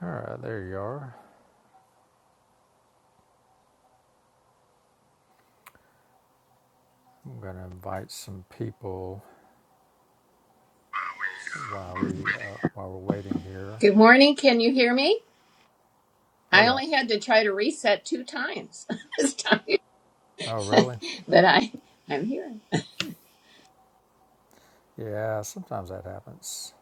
All right, there you are. I'm going to invite some people while we uh, while we're waiting here. Good morning. Can you hear me? Oh I yeah. only had to try to reset two times this time, Oh really? but I I'm here. Yeah. Sometimes that happens.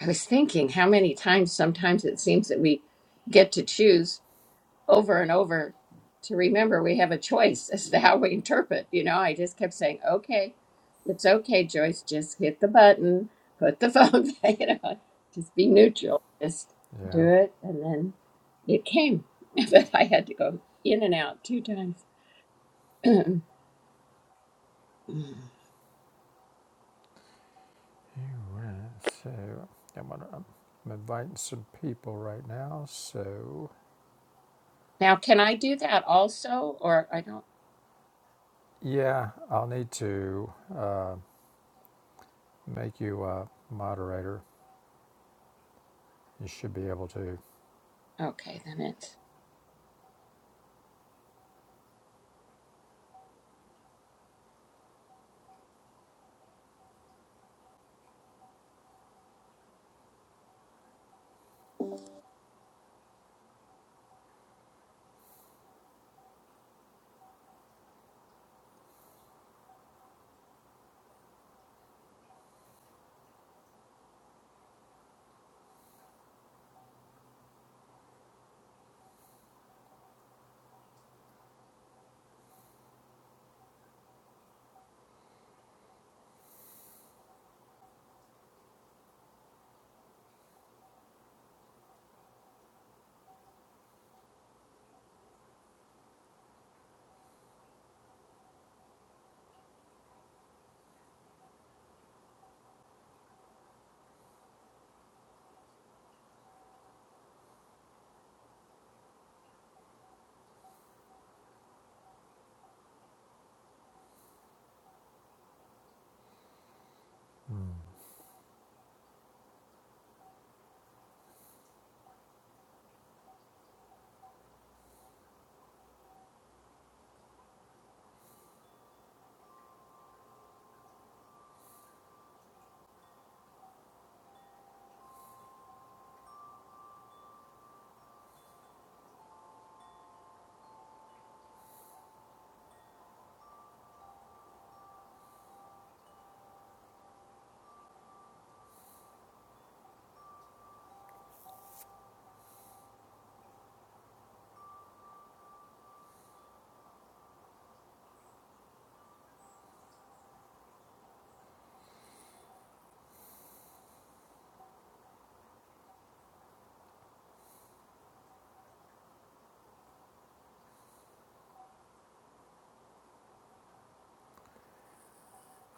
I was thinking how many times sometimes it seems that we get to choose over and over to remember we have a choice as to how we interpret. You know, I just kept saying, "Okay, it's okay, Joyce. Just hit the button, put the phone back, you know, just be neutral, just Yeah. do it." And then it came, but I had to go in and out two times. Mm. So I'm, gonna, I'm inviting some people right now. So Now, can I do that also, or I don't? yeah, I'll need to uh, make you a moderator. You should be able to. Okay, then it's. Hmm.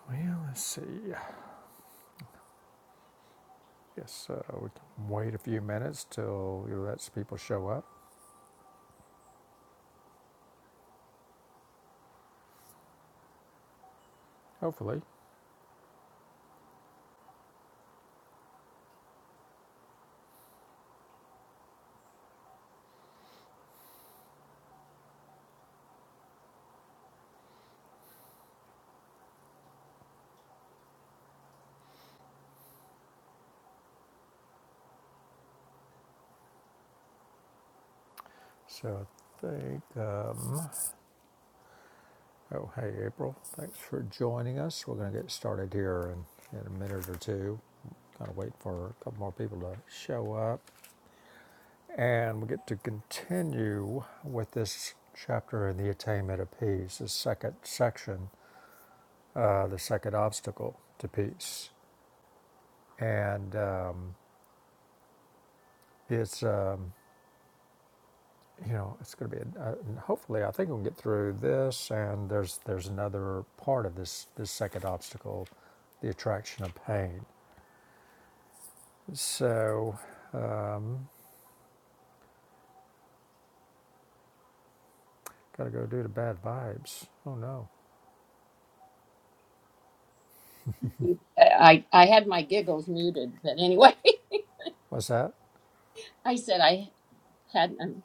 Well, let's see. Yes, uh, we can wait a few minutes till it lets people show up. Hopefully. So I think, um, oh, hey, April, thanks for joining us. We're going to get started here in, in a minute or two. Kind of wait for a couple more people to show up. And we get to continue with this chapter in the attainment of peace, the second section, uh, the second obstacle to peace. And um, it's. Um, you know, it's going to be. A, a, hopefully, I think we'll get through this, and there's there's another part of this this second obstacle, the attraction of pain. So, um, gotta go do the bad vibes. Oh no, I I I had my giggles muted, but anyway, what's that? I said I had um,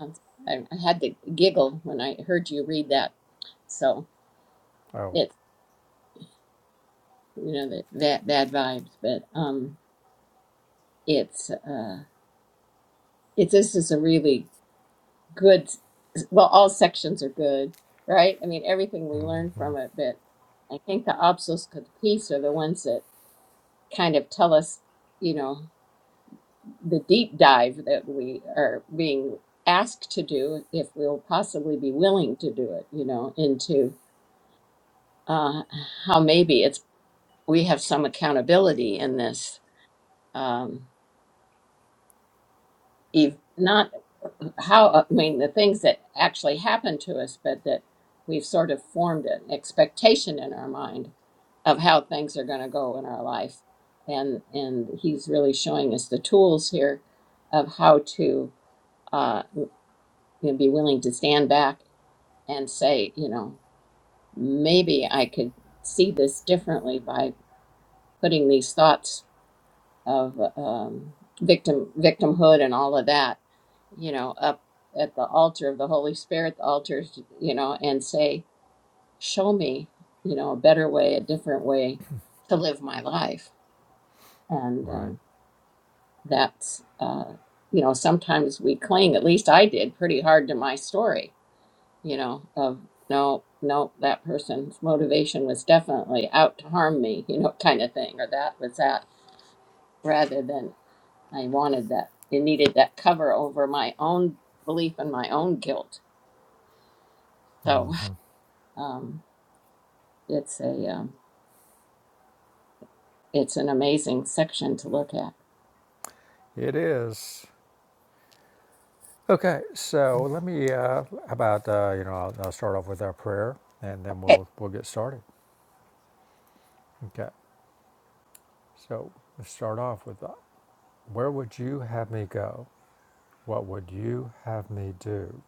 um, I I had the giggle when I heard you read that, so Oh, it's you know that that bad vibes, but um, it's uh, it this is a really good. Well, all sections are good, right? I mean, everything we learn mm-hmm. from it, but I think the obstacles to the piece are the ones that kind of tell us, you know. the deep dive that we are being asked to do, if we'll possibly be willing to do it, you know, into uh, how maybe it's we have some accountability in this. Um, ev- not how I mean the things that actually happen to us, but that we've sort of formed an expectation in our mind of how things are going to go in our life, and and he's really showing us the tools here of how to. uh, and be willing to stand back and say, you know, maybe I could see this differently by putting these thoughts of um, victim victimhood and all of that, you know, up at the altar of the Holy Spirit, the altars, you know, and say, show me, you know, a better way, a different way to live my life, and right, um, that's. Uh, you know, sometimes we cling, at least I did, pretty hard to my story you know, of no, no, that person's motivation was definitely out to harm me, you know, kind of thing, or that was that, rather than I wanted that. It needed that cover over my own belief and my own guilt. So Mm-hmm. um, it's a um, it's an amazing section to look at. it is. Okay, so let me. Uh, how about uh, you know, I'll, I'll start off with our prayer, and then Okay. we'll we'll get started. Okay, so let's start off with, uh, where would you have me go? What would you have me do?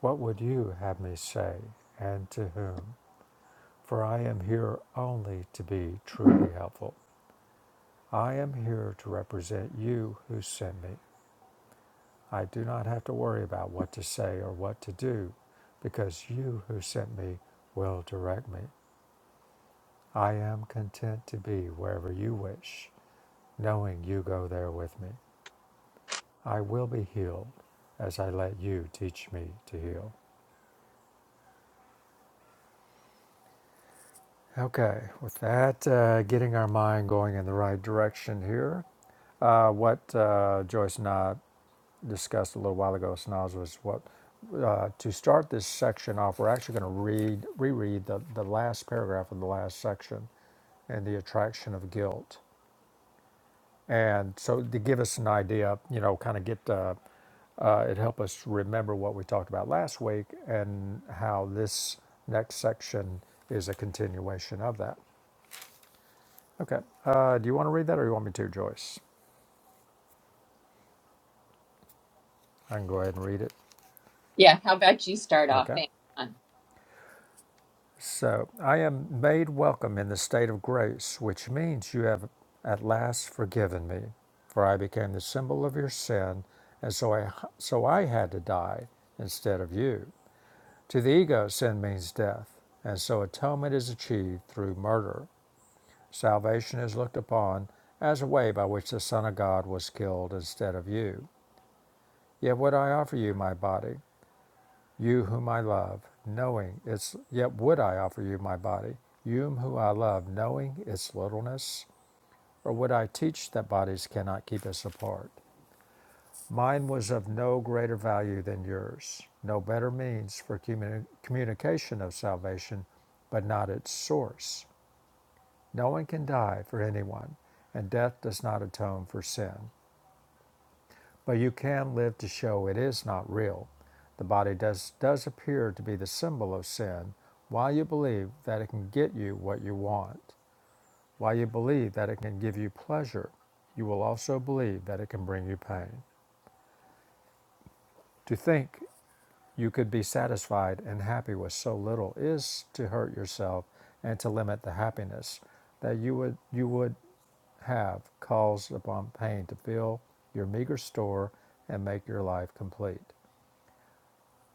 What would you have me say? And to whom? For I am here only to be truly helpful. I am here to represent you who sent me. I do not have to worry about what to say or what to do because you who sent me will direct me. I am content to be wherever you wish, knowing you go there with me. I will be healed as I let you teach me to heal. Okay, with that, uh, getting our mind going in the right direction here. Uh, what uh, Joyce and I discussed a little while ago, Snaz, was what uh, to start this section off. We're actually going to read reread the, the last paragraph of the last section and the attraction of guilt, and so to give us an idea, you know, kind of get uh, uh, it help us remember what we talked about last week and how this next section is a continuation of that. Okay. Uh, do you want to read that or you want me to, Joyce? I can go ahead and read it. Yeah. How about you start off? Okay. Thanks. Dawn. So, I am made welcome in the state of grace, which means you have at last forgiven me, for I became the symbol of your sin, and so I, so I had to die instead of you. To the ego, sin means death, and so atonement is achieved through murder. Salvation is looked upon as a way by which the Son of God was killed instead of you. Yet would I offer you my body, You whom I love, knowing its yet would I offer you my body, you whom I love, knowing its littleness, or would I teach that bodies cannot keep us apart? Mine was of no greater value than yours, no better means for communi- communication of salvation, but not its source. No one can die for anyone, and death does not atone for sin. But you can live to show it is not real. The body does, does appear to be the symbol of sin while you believe that it can get you what you want. While you believe that it can give you pleasure, you will also believe that it can bring you pain. To think you could be satisfied and happy with so little is to hurt yourself and to limit the happiness that you would, you would have caused upon pain to fill your meager store and make your life complete.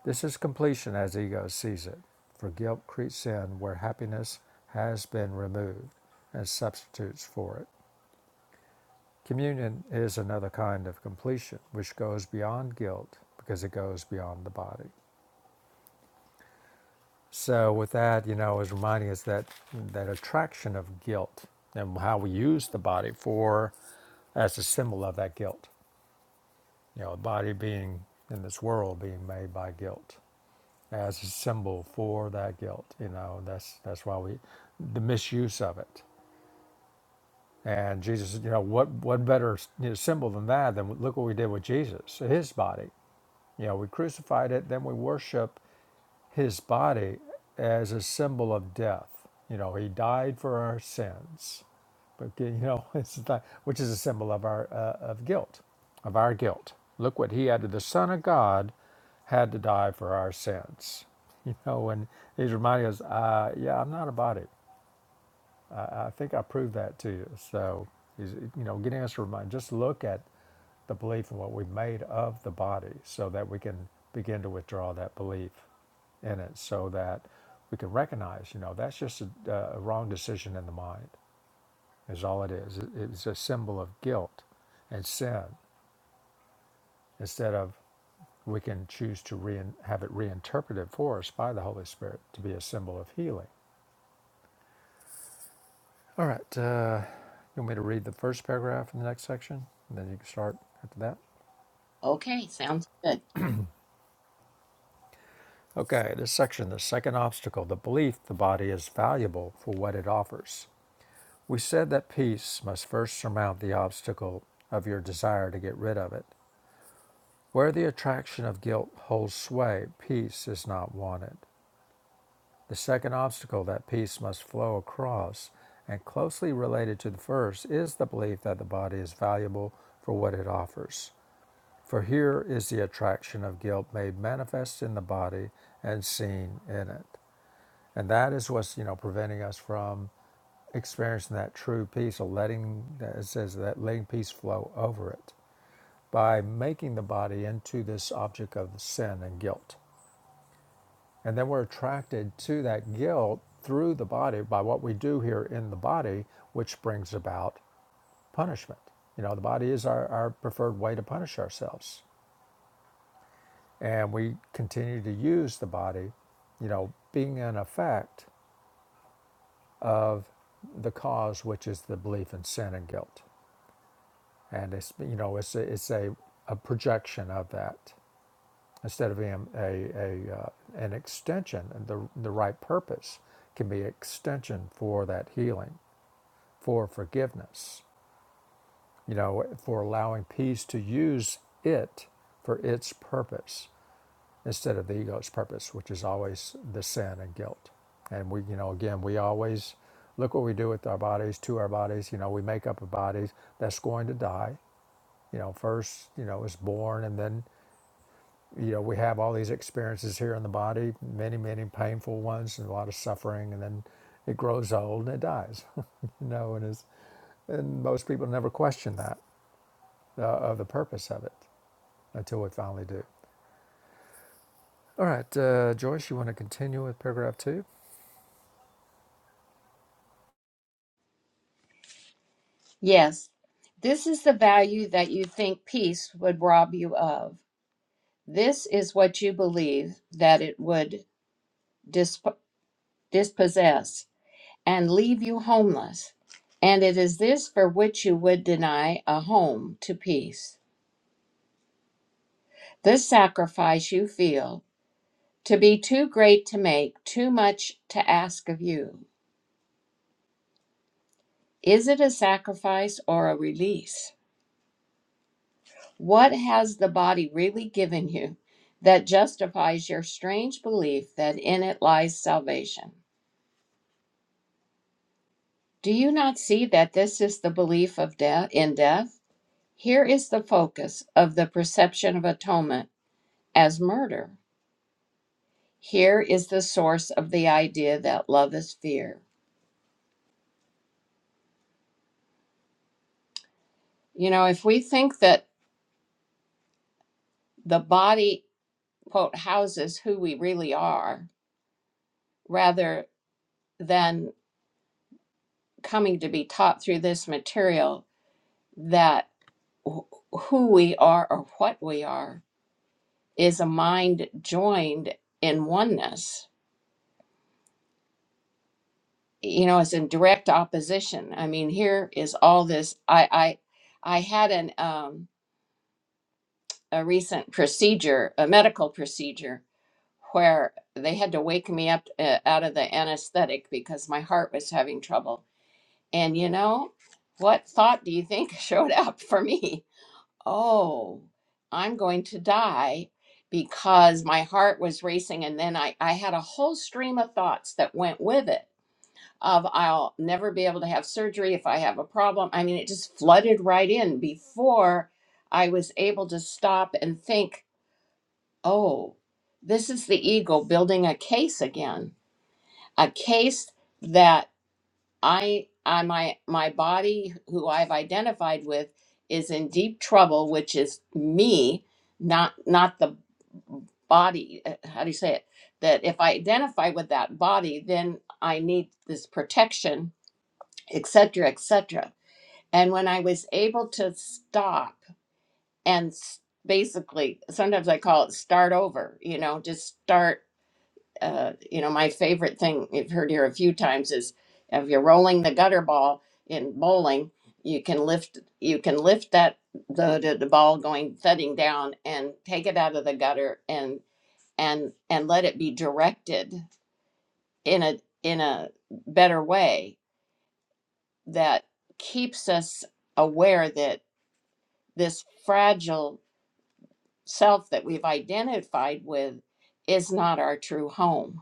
This is completion as ego sees it, for guilt creeps in where happiness has been removed and substitutes for it. Communion is another kind of completion which goes beyond guilt because it goes beyond the body. So with that, you know, is reminding us that that attraction of guilt and how we use the body for as a symbol of that guilt. You know, a body being in this world being made by guilt. as a symbol for that guilt. You know, that's that's why we the misuse of it. And Jesus, you know, what what better you know, symbol than that? Than look what we did with Jesus, his body. You know, we crucified it, then we worship his body as a symbol of death. You know, he died for our sins, but you know, it's like, which is a symbol of our uh, of guilt, of our guilt. Look what he had to the Son of God had to die for our sins. You know, and he's reminding us, uh, yeah, I'm not a body. I, I think I proved that to you. So, you know, getting us to remind, just look at the belief in what we have made of the body so that we can begin to withdraw that belief in it so that we can recognize, you know, that's just a, a wrong decision in the mind, is all it is. It- It's a symbol of guilt and sin instead of we can choose to rein have it reinterpreted for us by the Holy Spirit to be a symbol of healing All right. Uh, you want me to read the first paragraph in the next section? And then you can start after that? Okay. Sounds good. Okay, this section, the second obstacle, the belief the body is valuable for what it offers. We said that peace must first surmount the obstacle of your desire to get rid of it. Where the attraction of guilt holds sway, peace is not wanted. The second obstacle that peace must flow across, and closely related to the first, is the belief that the body is valuable for what it offers. For here is the attraction of guilt made manifest in the body and seen in it. And that is what's, you know, preventing us from experiencing that true peace or letting it says that letting peace flow over it by making the body into this object of sin and guilt. And then we're attracted to that guilt through the body by what we do here in the body, which brings about punishment. You know, the body is our, our preferred way to punish ourselves and we continue to use the body, you know, being an effect of the cause, which is the belief in sin and guilt, and it's you know it's a, it's a, a projection of that instead of being a, a uh, an extension. the the right purpose can be extension for that healing, for forgiveness, you know, for allowing peace to use it for its purpose instead of the ego's purpose, which is always the sin and guilt. And we, you know, again, we always look what we do with our bodies, to our bodies. You know, we make up a body that's going to die. You know, first, you know, it's born, and then, you know, we have all these experiences here in the body, many, many painful ones, and a lot of suffering, and then it grows old and it dies. you know, and is and most people never question that uh, of the purpose of it until we finally do. All right, uh, Joyce, you want to continue with paragraph two, Yes, this is the value that you think peace would rob you of. This is what you believe that it would. disp- dispossess, and leave you homeless. And it is this for which you would deny a home to peace. This sacrifice you feel to be too great to make, too much to ask of you. Is it a sacrifice or a release? What has the body really given you that justifies your strange belief that in it lies salvation? Do you not see that this is the belief of death in death? Here is the focus of the perception of atonement as murder. Here is the source of the idea that love is fear. You know, if we think that the body, quote, houses who we really are, rather than coming to be taught through this material that who we are or what we are is a mind joined in oneness you know, it's in direct opposition. I mean, here is all this. I I I had an um, a recent procedure, a medical procedure, where they had to wake me up uh, out of the anesthetic because my heart was having trouble. And you know, what thought do you think showed up for me? Oh, I'm going to die because my heart was racing and then I, I had a whole stream of thoughts that went with it of I'll never be able to have surgery if I have a problem. I mean, it just flooded right in before I was able to stop and think, oh, this is the ego building a case again, a case that I, I my my body, who I've identified with, is in deep trouble, which is me, not not the body uh, how do you say it that if i identify with that body then i need this protection et cetera, et cetera. And when I was able to stop and s- basically, sometimes I call it start over, you know, just start. Uh, you know, my favorite thing you've heard here a few times is if you're rolling the gutter ball in bowling, you can lift, you can lift that the, the, the ball going thudding down and take it out of the gutter and and and let it be directed in a in a better way that keeps us aware that. this fragile self that we've identified with is not our true home.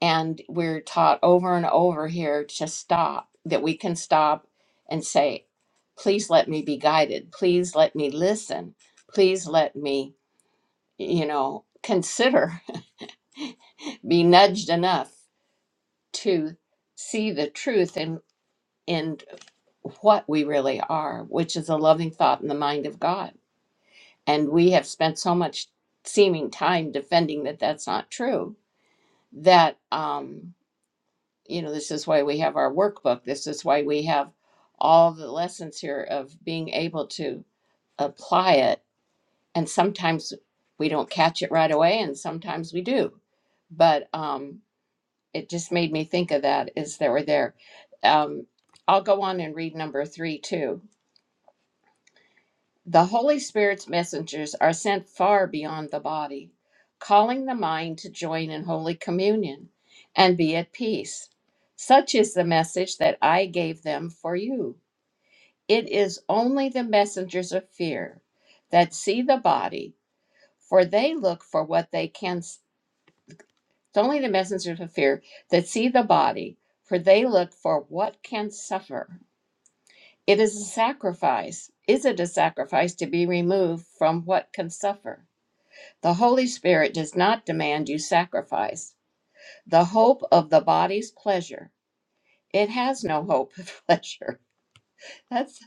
And we're taught over and over here to stop, that we can stop and say, please let me be guided. Please let me listen. Please let me, you know, consider, be nudged enough to see the truth in, in what we really are, which is a loving thought in the mind of God and we have spent so much seeming time defending that that's not true that um, you know this is why we have our workbook this is why we have all the lessons here of being able to apply it and sometimes we don't catch it right away and sometimes we do but um, it just made me think of that as they were there um, i'll go on and read number three too The Holy Spirit's messengers are sent far beyond the body, calling the mind to join in Holy Communion and be at peace. Such is the message that I gave them for you. It is only the messengers of fear that see the body, for they look for what they can. It's only the messengers of fear that see the body, for they look for what can suffer. It is a sacrifice. Is it a sacrifice to be removed from what can suffer? The Holy Spirit does not demand you sacrifice. The hope of the body's pleasure, it has no hope of pleasure. That's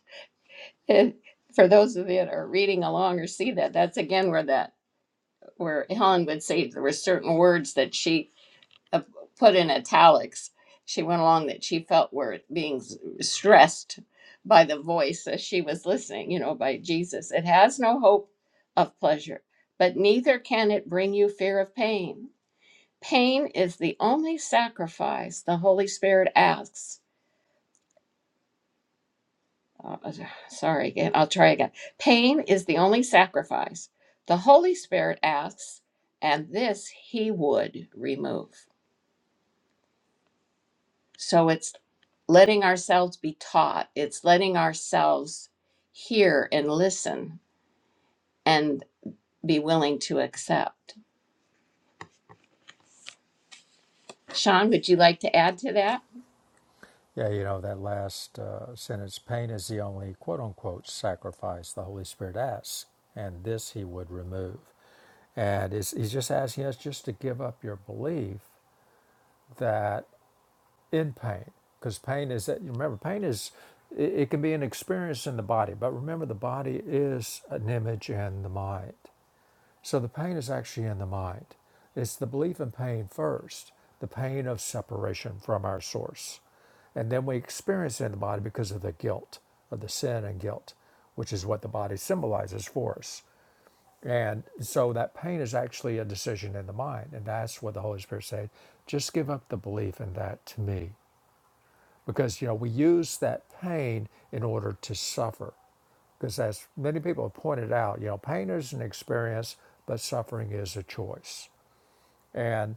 it. For those of you that are reading along or see that, that's again where that where Helen would say there were certain words that she uh, put in italics. She went along that she felt were being s- stressed by the voice as she was listening, you know, by Jesus. It has no hope of pleasure, but neither can it bring you fear of pain. Pain is the only sacrifice the Holy Spirit asks. uh, uh, sorry again, I'll try again. Pain is the only sacrifice the Holy Spirit asks, and this He would remove. So it's letting ourselves be taught, it's letting ourselves hear and listen and be willing to accept. Sean, would you like to add to that? Yeah, you know, that last uh, sentence pain is the only quote unquote sacrifice the Holy Spirit asks, and this he would remove. And it's, he's just asking us just to give up your belief that in pain, because pain is that, remember, pain is, it, it can be an experience in the body, but remember, the body is an image in the mind. So the pain is actually in the mind. It's the belief in pain first, the pain of separation from our source. And then we experience it in the body because of the guilt, of the sin and guilt, which is what the body symbolizes for us. And so that pain is actually a decision in the mind. And that's what the Holy Spirit said just give up the belief in that to me. Because, you know, we use that pain in order to suffer. Because as many people have pointed out, you know, pain is an experience, but suffering is a choice. And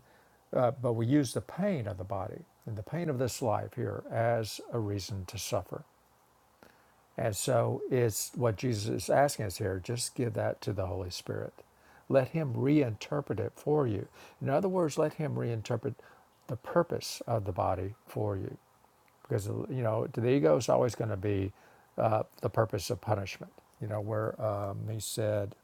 uh, but we use the pain of the body and the pain of this life here as a reason to suffer. And so it's what Jesus is asking us here: just give that to the Holy Spirit. Let Him reinterpret it for you. In other words, let Him reinterpret the purpose of the body for you because you know to the ego is always going to be uh, the purpose of punishment. You know where um, he said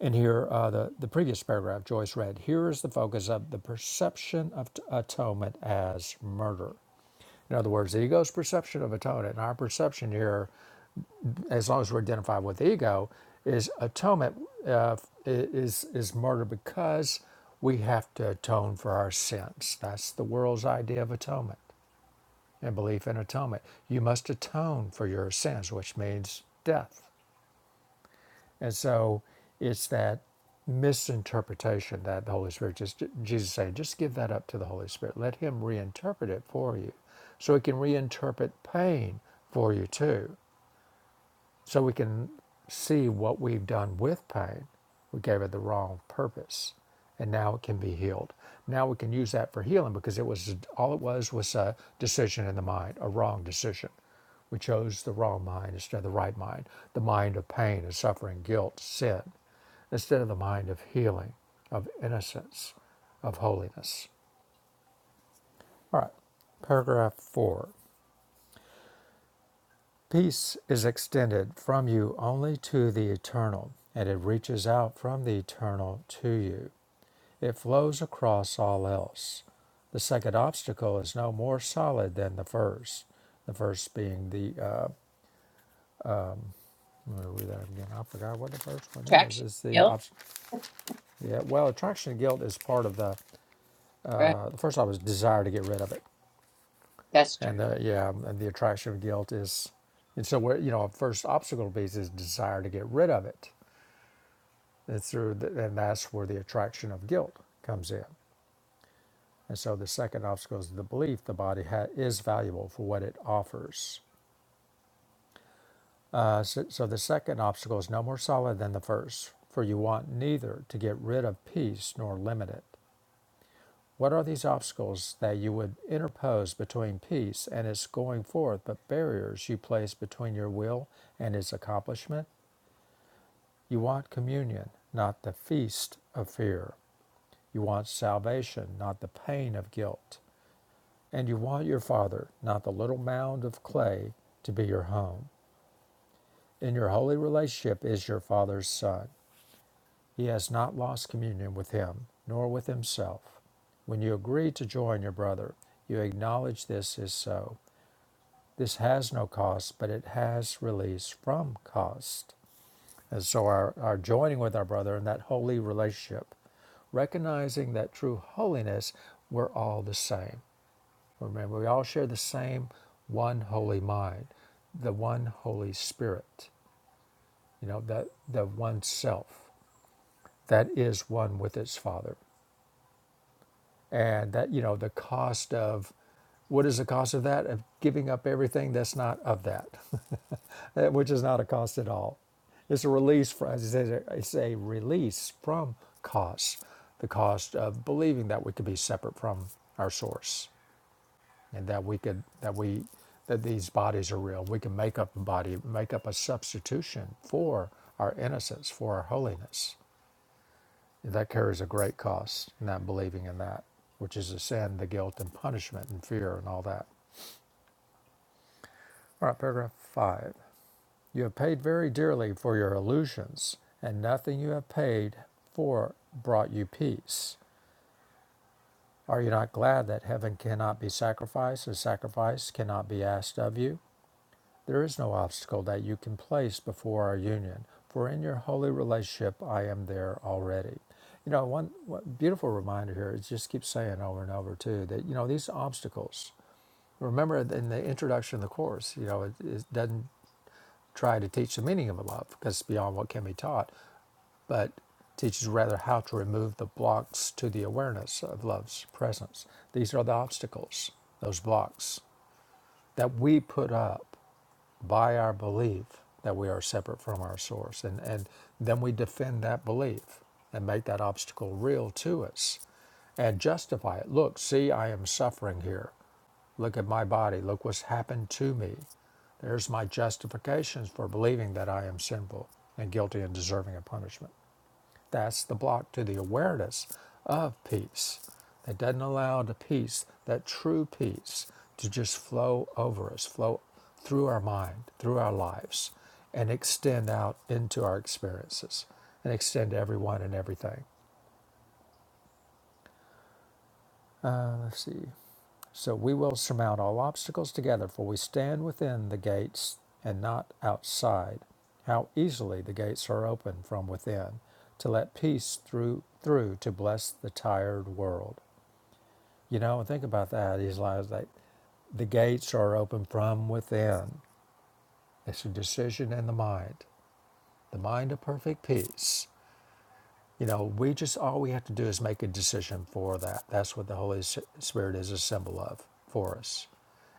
in here uh, the the previous paragraph Joyce read here is the focus of the perception of t- atonement as murder. In other words, the ego's perception of atonement and our perception here, as long as we're identified with the ego, is atonement uh, is is murder because we have to atone for our sins. That's the world's idea of atonement and belief in atonement. You must atone for your sins, which means death. And so it's that misinterpretation that the Holy Spirit just Jesus saying, just give that up to the Holy Spirit. Let him reinterpret it for you. So he can reinterpret pain for you too so we can see what we've done with pain. We gave it the wrong purpose, and now it can be healed. Now we can use that for healing because it was all it was was a decision in the mind, a wrong decision. We chose the wrong mind instead of the right mind, the mind of pain and suffering, guilt, sin, instead of the mind of healing, of innocence, of holiness. All right, paragraph four. Peace is extended from you only to the eternal, and it reaches out from the eternal to you. It flows across all else. The second obstacle is no more solid than the first. The first being the, uh, I'm gonna read that again. I forgot what the first one is. Attraction, It's the, guilt? obst- yeah, well, attraction of guilt is part of the, Right, uh, the first one was desire to get rid of it. that's And true. the, yeah, and the attraction of guilt is, and so where, you know, first obstacle piece is desire to get rid of it It's through, the, and that's where the attraction of guilt comes in. And so the second obstacle is the belief the body ha- is valuable for what it offers. Uh, so, so the second obstacle is no more solid than the first, for you want neither to get rid of peace nor limit it. What are these obstacles that you would interpose between peace and its going forth, but barriers you place between your will and its accomplishment? You want communion, not the feast of fear. You want salvation, not the pain of guilt. And you want your Father, not the little mound of clay, to be your home. In your holy relationship is your Father's Son. He has not lost communion with Him, nor with Himself. When you agree to join your brother, you acknowledge this is so. This has no cost, but it has release from cost. And so, our, our joining with our brother in that holy relationship, recognizing that true holiness, we're all the same. Remember, we all share the same one holy mind, the one Holy Spirit, you know, that the one self that is one with its Father. And that, you know, the cost of what is the cost of that? Of giving up everything that's not of that, which is not a cost at all. It's a release from, as it says, it's a release from costs, the cost of believing that we could be separate from our source and that we could that we that these bodies are real. We can make up a body, make up a substitution for our innocence, for our holiness. And That carries a great cost, not believing in that, which is the sin, the guilt, and punishment, and fear, and all that. All right, paragraph five. You have paid very dearly for your illusions, and nothing you have paid for brought you peace. Are you not glad that heaven cannot be sacrificed, and sacrifice cannot be asked of you? There is no obstacle that you can place before our union, for in your holy relationship I am there already. You know, one, one beautiful reminder here is just keep saying over and over too that you know these obstacles. Remember in the introduction of the course, you know, it, it doesn't try to teach the meaning of love because it's beyond what can be taught, but teaches rather how to remove the blocks to the awareness of love's presence. These are the obstacles, those blocks that we put up by our belief that we are separate from our source. And, and then we defend that belief and make that obstacle real to us and justify it. Look, see, I am suffering here. Look at my body. Look what's happened to me. There's my justifications for believing that I am sinful and guilty and deserving of punishment. That's the block to the awareness of peace. It doesn't allow the peace, that true peace, to just flow over us, flow through our mind, through our lives, and extend out into our experiences and extend to everyone and everything. Uh, let's see. So we will surmount all obstacles together, for we stand within the gates and not outside. How easily the gates are opened from within to let peace through through to bless the tired world. You know, think about that. He's like, like, the gates are open from within. It's a decision in the mind, the mind of perfect peace. You know, we just, all we have to do is make a decision for that. That's what the Holy Spirit is a symbol of for us.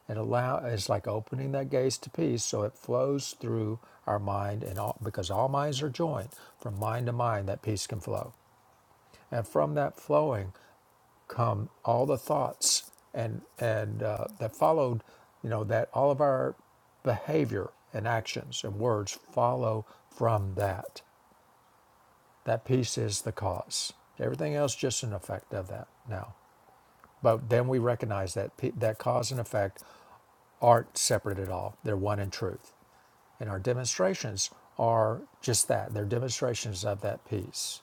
And allow, it's like opening that gates to peace so it flows through our mind and all, because all minds are joined from mind to mind, that peace can flow. And from that flowing, come all the thoughts and and uh, that followed you know that all of our behavior and actions and words follow from that that peace is the cause everything else just an effect of that now but then we recognize that pe- that cause and effect aren't separate at all they're one in truth and our demonstrations are just that they're demonstrations of that peace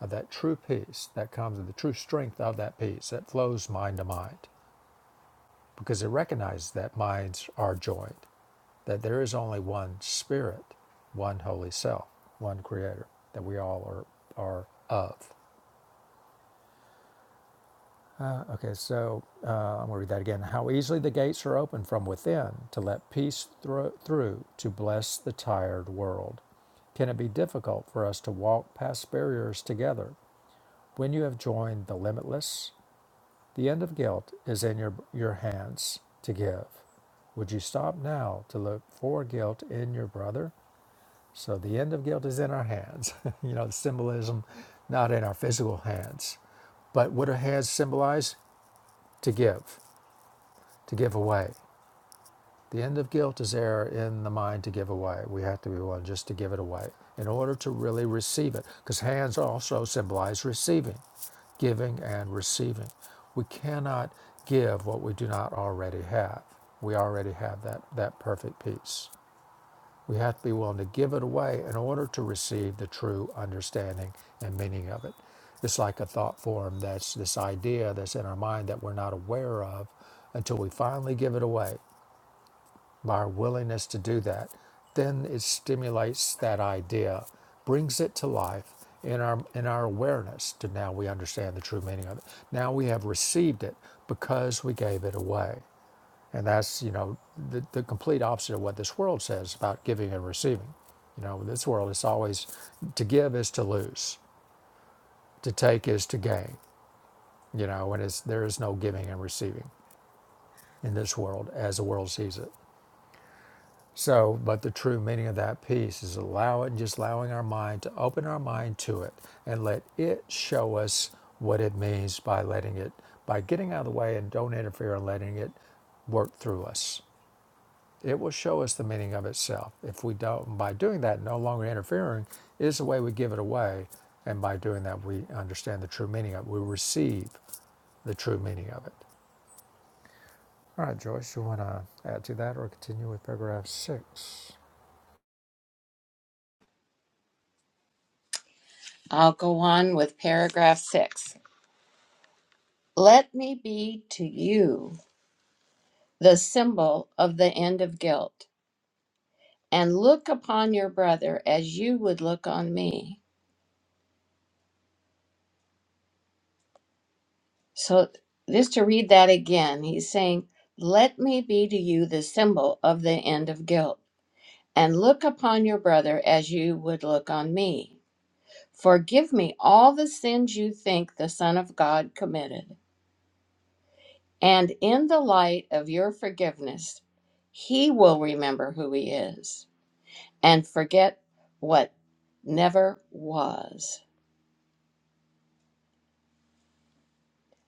of that true peace that comes of the true strength of that peace that flows mind to mind because it recognizes that minds are joined, that there is only one spirit, one holy self, one creator that we all are, are of. Okay, so uh, I'm going to read that again. How easily the gates are opened from within to let peace thro- through to bless the tired world. Can it be difficult for us to walk past barriers together when you have joined the limitless? The end of guilt is in your, your hands to give. Would you stop now to look for guilt in your brother? So the end of guilt is in our hands. you know, the symbolism, not in our physical hands. But what do hands symbolize? To give, to give away. The end of guilt is error in the mind to give away. We have to be willing just to give it away in order to really receive it, because hands also symbolize receiving, giving and receiving. We cannot give what we do not already have. We already have that, that perfect peace. We have to be willing to give it away in order to receive the true understanding and meaning of it. It's like a thought form that's this idea that's in our mind that we're not aware of until we finally give it away by our willingness to do that, then it stimulates that idea, brings it to life in our in our awareness to now we understand the true meaning of it. Now we have received it because we gave it away. And that's, you know, the, the complete opposite of what this world says about giving and receiving. You know, this world is always to give is to lose, to take is to gain, you know, and it's there is no giving and receiving in this world as the world sees it. So, but the true meaning of that peace is allow it, just allowing our mind to open our mind to it and let it show us what it means by letting it, by getting out of the way and don't interfere and letting it work through us. It will show us the meaning of itself. If we don't, by doing that, no longer interfering is the way we give it away. And by doing that, we understand the true meaning of it. We receive the true meaning of it. All right, Joyce, you want to add to that or continue with paragraph six? I'll go on with paragraph six. Let me be to you the symbol of the end of guilt, and look upon your brother as you would look on me. So, just to read that again, he's saying, Let me be to you the symbol of the end of guilt, and look upon your brother as you would look on me. Forgive me all the sins you think the Son of God committed. And in the light of your forgiveness, he will remember who he is. and forget what never was.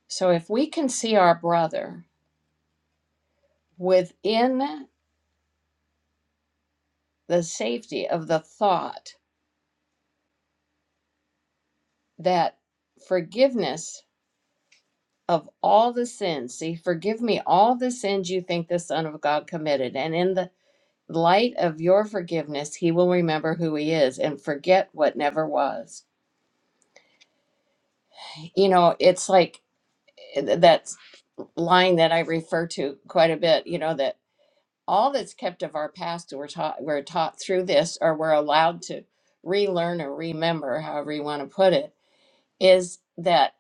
So if we can see our brother within the safety of the thought that forgiveness of all the sins, see, forgive me all the sins you think the Son of God committed, and in the light of your forgiveness, he will remember who he is and forget what never was. You know, it's like that line that I refer to quite a bit, you know, that. all that's kept of our past we're taught we're taught through this or we're allowed to relearn or remember however you want to put it is that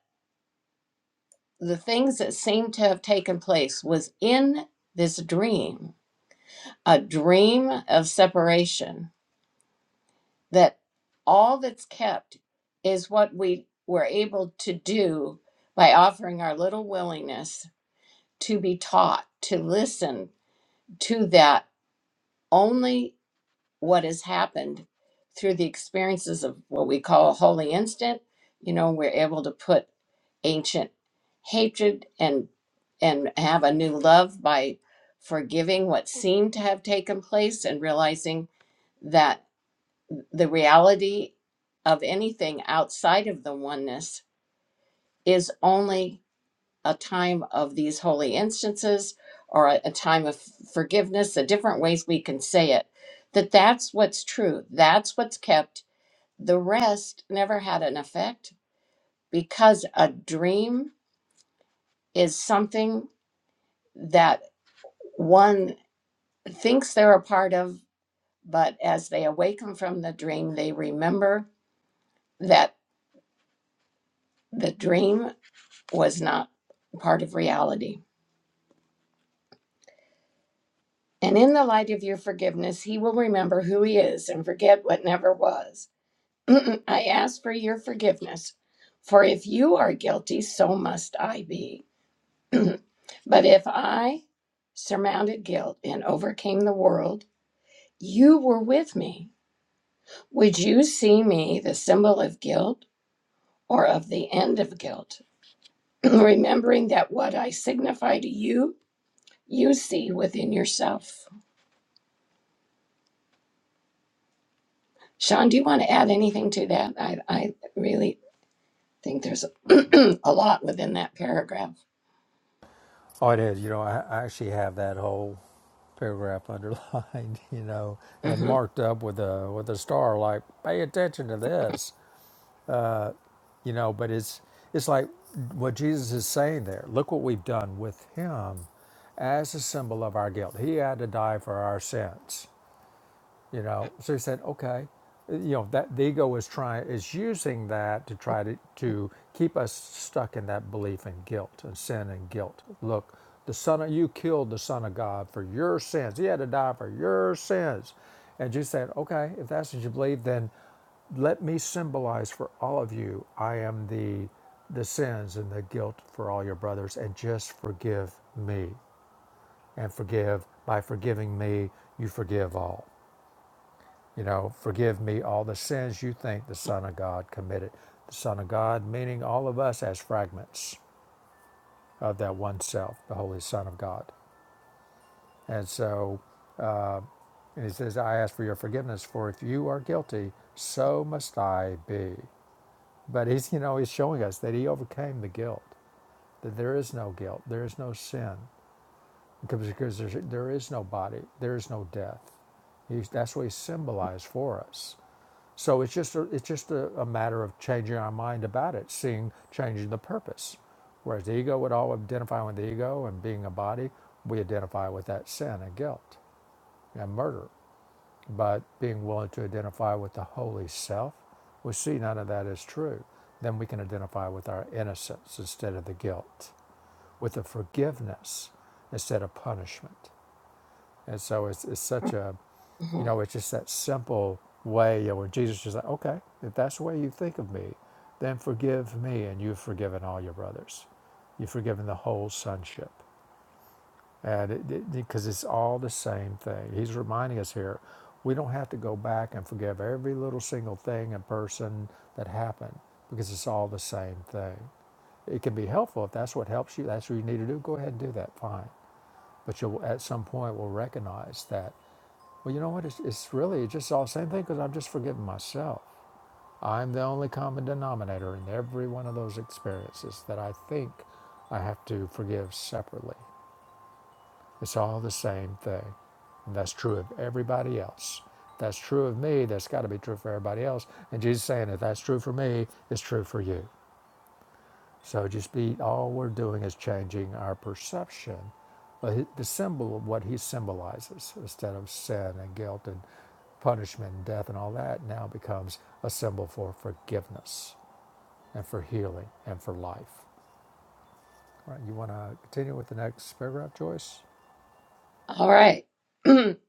the things that seem to have taken place was in this dream a dream of separation that all that's kept is what we were able to do by offering our little willingness to be taught to listen to that only what has happened through the experiences of what we call a holy instant you know we're able to put ancient hatred and and have a new love by forgiving what seemed to have taken place and realizing that the reality of anything outside of the oneness is only a time of these holy instances or a, a time of forgiveness the different ways we can say it that that's what's true that's what's kept the rest never had an effect because a dream is something that one thinks they're a part of, but as they awaken from the dream, they remember that the dream was not part of reality. And in the light of your forgiveness, he will remember who he is and forget what never was. I ask for your forgiveness, for if you are guilty, so must I be. But if I surmounted guilt and overcame the world, you were with me. Would you see me the symbol of guilt or of the end of guilt? Remembering that what I signify to you, you see within yourself. Sean, do you want to add anything to that? I, I really think there's a, a lot within that paragraph. Oh, it is. You know, I, I actually have that whole paragraph underlined, you know, and Mhm. marked up with a with a star, like pay attention to this, uh, you know. But it's it's like what Jesus is saying there. Look what we've done with Him as a symbol of our guilt. He had to die for our sins you know so he said okay Uh, you know that the ego is trying is using that to try to to keep us stuck in that belief in guilt and sin and guilt look the son of you killed the son of god for your sins he had to die for your sins and jesus said okay if that's what you believe then let me symbolize for all of you i am the the sins and the guilt for all your brothers and just forgive me and forgive by forgiving me you forgive all you know, forgive me all the sins you think the Son of God committed. The Son of God, meaning all of us as fragments of that one self, the Holy Son of God. And so, and he says, I ask for your forgiveness, for if you are guilty, so must I be. But he's, you know, he's showing us that he overcame the guilt, that there is no guilt, there is no sin, because because there's, there is no body, there is no death. He's, that's what he symbolized for us. So it's just a, it's just a, a matter of changing our mind about it, seeing changing the purpose. Whereas the ego would all identify with the ego and being a body, we identify with that sin and guilt and murder. But being willing to identify with the holy self, we see none of that is true. Then we can identify with our innocence instead of the guilt, with the forgiveness instead of punishment. And so it's, it's such a you Mhm. know, it's just that simple way you know, where Jesus is just like, okay, if that's the way you think of me, then forgive me, and you've forgiven all your brothers. You've forgiven the whole sonship. And because it, it, it's all the same thing. He's reminding us here we don't have to go back and forgive every little single thing and person that happened because it's all the same thing. It can be helpful if that's what helps you, that's what you need to do, go ahead and do that, fine. But you'll at some point will recognize that well, you know what? It's, it's really just all the same thing because I'm just forgiving myself. I'm the only common denominator in every one of those experiences that I think I have to forgive separately. It's all the same thing. And that's true of everybody else. That's true of me. That's got to be true for everybody else. And Jesus is saying, if that's true for me, it's true for you. So just be, all we're doing is changing our perception, of the symbol of what he symbolizes instead of sin and guilt and punishment and death and all that now becomes a symbol for forgiveness and for healing and for life. All Right, you want to continue with the next paragraph, Joyce? All right.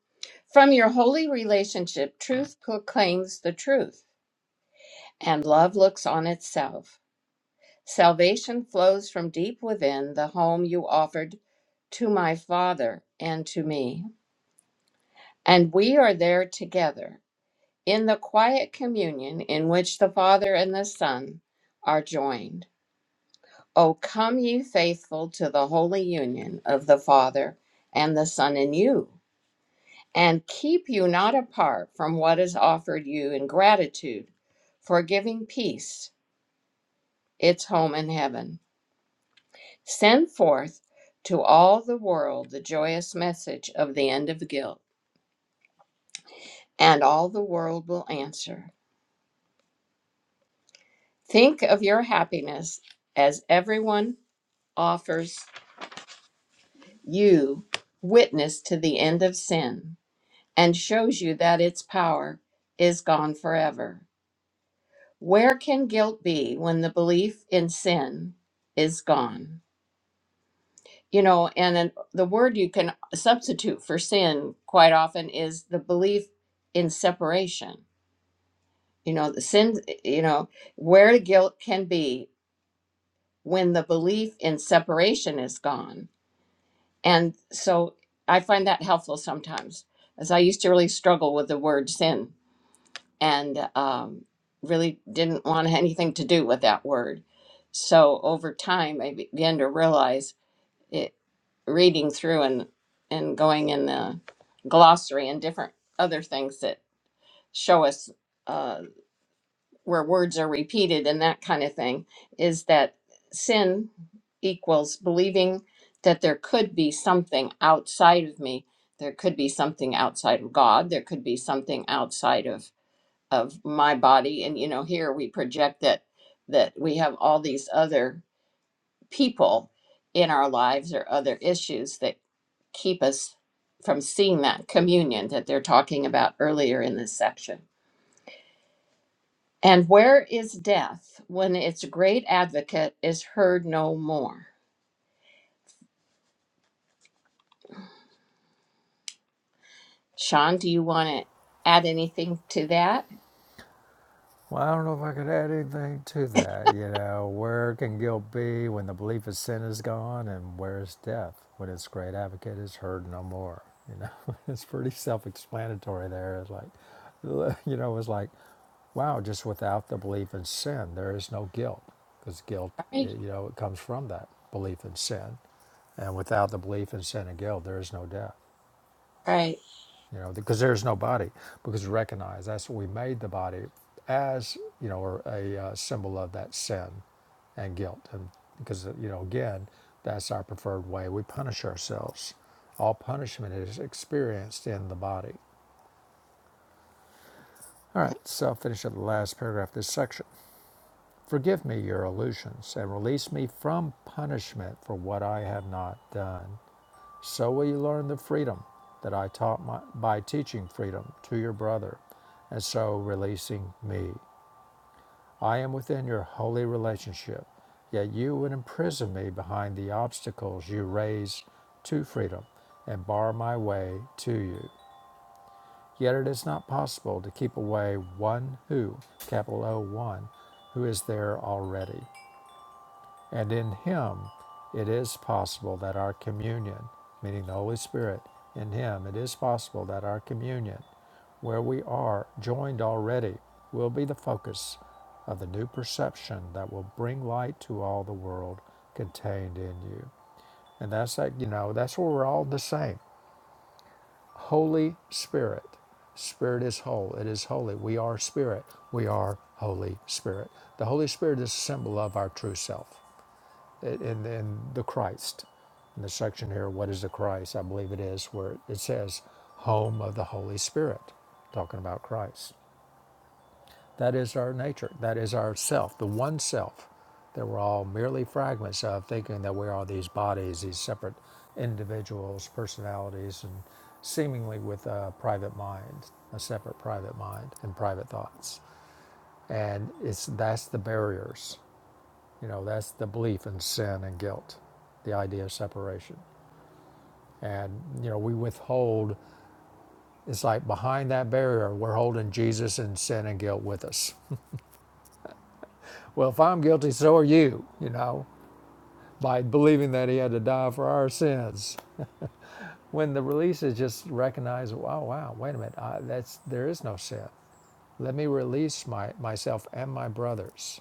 From your holy relationship, truth proclaims the truth. and love looks on itself. Salvation flows from deep within the home you offered to my Father and to me. And we are there together in the quiet communion in which the Father and the Son are joined. O come, ye faithful, to the holy union of the Father and the Son in you, and keep you not apart from what is offered you in gratitude for giving peace its home in heaven. Send forth to all the world the joyous message of the end of guilt, and all the world will answer. Think of your happiness as everyone offers you witness to the end of sin and shows you that its power is gone forever. Where can guilt be when the belief in sin is gone? you know and then the word you can substitute for sin quite often is the belief in separation you know the sin you know where guilt can be when the belief in separation is gone and so i find that helpful sometimes as i used to really struggle with the word sin and um, really didn't want anything to do with that word so over time i began to realize reading through and and going in the glossary and different other things that show us uh, where words are repeated and that kind of thing is that sin equals believing that there could be something outside of me there could be something outside of god there could be something outside of of my body and you know here we project that that we have all these other people in our lives or other issues that keep us from seeing that communion that they're talking about earlier in this section. And where is death when its great advocate is heard no more? Sean, do you want to add anything to that? Well, I don't know if I could add anything to that. You know, where can guilt be when the belief of sin is gone, and where is death when its great advocate is heard no more? You know, it's pretty self-explanatory there. It's like, you know, it's like, wow, just without the belief in sin, there is no guilt, because guilt, Right, you know, it comes from that belief in sin, and without the belief in sin and guilt, there is no death right. you know, because there's no body. Because recognize that's what we made the body as, you know, or a uh, symbol of that sin and guilt, and because uh, you know, again, that's our preferred way. We punish ourselves. All punishment is experienced in the body. All right, so I'll finish up the last paragraph of this section. Forgive me your illusions and release me from punishment for what I have not done. So will you learn the freedom that I taught my, by teaching freedom to your brother, and so releasing me. I am within your holy relationship, yet you would imprison me behind the obstacles you raise to freedom and bar my way to you. Yet it is not possible to keep away one who, capital O one, who is there already. And in Him, it is possible that our communion, meaning the Holy Spirit, in Him, it is possible that our communion, where we are joined already, will be the focus of the new perception that will bring light to all the world contained in you. And that's that, you know, that's where we're all the same. Holy Spirit. Spirit is whole. It is holy. We are spirit. We are Holy Spirit. The Holy Spirit is a symbol of our true self in, in the Christ. In the section here, what is the Christ? I believe it is where it says home of the Holy Spirit, talking about Christ. That is our nature. That is our self, the one self that we're all merely fragments of, thinking that we are these bodies, these separate individuals, personalities, and seemingly with a private mind, a separate private mind and private thoughts. And it's that's the barriers you know, that's the belief in sin and guilt, the idea of separation. And, you know, we withhold, it's like behind that barrier, we're holding Jesus and sin and guilt with us. Well, if I'm guilty, so are you, you know, by believing that he had to die for our sins. When the release is just recognize, oh, wow, wait a minute, I, that's, there is no sin. Let me release my, myself and my brothers,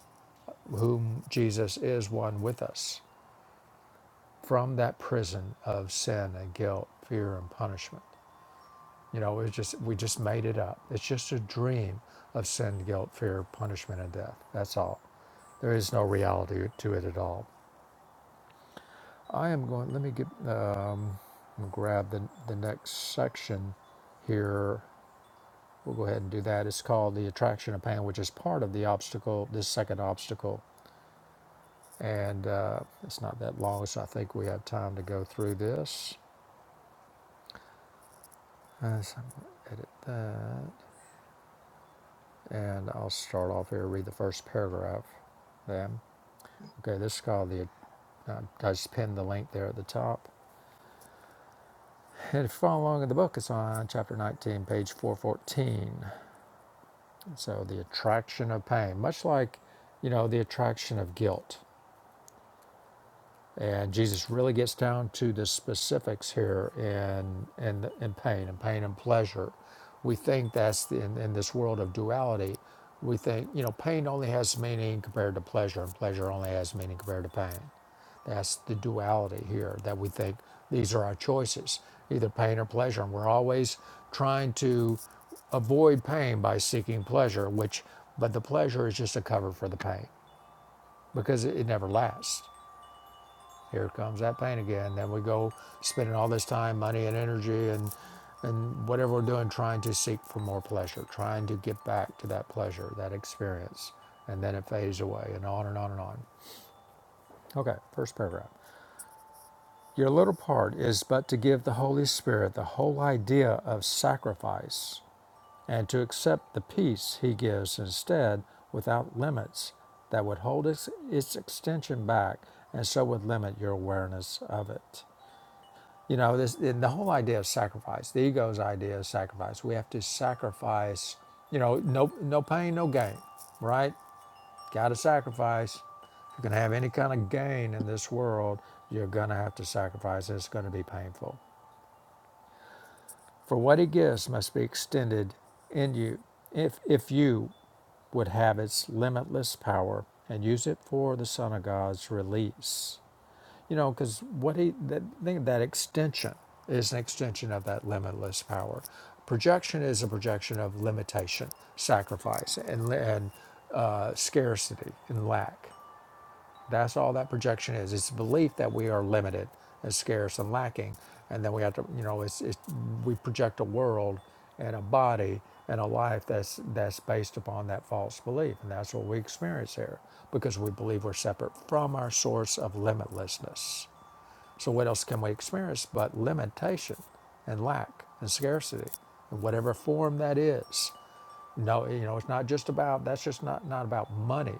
whom Jesus is one with us, from that prison of sin and guilt, fear and punishment You know, it's just we just made it up. It's just a dream of sin, guilt, fear, punishment, and death. That's all. There is no reality to it at all. I am going. Let me get um, grab the the next section here. We'll go ahead and do that. It's called the attraction of pain, which is part of the obstacle. This second obstacle, and uh, it's not that long, so I think we have time to go through this. Uh, so I'm gonna edit that, and I'll start off here. Read the first paragraph. Then. Okay, this is called the. Uh, I just pinned the link there at the top. And if you follow along in the book, it's on chapter 19, page 414. So, the attraction of pain, much like, you know, the attraction of guilt. And Jesus really gets down to the specifics here in, in, in pain and pain and pleasure. We think that's the, in, in this world of duality, we think, you know, pain only has meaning compared to pleasure, and pleasure only has meaning compared to pain. That's the duality here that we think these are our choices, either pain or pleasure. And we're always trying to avoid pain by seeking pleasure, which, but the pleasure is just a cover for the pain because it, it never lasts. Here comes that pain again. Then we go spending all this time, money, and energy, and and whatever we're doing, trying to seek for more pleasure, trying to get back to that pleasure, that experience, and then it fades away, and on and on and on. Okay, first paragraph. Your little part is but to give the Holy Spirit the whole idea of sacrifice and to accept the peace He gives instead without limits that would hold its, its extension back and so would limit your awareness of it. You know, this the whole idea of sacrifice, the ego's idea of sacrifice. We have to sacrifice, you know, no no pain, no gain, right? Gotta sacrifice. If you're gonna have any kind of gain in this world, you're gonna have to sacrifice. It's gonna be painful. For what he gives must be extended in you. If if you would have its limitless power and use it for the Son of God's release. You know, because what he that think that extension is an extension of that limitless power. Projection is a projection of limitation, sacrifice, and and uh, scarcity and lack. That's all that projection is. It's a belief that we are limited and scarce and lacking, and then we have to, you know, it's, it's we project a world and a body and a life that's that's based upon that false belief, and that's what we experience here because we believe we're separate from our source of limitlessness. So, what else can we experience but limitation and lack and scarcity in whatever form that is? No, you know, it's not just about, that's just not, not about money,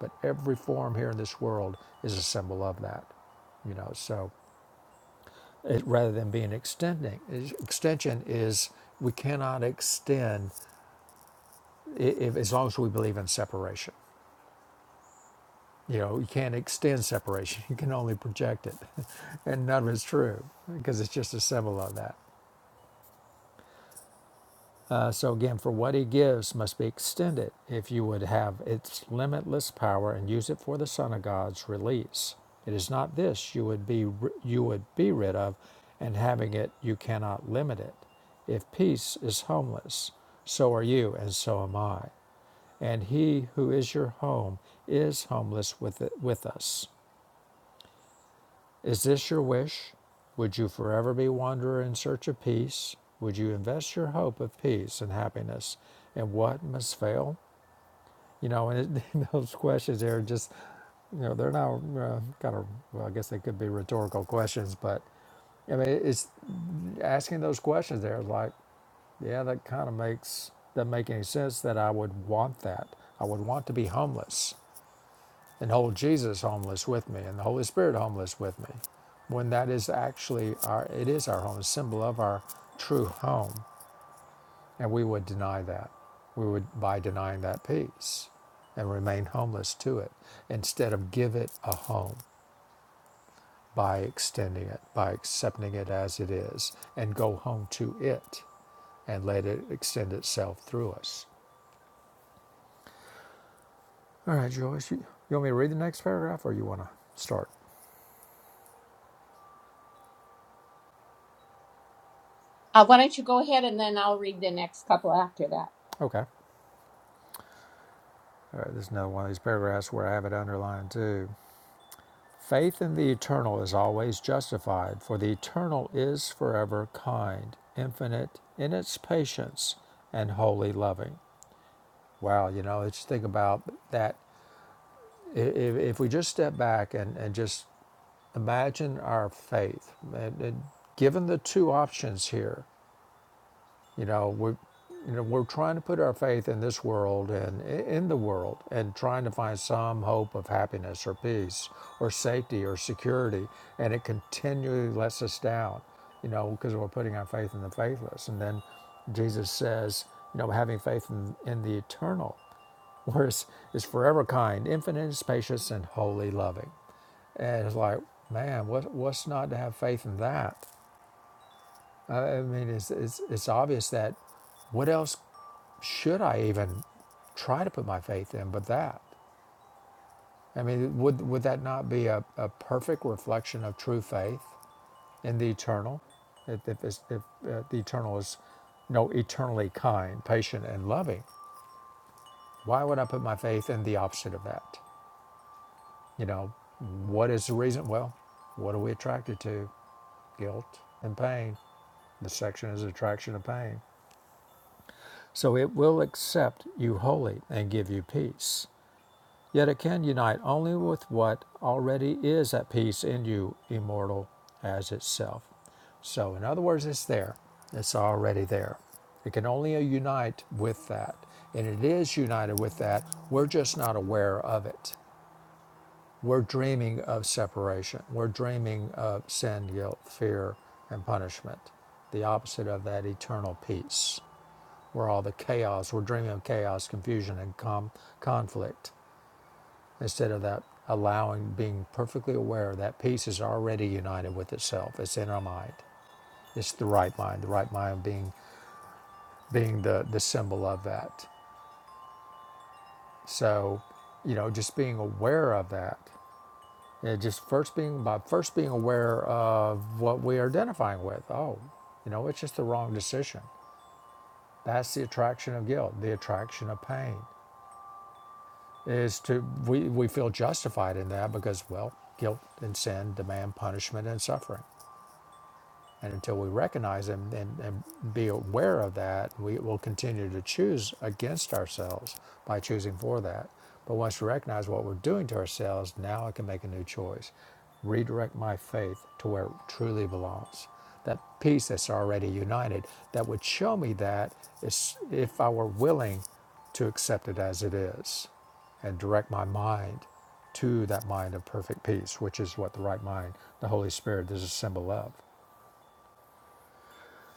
but every form here in this world is a symbol of that, you know. So, it, rather than being extending, extension is we cannot extend if, as long as we believe in separation. You know, you can't extend separation, you can only project it. and none of it's true because it's just a symbol of that. Uh, so again, for what he gives must be extended if you would have its limitless power and use it for the Son of God's release. It is not this you would be you would be rid of, and having it you cannot limit it. If peace is homeless, so are you, and so am I. And he who is your home is homeless with it, with us. Is this your wish? Would you forever be wanderer in search of peace? Would you invest your hope of peace and happiness in what must fail? You know, and it, those questions there are just, you know, they're not uh, kind of, well, I guess they could be rhetorical questions, but I mean, it's asking those questions there, like, yeah, that kind of makes, doesn't make any sense that I would want that. I would want to be homeless and hold Jesus homeless with me and the Holy Spirit homeless with me, when that is actually our, it is our home, a symbol of our true home. And we would deny that. We would, by denying that peace and remain homeless to it, instead of give it a home by extending it, by accepting it as it is, and go home to it and let it extend itself through us. All right, Joyce, you, you want me to read the next paragraph or you want to start? Uh, why don't you go ahead and then I'll read the next couple after that. Okay. All right, there's another one of these paragraphs where I have it underlined too. Faith in the eternal is always justified, for the eternal is forever kind, infinite in its patience, and wholly loving. Wow, you know, let's think about that. If, if we just step back and, and just imagine our faith, and, and given the two options here, You know, we, you know, we're trying to put our faith in this world and in the world, and trying to find some hope of happiness or peace or safety or security, and it continually lets us down. You know, because we're putting our faith in the faithless, and then Jesus says, you know, having faith in, in the eternal, where is is forever kind, infinite in patience, and wholly loving. And it's like, man, what, what's not to have faith in that? I mean, it's, it's, it's obvious that what else should I even try to put my faith in but that? I mean, would, would that not be a, a perfect reflection of true faith in the eternal? If, if, it's- if uh, the eternal is, you know, eternally kind, patient, and loving, why would I put my faith in the opposite of that? You know, what is the reason? Well, what are we attracted to? Guilt and pain. The section is attraction of pain. So it will accept you wholly and give you peace. Yet it can unite only with what already is at peace in you, immortal as itself. So, in other words, it's there, it's already there. It can only unite with that. And it is united with that. We're just not aware of it. We're dreaming of separation, we're dreaming of sin, guilt, fear, and punishment, the opposite of that eternal peace where all the chaos, we're dreaming of chaos, confusion, and com- conflict instead of that allowing, being perfectly aware that peace is already united with itself. It's in our mind. It's the right mind, the right mind being being the, the symbol of that. So, you know, just being aware of that. And just first being by first being aware of what we are identifying with. Oh, you know, it's just the wrong decision. That's the attraction of guilt, the attraction of pain is to we, we feel justified in that because well guilt and sin demand punishment and suffering and until we recognize and, and, and be aware of that, we will continue to choose against ourselves by choosing for that. But once we recognize what we're doing to ourselves, now I can make a new choice. Redirect my faith to where it truly belongs. That peace that's already united that would show me that is if I were willing to accept it as it is and direct my mind to that mind of perfect peace, which is what the right mind, the Holy Spirit, is a symbol of.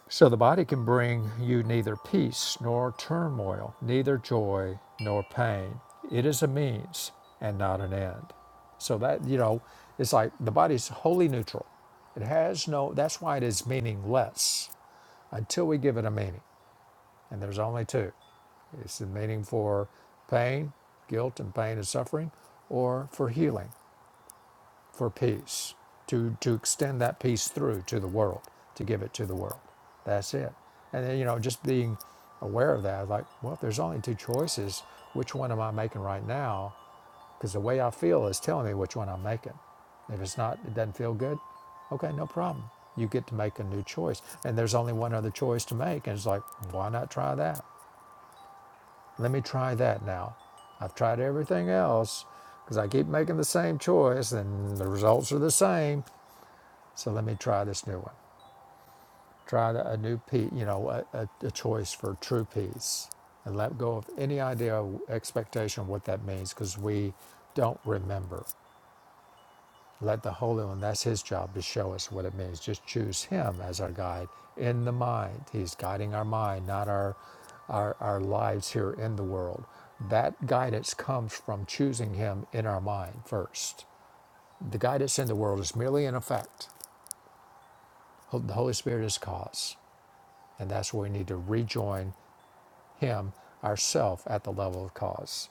So the body can bring you neither peace nor turmoil, neither joy nor pain. It is a means and not an end. So that, you know, it's like the body's wholly neutral. It has no, that's why it is meaningless until we give it a meaning. And there's only two it's the meaning for pain, guilt, and pain and suffering, or for healing for peace, to, to extend that peace through to the world, to give it to the world. That's it. And then, you know, just being aware of that, like, well, if there's only two choices, which one am I making right now? Because the way I feel is telling me which one I'm making. If it's not, it doesn't feel good, okay, no problem. You get to make a new choice. And there's only one other choice to make. And it's like, why not try that? Let me try that now. I've tried everything else because I keep making the same choice and the results are the same. So let me try this new one. Try a new piece, you know, a, a, choice for true peace and let go of any idea of expectation of what that means because we don't remember. Let the Holy One, that's His job to show us what it means. Just choose Him as our guide in the mind. He's guiding our mind, not our, our, our lives here in the world. That guidance comes from choosing Him in our mind first. The guidance in the world is merely an effect. The Holy Spirit is cause. And that's where we need to rejoin Him, ourself, at the level of cause.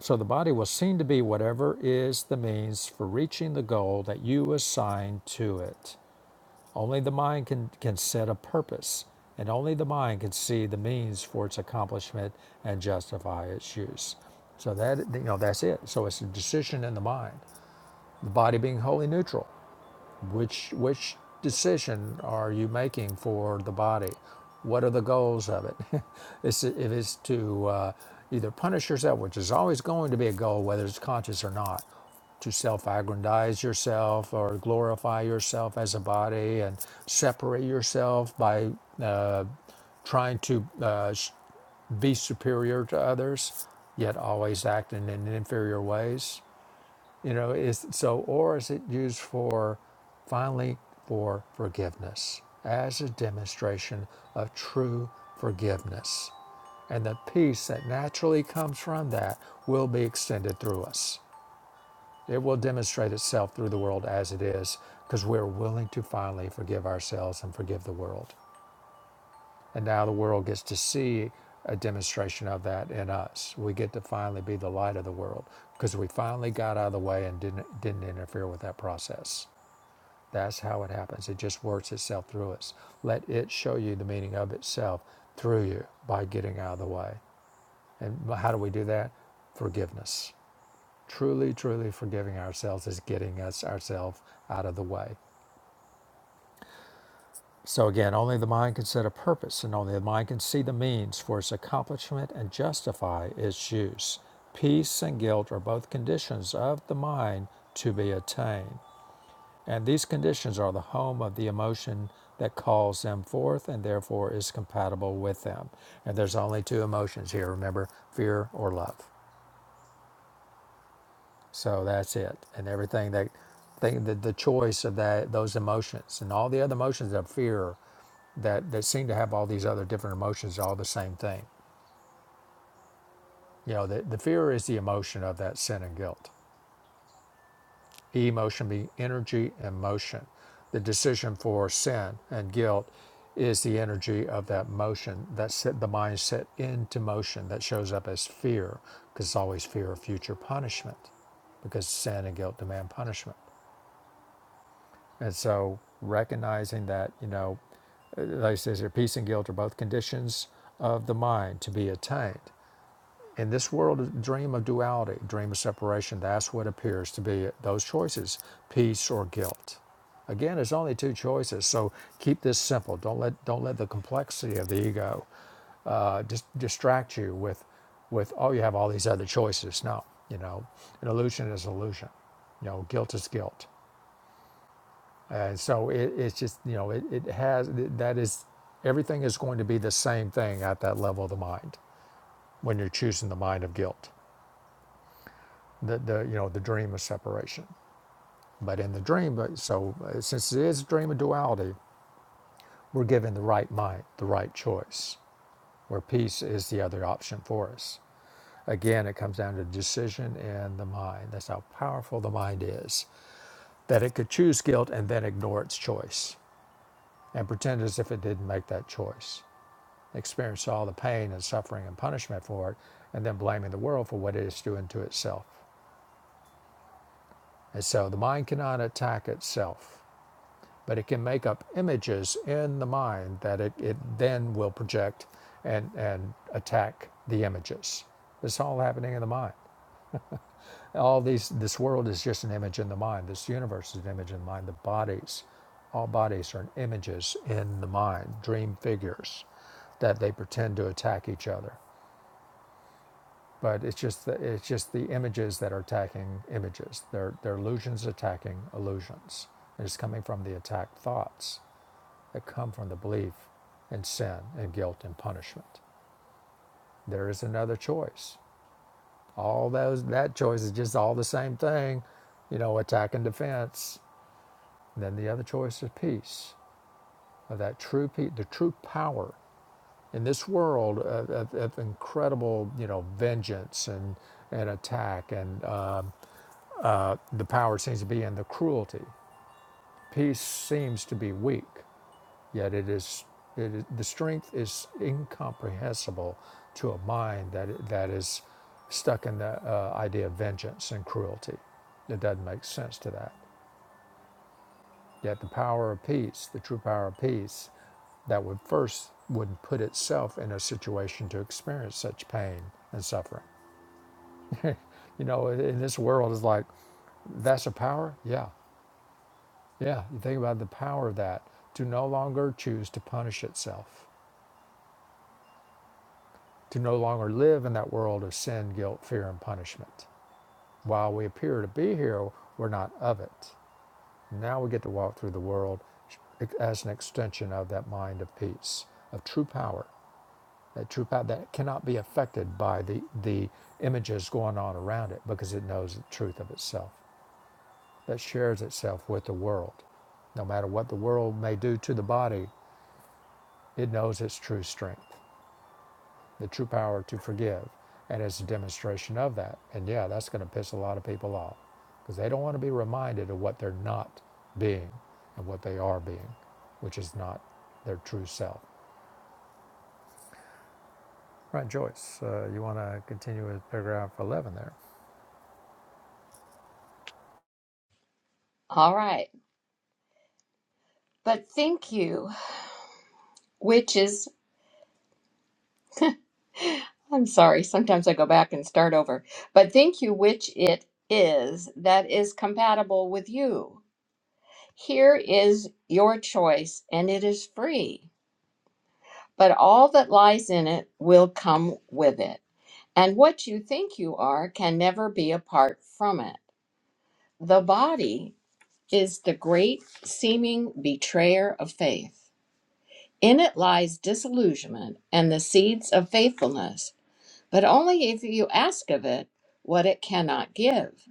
So the body will seem to be whatever is the means for reaching the goal that you assign to it. Only the mind can, can set a purpose, and only the mind can see the means for its accomplishment and justify its use. So that you know that's it. So it's a decision in the mind. The body being wholly neutral. Which which decision are you making for the body? What are the goals of it? it's, if it's to uh, either punish yourself, which is always going to be a goal, whether it's conscious or not, to self-aggrandize yourself or glorify yourself as a body and separate yourself by uh, trying to uh, sh- be superior to others, yet always acting in inferior ways you know, is so, or is it used for finally for forgiveness as a demonstration of true forgiveness? And the peace that naturally comes from that will be extended through us. It will demonstrate itself through the world as it is because we're willing to finally forgive ourselves and forgive the world. And now the world gets to see a demonstration of that in us. We get to finally be the light of the world because we finally got out of the way and didn't didn't interfere with that process. That's how it happens. It just works itself through us. Let it show you the meaning of itself through you by getting out of the way. And how do we do that? Forgiveness. Truly, truly forgiving ourselves is getting us ourselves out of the way So again, only the mind can set a purpose, and only the mind can see the means for its accomplishment and justify its use. Peace and guilt are both conditions of the mind to be attained, and these conditions are the home of the emotion that calls them forth and therefore is compatible with them. And there's only two emotions here, remember fear or love. So that's it, and everything that thing the, the choice of that those emotions and all the other emotions of fear that that seem to have all these other different emotions are all the same thing. You know, the, the fear is the emotion of that sin and guilt. Emotion being energy and motion. The decision for sin and guilt is the energy of that motion that set the mind set into motion that shows up as fear because it's always fear of future punishment because sin and guilt demand punishment And so recognizing that, you know, uh, like it says here, peace and guilt are both conditions of the mind to be attained. In this world, dream of duality, dream of separation, that's what appears to be those choices, peace or guilt. Again, there's only two choices, so keep this simple. Don't let don't let the complexity of the ego uh, dis- distract you with with oh you have all these other choices. No, you know, an illusion is illusion. You know, guilt is guilt. And so it, it's just, you know, it, it has, that is, everything is going to be the same thing at that level of the mind when you're choosing the mind of guilt, the, the you know, the dream of separation. But in the dream, so uh, since it is a dream of duality, we're given the right mind, the right choice, where peace is the other option for us. Again, it comes down to decision and the mind. That's how powerful the mind is, that it could choose guilt and then ignore its choice and pretend as if it didn't make that choice. experienced all the pain and suffering and punishment for it, and then blaming the world for what it is doing to itself. And so the mind cannot attack itself, but it can make up images in the mind that it, it then will project and, and attack the images. It's all happening in the mind. All these, this world is just an image in the mind. This universe is an image in the mind. The bodies, all bodies are images in the mind, dream figures that they pretend to attack each other. but it's just the, it's just the images that are attacking images. They're they're illusions attacking illusions. And it's coming from the attacked thoughts that come from the belief in sin and guilt and punishment. There is another choice. All those that choice is just all the same thing, you know, attack and defense. And then the other choice is peace, of that true peace, the true power in this world of, of, of incredible, you know, vengeance and and attack and um, The power seems to be in the cruelty. Peace seems to be weak, yet it is, it is the strength is incomprehensible to a mind that that is stuck in the uh, idea of vengeance and cruelty. It doesn't make sense to that. Yet the power of peace, the true power of peace, that would first would put itself in a situation to experience such pain and suffering. You know, in this world, it's like that's a power. Yeah, Yeah, you think about the power of that to no longer choose to punish itself, to no longer live in that world of sin, guilt, fear, and punishment. While we appear to be here, we're not of it. Now we get to walk through the world as an extension of that mind of peace, of true power, that true power that cannot be affected by the, the images going on around it because it knows the truth of itself, that shares itself with the world no matter what the world may do to the body, It knows its true strength, the true power to forgive, and it's a demonstration of that. And yeah, that's going to piss a lot of people off because they don't want to be reminded of what they're not being and what they are being, which is not their true self. Right, Joyce, uh, you want to continue with paragraph 11 there? All right. But think you, which is I'm sorry. Sometimes I go back and start over. But think you which it is that is compatible with you. Here is your choice, and it is free. But all that lies in it will come with it. And what you think you are can never be apart from it. The body is the great seeming betrayer of faith. In it lies disillusionment and the seeds of faithfulness. but only if you ask of it what it cannot give.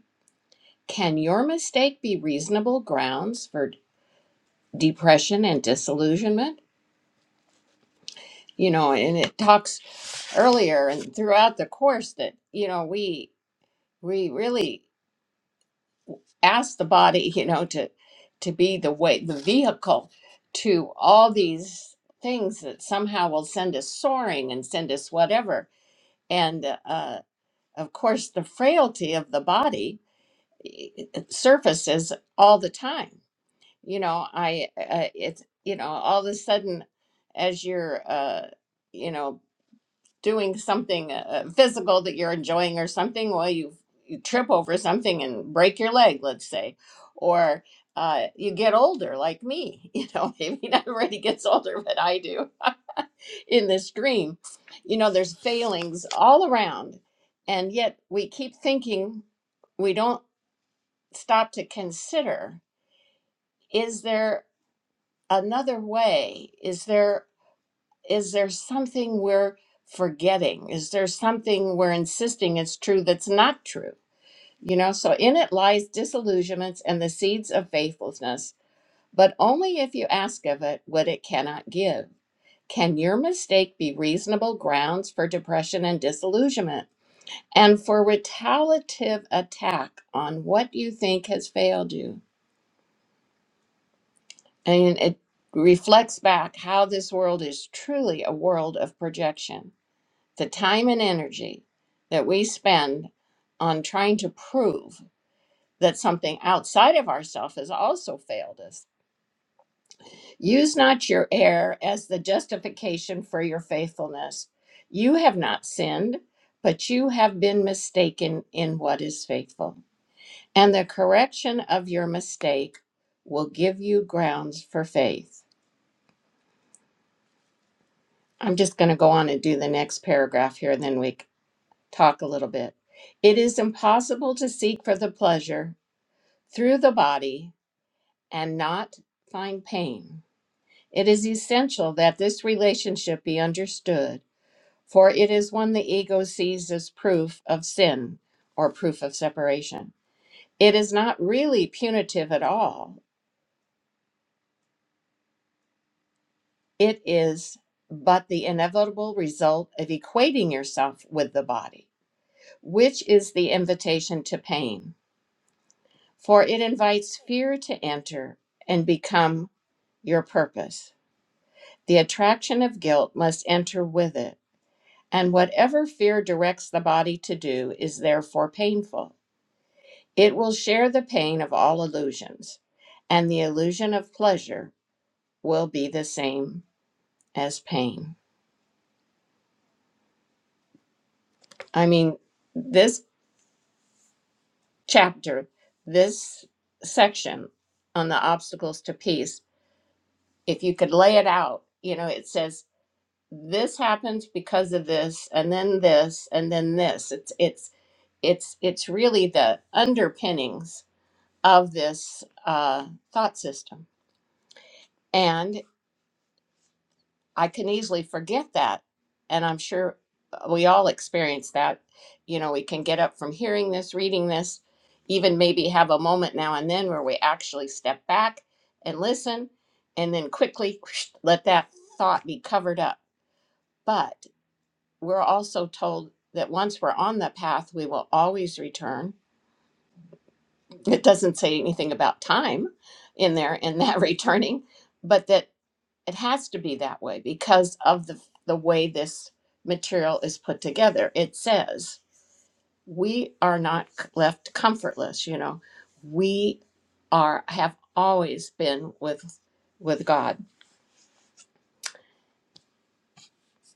Can your mistake be reasonable grounds for depression and disillusionment? You know, and it talks earlier and throughout the course that, you know, we we really ask the body, you know, to to be the way the vehicle to all these things that somehow will send us soaring and send us whatever. And uh, of course, the frailty of the body surfaces all the time you know i uh, it's you know all of a sudden as you're uh you know doing something uh, physical that you're enjoying or something well you you trip over something and break your leg let's say or uh, you get older like me you know maybe not everybody gets older but i do in this dream you know there's failings all around and yet we keep thinking we don't stop to consider is there another way is there is there something we're forgetting is there something we're insisting is true that's not true you know so in it lies disillusionments and the seeds of faithlessness but only if you ask of it what it cannot give can your mistake be reasonable grounds for depression and disillusionment and for retaliative attack on what you think has failed you And it reflects back how this world is truly a world of projection. The time and energy that we spend on trying to prove that something outside of ourselves has also failed us. Use not your error as the justification for your faithfulness. You have not sinned, but you have been mistaken in what is faithful. And the correction of your mistake will give you grounds for faith. I'm just going to go on and do the next paragraph here, and then we c- talk a little bit. It is impossible to seek for the pleasure through the body and not find pain. It is essential that this relationship be understood, for it is one the ego sees as proof of sin or proof of separation. It is not really punitive at all, it is but the inevitable result of equating yourself with the body. which is the invitation to pain, for it invites fear to enter and become your purpose. The attraction of guilt must enter with it, and whatever fear directs the body to do is therefore painful. It will share the pain of all illusions, and the illusion of pleasure will be the same as pain. I mean, this chapter, this section on the obstacles to peace if you could lay it out, you know, it says this happens because of this and then this and then this. It's it's it's it's really the underpinnings of this uh, thought system. And I can easily forget that. And I'm sure uh, we all experience that. You know, we can get up from hearing this, reading this, even maybe have a moment now and then where we actually step back and listen and then quickly let that thought be covered up. but. we're also told that once we're on the path, we will always return. It doesn't say anything about time in there in that returning, but that it has to be that way because of the, the way this material is put together. It says, we are not c- left comfortless, you know. We are have always been with with God.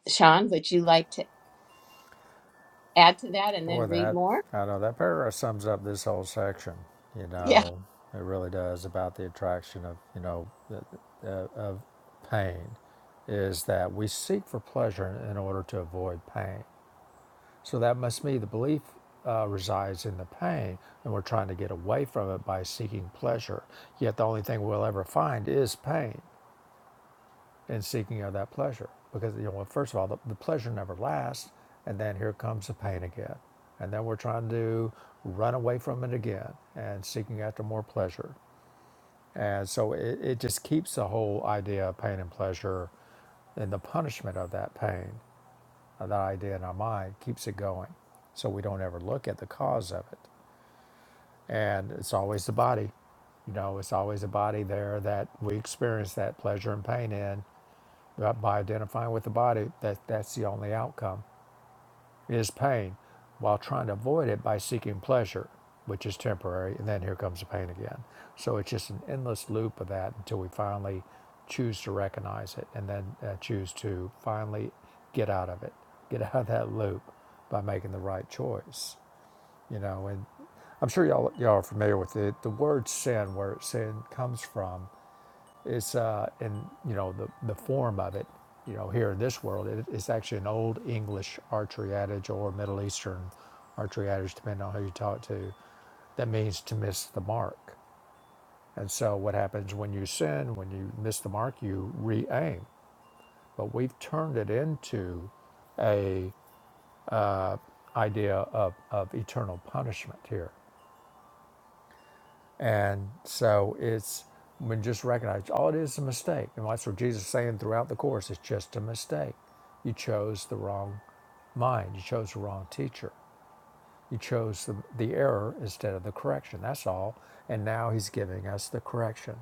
Sean, would you like to add to that and then Boy, read that more? I know that paragraph sums up this whole section. You Yeah, know, it really does about the attraction of you know the- uh, of pain, is that we seek for pleasure in order to avoid pain. So that must be the belief uh, resides in the pain, and we're trying to get away from it by seeking pleasure. Yet the only thing we'll ever find is pain in seeking of that pleasure. Because, you know, well, first of all, the, the pleasure never lasts. And then here comes the pain again. And then we're trying to run away from it again and seeking after more pleasure. And so it, it just keeps the whole idea of pain and pleasure and the punishment of that pain, of that idea in our mind, keeps it going. So we don't ever look at the cause of it. And it's always the body. You know, it's always a body there that we experience that pleasure and pain in, Right, by identifying with the body, that, that's the only outcome is pain, while trying to avoid it by seeking pleasure, which is temporary, and then here comes the pain again. So it's just an endless loop of that until we finally choose to recognize it, and then uh, choose to finally get out of it, get out of that loop by making the right choice. You know, and I'm sure y'all y'all are familiar with it. The word sin, where sin comes from, it's uh, in you know the the form of it, you know, here in this world, it, it's actually an old English archery adage or Middle Eastern archery adage, depending on who you talk to, that means to miss the mark. And so, what happens when you sin, when you miss the mark, you re-aim. But we've turned it into a idea of, of eternal punishment here. And so it's when just recognize all it is is a mistake. And that's what Jesus is saying throughout the course. It's just a mistake. You chose the wrong mind. You chose the wrong teacher. You chose the, the error instead of the correction. That's all. And now he's giving us the correction.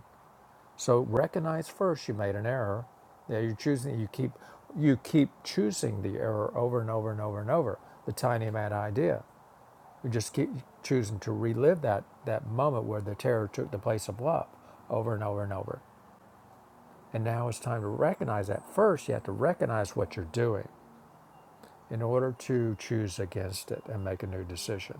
So recognize first you made an error. Yeah, you're choosing you keep you keep choosing the error over and over and over and over. The tiny mad idea. We just keep choosing to relive that that moment where the terror took the place of love over and over and over. And now it's time to recognize that first you have to recognize what you're doing in order to choose against it and make a new decision.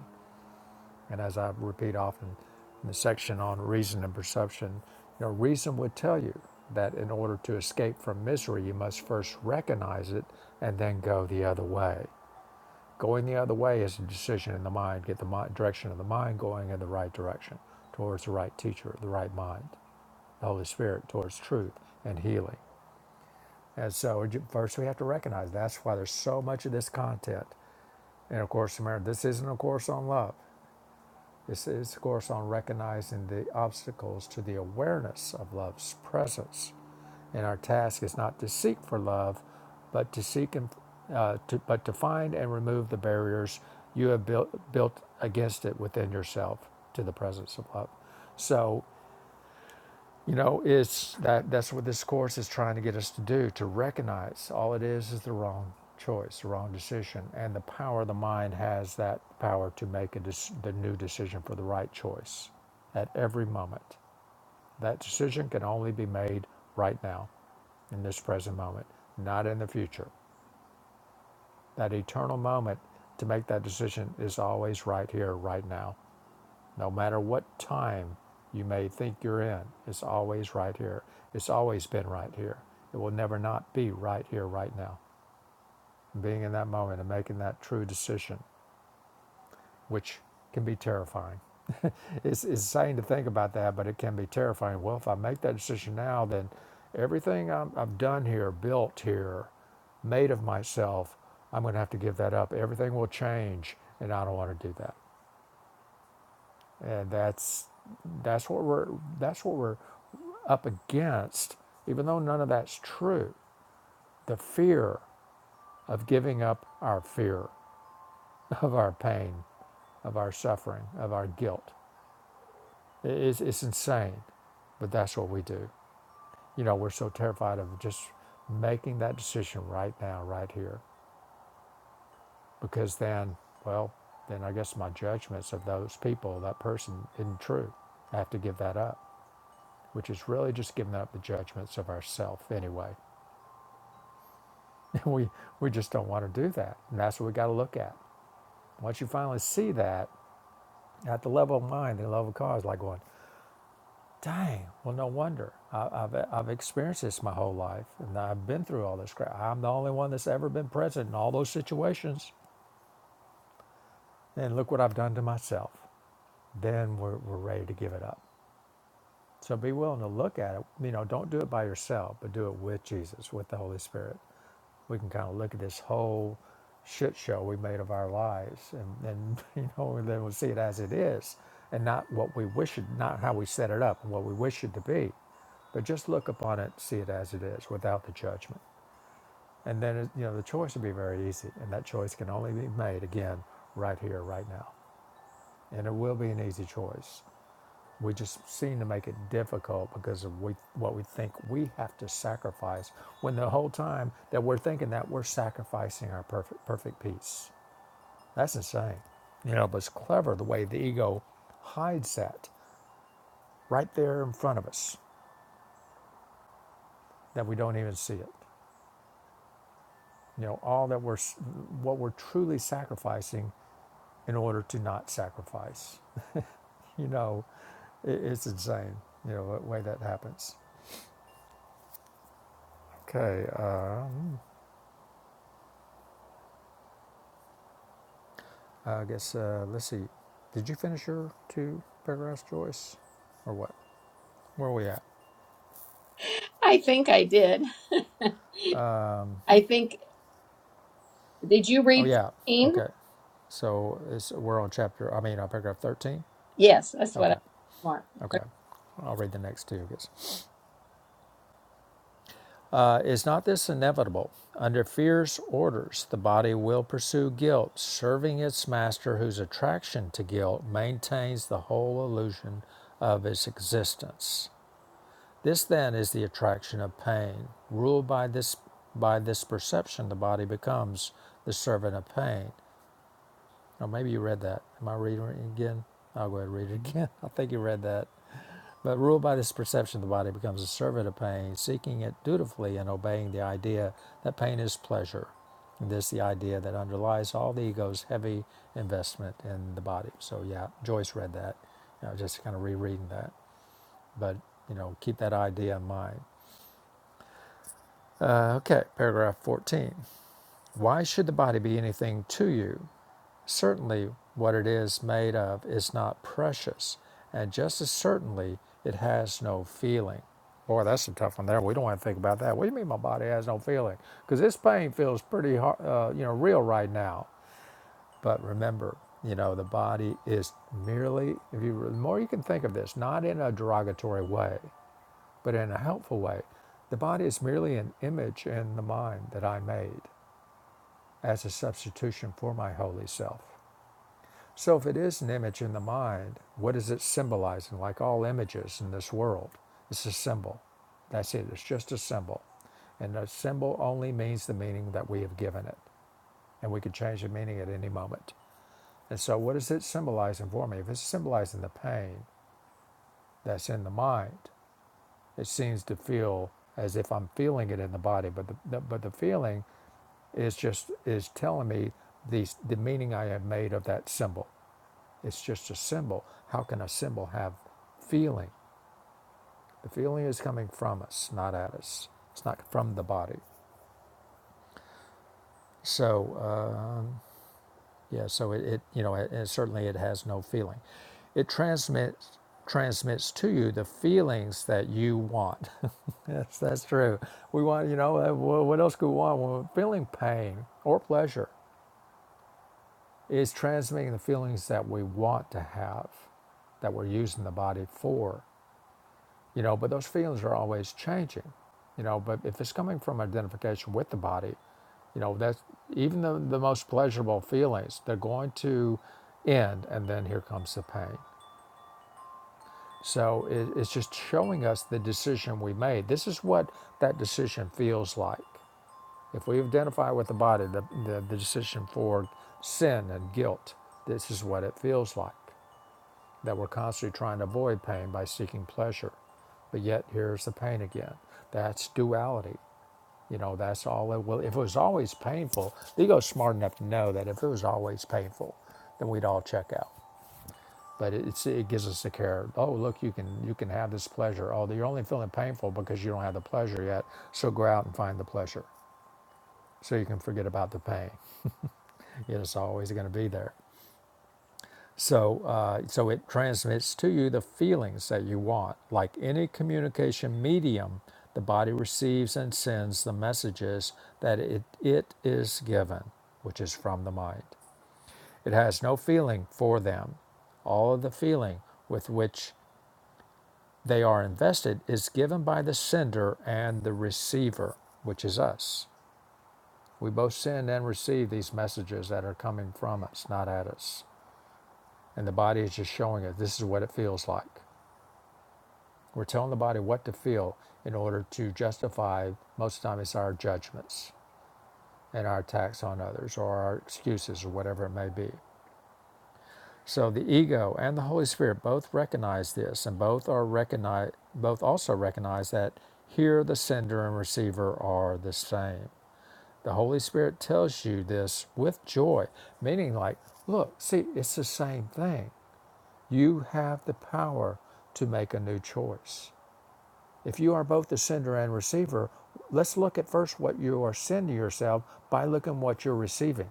And as I repeat often in the section on reason and perception, you know, reason would tell you that in order to escape from misery, you must first recognize it and then go the other way. Going the other way is a decision in the mind. Get the mind, direction of the mind going in the right direction towards the right teacher, the right mind, the Holy Spirit, towards truth and healing. And so, first we have to recognize that's why there's so much of this content. And of course, remember, this isn't a course on love. This is a course on recognizing the obstacles to the awareness of love's presence and our task is not to seek for love, but to seek and uh, to, but to find and remove the barriers you have built built against it within yourself to the presence of love. So you know it's that that's what this course is trying to get us to do to recognize all it is is the wrong choice, the wrong decision, and the power of the mind has that power to make a dec- the new decision for the right choice at every moment. That decision can only be made right now, in this present moment, not in the future. That eternal moment to make that decision is always right here, right now. No matter what time you may think you're in, it's always right here. It's always been right here. It will never not be right here, right now. Being in that moment and making that true decision which can be terrifying. it's, it's insane to think about that, but it can be terrifying. Well, if I make that decision now, then everything I'm, I've done here, built here, made of myself, I'm going to have to give that up. Everything will change, and I don't want to do that. And that's that's what we're that's what we're up against. Even though none of that's true, the fear of giving up our fear, of our pain, of our suffering, of our guilt It's, it's insane, but that's what we do. You know, we're so terrified of just making that decision right now, right here, because then, well, then I guess my judgments of those people, that person, isn't true. I have to give that up, which is really just giving up the judgments of ourself anyway. we we just don't want to do that, and that's what we got to look at. Once you finally see that at the level of mind, the level of cause, like going. Dang. Well, no wonder. I, I've I've experienced this my whole life, and I've been through all this crap. I'm the only one that's ever been present in all those situations. And look what I've done to myself. Then we're we're ready to give it up. So be willing to look at it. You know, don't do it by yourself, but do it with Jesus, with the Holy Spirit. We can kind of look at this whole shit show we made of our lives, and, and you know, and then we'll see it as it is, and not what we wish it, not how we set it up, and what we wish it to be, but just look upon it, see it as it is, without the judgment. And then, it, you know, the choice will be very easy, and that choice can only be made again right here, right now, and it will be an easy choice we just seem to make it difficult because of we, what we think we have to sacrifice when the whole time that we're thinking that we're sacrificing our perfect, perfect peace. That's insane. You know, but it's clever the way the ego hides that right there in front of us that we don't even see it. You know, all that we're, what we're truly sacrificing in order to not sacrifice. You know, it, it's insane, you know, the way that happens. Okay. um, Uh, I guess, uh, let's see. Did you finish your two paragraphs, Joyce? Or what? Where are we at? I think I did. I think. Did you Oh, read yeah. 13? Okay. So it's, we're on chapter, I mean, on paragraph 13? Yes, that's what Okay. I marked. Okay. Okay. I'll read the next two, I guess. Uh, is not this inevitable? Under fierce orders, the body will pursue guilt, serving its master, whose attraction to guilt maintains the whole illusion of its existence. This then is the attraction of pain. Ruled by this by this perception, the body becomes the servant of pain. Now, maybe you read that. Am I reading it again? I'll go ahead and read it again. I think you read that. But ruled by this perception, the body becomes a servant of pain, seeking it dutifully and obeying the idea that pain is pleasure. And this is the idea that underlies all the ego's heavy investment in the body. So yeah, Joyce read that. You know, just kind of rereading that. But you know, keep that idea in mind. Uh, okay, paragraph 14. Why should the body be anything to you? Certainly, what it is made of is not precious, and just as certainly, it has no feeling. Boy, that's a tough one there. We don't want to think about that. What do you mean my body has no feeling? Because this pain feels pretty hard, uh, you know, real right now. But remember, you know, the body is merely, if you, the more you can think of this, not in a derogatory way, but in a helpful way. The body is merely an image in the mind that I made as a substitution for my holy self. So, if it is an image in the mind, what is it symbolizing? Like all images in this world, it's a symbol. That's it, it's just a symbol. And a symbol only means the meaning that we have given it, and we can change the meaning at any moment. And so, what is it symbolizing for me? If it's symbolizing the pain that's in the mind, It seems to feel as if I'm feeling it in the body, but the, the but the feeling is just is telling me the the meaning I have made of that symbol. It's just a symbol. How can a symbol have feeling? The feeling is coming from us, not at us. It's not from the body. So. uh, Yeah, so it, it you know, it, and certainly it has no feeling. It transmits transmits to you the feelings that you want. yes, that's true. We want, you know, uh, wha- what else could we want? Well, feeling pain or pleasure is transmitting the feelings that we want to have, that we're using the body for you know but those feelings are always changing you know but if it's coming from identification with the body you know that's even the, the most pleasurable feelings they're going to end and then here comes the pain so it, it's just showing us the decision we made this is what that decision feels like if we identify with the body the, the, the decision for sin and guilt this is what it feels like that we're constantly trying to avoid pain by seeking pleasure. But yet here's the pain again. That's duality. You know, that's all it will. If it was always painful, the ego's smart enough to know that if it was always painful, then we'd all check out. But it- it's, it gives us the care. Oh, look, you can you can have this pleasure. Oh, you're only feeling painful because you don't have the pleasure yet. So go out and find the pleasure, so you can forget about the pain. it's always going to be there. So, uh, so it transmits to you the feelings that you want. Like any communication medium, the body receives and sends the messages that it, it is given, which is from the mind. It has no feeling for them. All of the feeling with which they are invested is given by the sender and the receiver, which is us. We both send and receive these messages that are coming from us, not at us. And the body is just showing us this is what it feels like. We're telling the body what to feel in order to justify, most of the time, it's our judgments and our attacks on others or our excuses or whatever it may be. So the ego and the Holy Spirit both recognize this and both are recognize, both also recognize that here the sender and receiver are the same. The Holy Spirit tells you this with joy, meaning like, look, see, it's the same thing. You have the power to make a new choice. If you are both the sender and receiver, let's look at first what you are sending yourself by looking what you're receiving.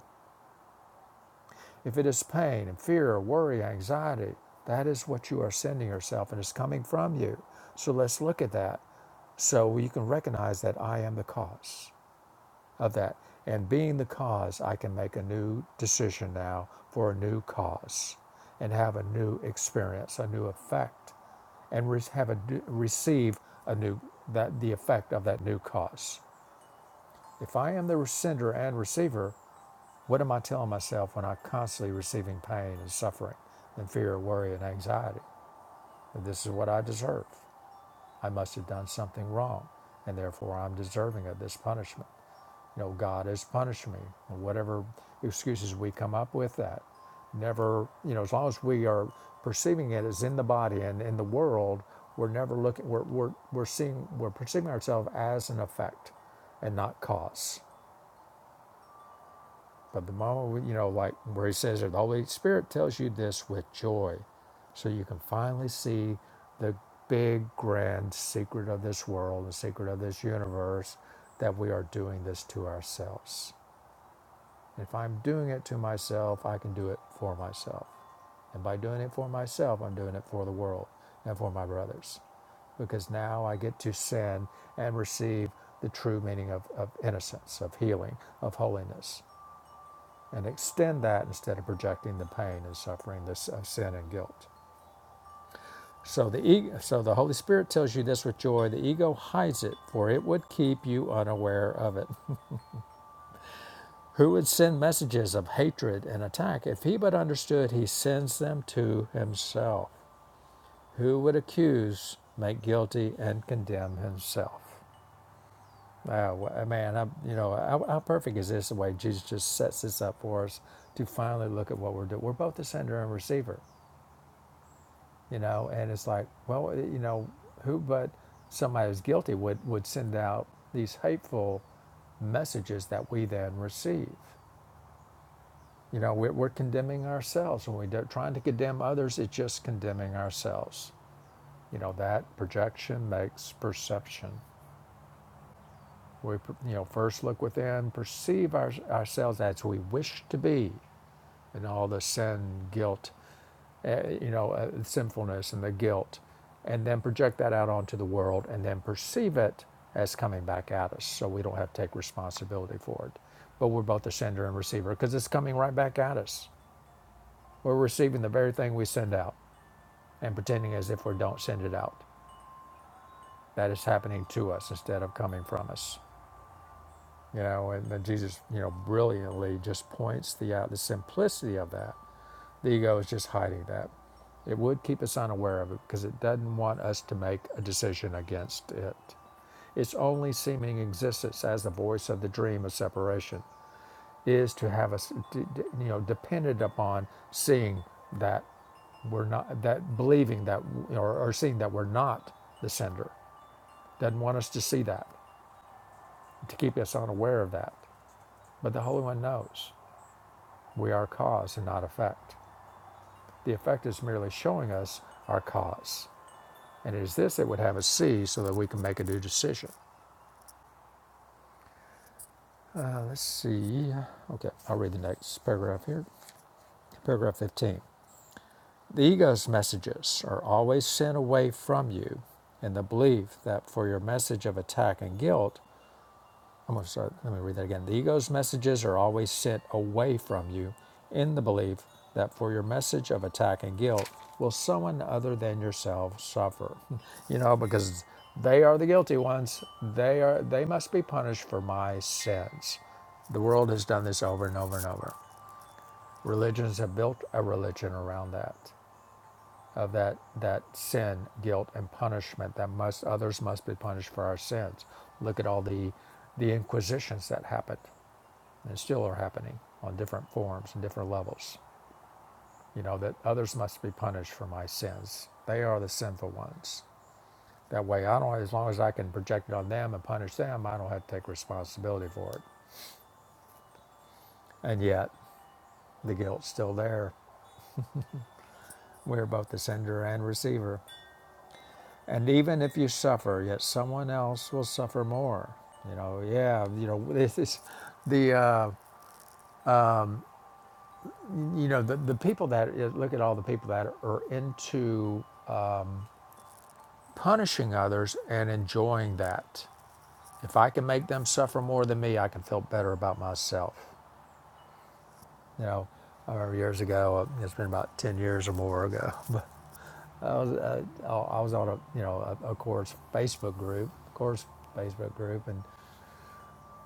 If it is pain and fear, worry, anxiety, that is what you are sending yourself and it's coming from you. So let's look at that so you can recognize that I am the cause of that. And being the cause, I can make a new decision now for a new cause and have a new experience, a new effect, and re- have a receive a new that the effect of that new cause. If I am the sender and receiver, what am I telling myself when I'm constantly receiving pain and suffering and fear, worry, and anxiety? That this is what I deserve. I must have done something wrong, and therefore I'm deserving of this punishment. You know, God has punished me, or whatever excuses we come up with that. Never, you know, as long as we are perceiving it as in the body and in the world, we're never looking, we're, we're, we're seeing, we're perceiving ourselves as an effect and not cause. But the moment, we, you know, like where he says that the Holy Spirit tells you this with joy, so you can finally see the big, grand secret of this world, the secret of this universe, that we are doing this to ourselves. If I'm doing it to myself, I can do it for myself. And by doing it for myself, I'm doing it for the world and for my brothers. Because now I get to send and receive the true meaning of, of innocence, of healing, of holiness, and extend that instead of projecting the pain and suffering this, of sin and guilt. So the, ego, so the Holy Spirit tells you this with joy. The ego hides it, for it would keep you unaware of it. Who would send messages of hatred and attack if he but understood he sends them to himself? Who would accuse, make guilty, and condemn himself? Ah, man, I, you know, how, how perfect is this the way Jesus just sets this up for us to finally look at what we're doing? We're both the sender and receiver, you know, and it's like, well, eh, you know, who but somebody who's guilty would, would send out these hateful messages that we then receive? You know, we're, condemning ourselves. When we're trying to condemn others, it's just condemning ourselves. You know, that projection makes perception. We, you know, first look within, perceive our, ourselves as we wish to be, and all the sin, guilt, uh, you know, uh, sinfulness and the guilt, and then project that out onto the world, and then perceive it as coming back at us, so we don't have to take responsibility for it. But we're both the sender and receiver because it's coming right back at us. We're receiving the very thing we send out. and pretending as if we don't send it out. That is happening to us instead of coming from us. You know, and then Jesus, you know, brilliantly just points the out the simplicity of that. The ego is just hiding that. It would keep us unaware of it because it doesn't want us to make a decision against it. Its only seeming existence as the voice of the dream of separation is to have us, you know, dependent upon seeing that we're not that believing that or, or seeing that we're not the sender doesn't want us to see that, to keep us unaware of that. But the Holy One knows we are cause and not effect. The effect is merely showing us our cause. And it is this that would have us see so that we can make a new decision. Uh, let's see. Okay, I'll read the next paragraph here. Paragraph 15. The ego's messages are always sent away from you in the belief that for your message of attack and guilt, I'm going to start, let me read that again. The ego's messages are always sent away from you in the belief that for your message of attack and guilt, will someone other than yourself suffer? you know, because they are the guilty ones. They are they must be punished for my sins. The world has done this over and over and over. Religions have built a religion around that, of that that sin, guilt, and punishment that must others must be punished for our sins. Look at all the the inquisitions that happened and still are happening on different forms and different levels. You know, that others must be punished for my sins. They are the sinful ones. That way, I don't, as long as I can project it on them and punish them, I don't have to take responsibility for it. And yet, the guilt's still there. We're both the sender and receiver. And even if you suffer, yet someone else will suffer more. You know, yeah, you know, this is the, uh, you know, the, the people that, look at all the people that are into punishing others and enjoying that. If I can make them suffer more than me, I can feel better about myself. You know, I remember years ago, uh, it's been about 10 years or more ago, but I was, uh, uh, I was on a, you know, a, a course Facebook group, course Facebook group, and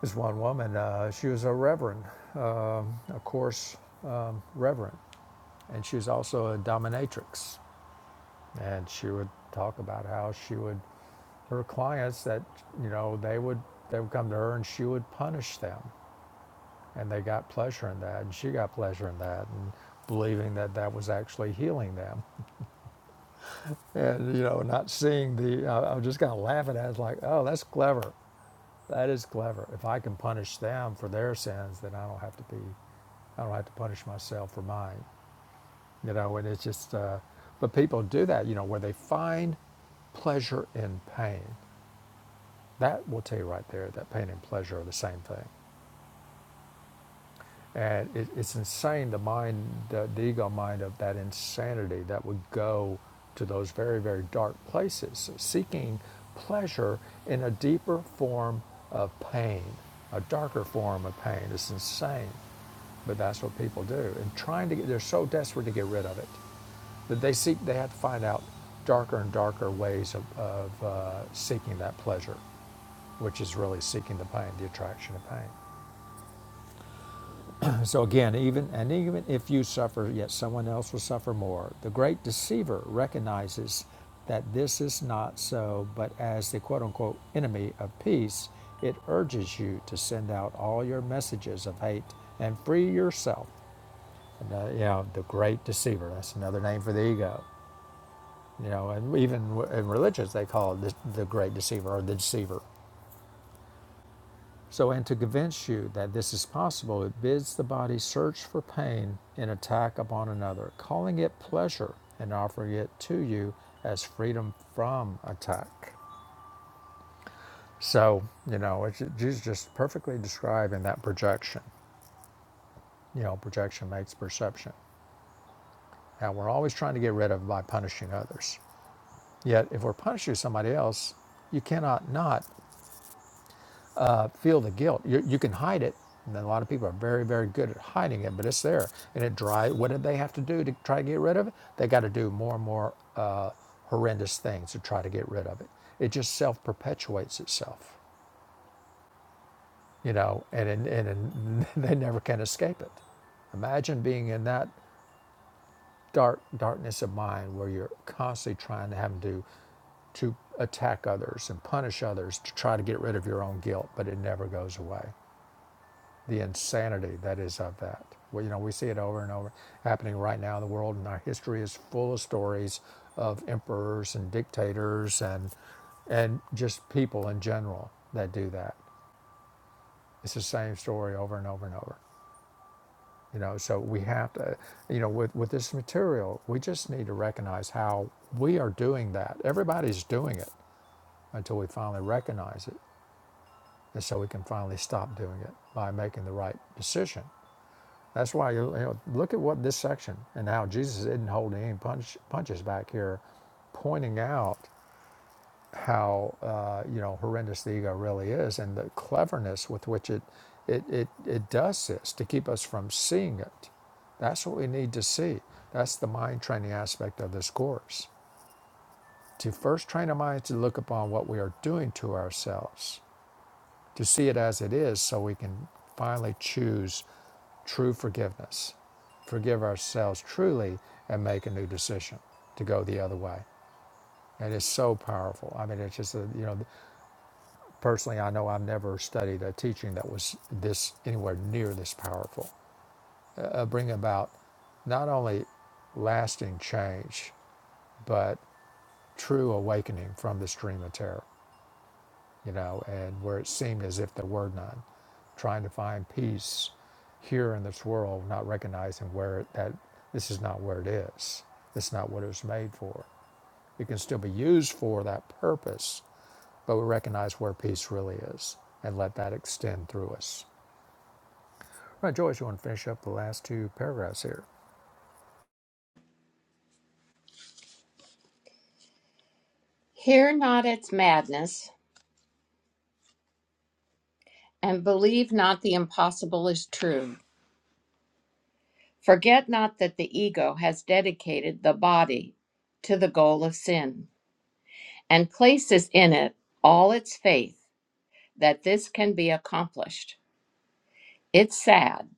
this one woman, uh, she was a reverend, um, a course reverend, and she was also a dominatrix. And she would talk about how she would her clients that you know they would they would come to her and she would punish them and they got pleasure in that and she got pleasure in that and believing that that was actually healing them and you know not seeing the i, I was just kind of laughing at it I was like oh that's clever that is clever if i can punish them for their sins then i don't have to be i don't have to punish myself for mine you know and it's just uh, but people do that you know where they find pleasure in pain that will tell you right there that pain and pleasure are the same thing And it, it's insane the mind, the, the ego mind of that insanity that would go to those very, very dark places, seeking pleasure in a deeper form of pain, a darker form of pain. It's insane. But that's what people do. And trying to get, they're so desperate to get rid of it that they seek, they have to find out darker and darker ways of, of uh, seeking that pleasure, which is really seeking the pain, the attraction of pain so again, even and even if you suffer, yet someone else will suffer more. The great deceiver recognizes that this is not so, but as the quote unquote enemy of peace, it urges you to send out all your messages of hate and free yourself. And, uh, you know, the great deceiver, that's another name for the ego. You know, and even in religions, they call it the, the great deceiver or the deceiver. So, and to convince you that this is possible, it bids the body search for pain in attack upon another, calling it pleasure and offering it to you as freedom from attack. So, you know, it's, Jesus just perfectly describing that projection. You know, projection makes perception. Now, we're always trying to get rid of it by punishing others. Yet, if we're punishing somebody else, you cannot not uh, feel the guilt. You, you can hide it. And a lot of people are very, very good at hiding it, but it's there. And it drives, what did they have to do to try to get rid of it? They got to do more and more uh, horrendous things to try to get rid of it. It just self perpetuates itself, you know, and, and, and, and they never can escape it. Imagine being in that dark darkness of mind where you're constantly trying to have to to attack others and punish others to try to get rid of your own guilt, but it never goes away. the insanity that is of that. Well, you know, we see it over and over happening right now in the world, and our history is full of stories of emperors and dictators and and just people in general that do that. It's the same story over and over and over. You know, so we have to, you know, with with this material, we just need to recognize how we are doing that. Everybody's doing it until we finally recognize it, and so we can finally stop doing it by making the right decision That's why you know, look at what this section and how Jesus isn't holding any punch, punches back here, pointing out how uh, you know horrendous the ego really is and the cleverness with which it it, it it does this to keep us from seeing it. That's what we need to see. That's the mind training aspect of this course. To first train our minds to look upon what we are doing to ourselves to see it as it is so we can finally choose true forgiveness, forgive ourselves truly, and make a new decision to go the other way. And it's so powerful. I mean, it's just, a, you know, personally, I know I've never studied a teaching that was this anywhere near this powerful. Uh, bring about not only lasting change, but true awakening from this dream of terror, you know, and where it seemed as if there were none trying to find peace here in this world, not recognizing where that this is not where it is. This is not what it was made for. It can still be used for that purpose, but we recognize where peace really is and let that extend through us. All Right, Joyce, you want to finish up the last two paragraphs here? Hear not its madness, and believe not the impossible is true. Forget not that the ego has dedicated the body to the goal of sin, and places in it all its faith that this can be accomplished. It's sad.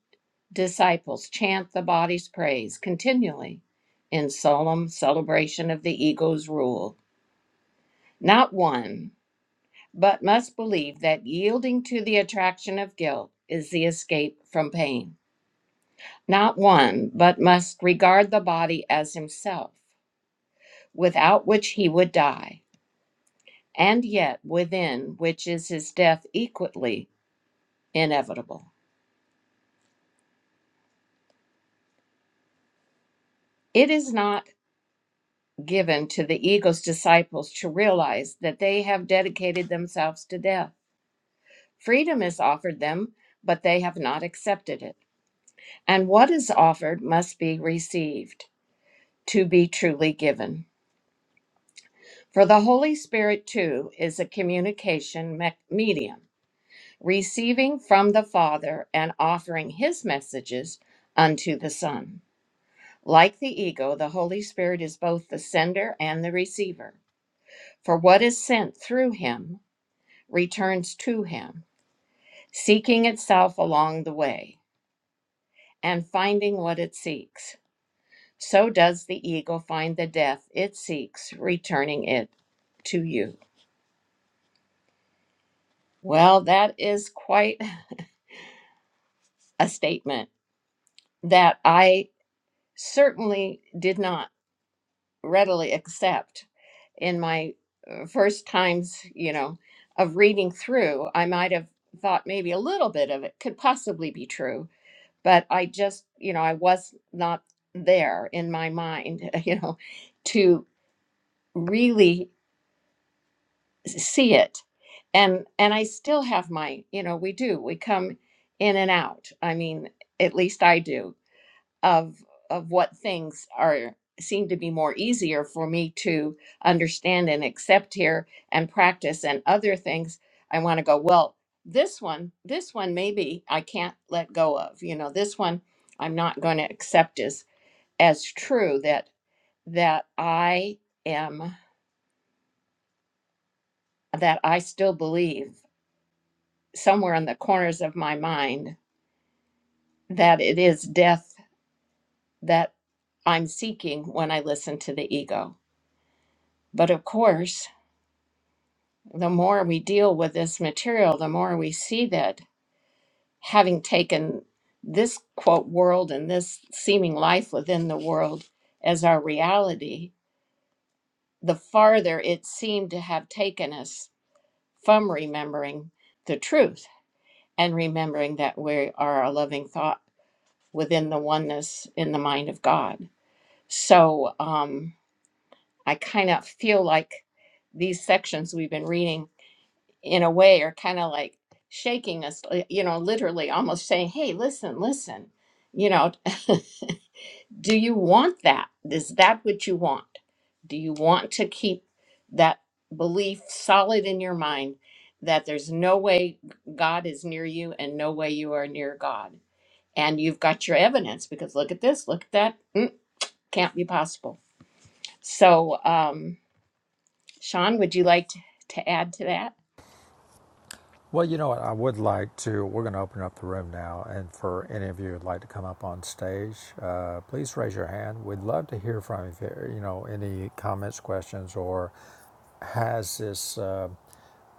Disciples chant the body's praise continually in solemn celebration of the ego's rule. Not one. but must believe that yielding to the attraction of guilt is the escape from pain. Not one, but must regard the body as himself, without which he would die, and yet within which is his death equally inevitable. It is not given to the ego's disciples to realize that they have dedicated themselves to death. Freedom is offered them, but they have not accepted it. And what is offered must be received. to be truly given. For the Holy Spirit, too, is a communication me- medium, receiving from the Father and offering his messages unto the Son. Like the ego, the Holy Spirit is both the sender and the receiver. For what is sent through him returns to him, seeking itself along the way and finding what it seeks. So does the ego find the death it seeks, returning it to you. Well, that is quite a statement that I certainly did not readily accept in my uh, first times, you know, of reading through. I might have thought maybe a little bit of it could possibly be true, but I just, you know, I was not there in my mind, you know, to really see it. And and I still have my, you know, we do. We come in and out. I mean, at least I do of of what things are seem to be more easier for me to understand and accept here and practice and other things i want to go well this one this one maybe i can't let go of you know this one i'm not going to accept as as true that that i am that i still believe somewhere in the corners of my mind that it is death that i'm seeking when i listen to the ego but of course the more we deal with this material, the more we see that having taken this quote world and this seeming life within the world as our reality, the farther it seemed to have taken us from remembering the truth and remembering that we are a loving thought within the oneness in the mind of God. So um, I kind of feel like these sections we've been reading in a way are kind of like shaking us li- you know literally almost saying hey listen listen you know do you want that is that what you want do you want to keep that belief solid in your mind that there's no way god is near you and no way you are near god and you've got your evidence because look at this look at that Mm, can't be possible so um sean would you like to, to add to that Well, you know what? I would like to. We're going to open up the room now, and for any of you who'd like to come up on stage, uh, please raise your hand. We'd love to hear from you. If, you you know, any comments, questions, or has this? Uh,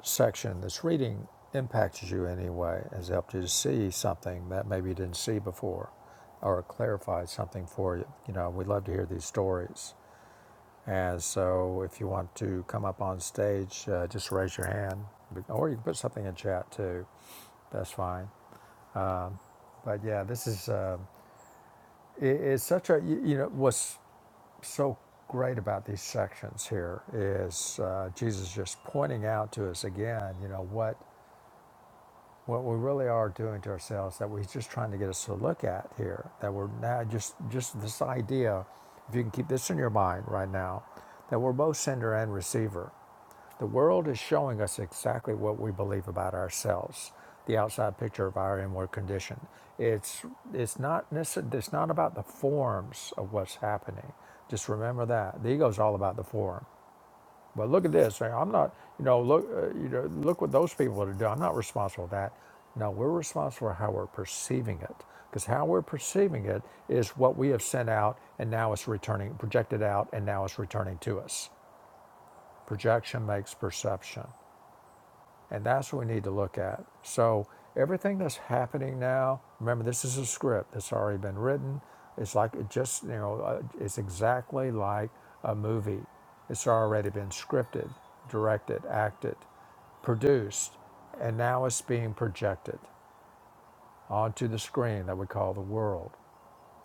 section in this reading impacted you anyway, has helped you to see something that maybe you didn't see before, or clarified something for you. You know, we love to hear these stories. And so, if you want to come up on stage, uh, just raise your hand, or you can put something in chat too. That's fine. But yeah, this is uh, it, it's such a you, you know what's so great about these sections here is uh, Jesus just pointing out to us again, you know what what we really are doing to ourselves that we're just trying to get us to look at here that we're now just just this idea if you can keep this in your mind right now that we're both sender and receiver the world is showing us exactly what we believe about ourselves the outside picture of our inward condition it's it's not necess- it's not about the forms of what's happening just remember that the ego's all about the form but look at this. I'm not, you know, look, uh, you know, look what those people are doing. I'm not responsible for that. No, we're responsible for how we're perceiving it, because how we're perceiving it is what we have sent out, and now it's returning, projected out, and now it's returning to us. Projection makes perception. And that's what we need to look at. So everything that's happening now, remember this is a script that's already been written. It's like it just, you know, uh, it's exactly like a movie. It's already been scripted, directed, acted, produced, and now it's being projected onto the screen that we call the world.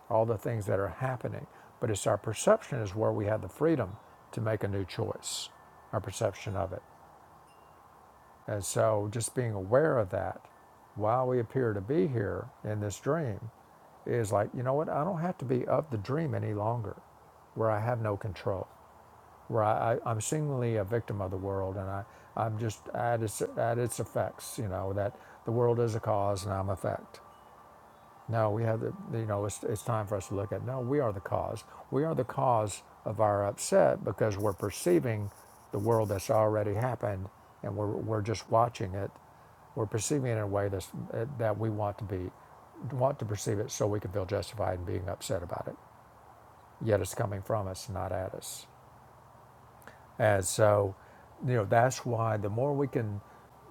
All the things that are happening, but it's our perception is where we have the freedom to make a new choice. Our perception of it. And so just being aware of that while we appear to be here in this dream is like, you know what? I don't have to be of the dream any longer where I have no control, where I, I, I'm seemingly a victim of the world and I, I'm just at its, at its effects, you know, that the world is a cause and I'm effect. No, we have the, you know, it's, it's time for us to look at, no, we are the cause. We are the cause of our upset because we're perceiving the world that's already happened and we're, we're just watching it. We're perceiving it in a way that's, eh, that we want to be, want to perceive it so we can feel justified in being upset about it. Yet it's coming from us, not at us. And so, you know, that's why the more we can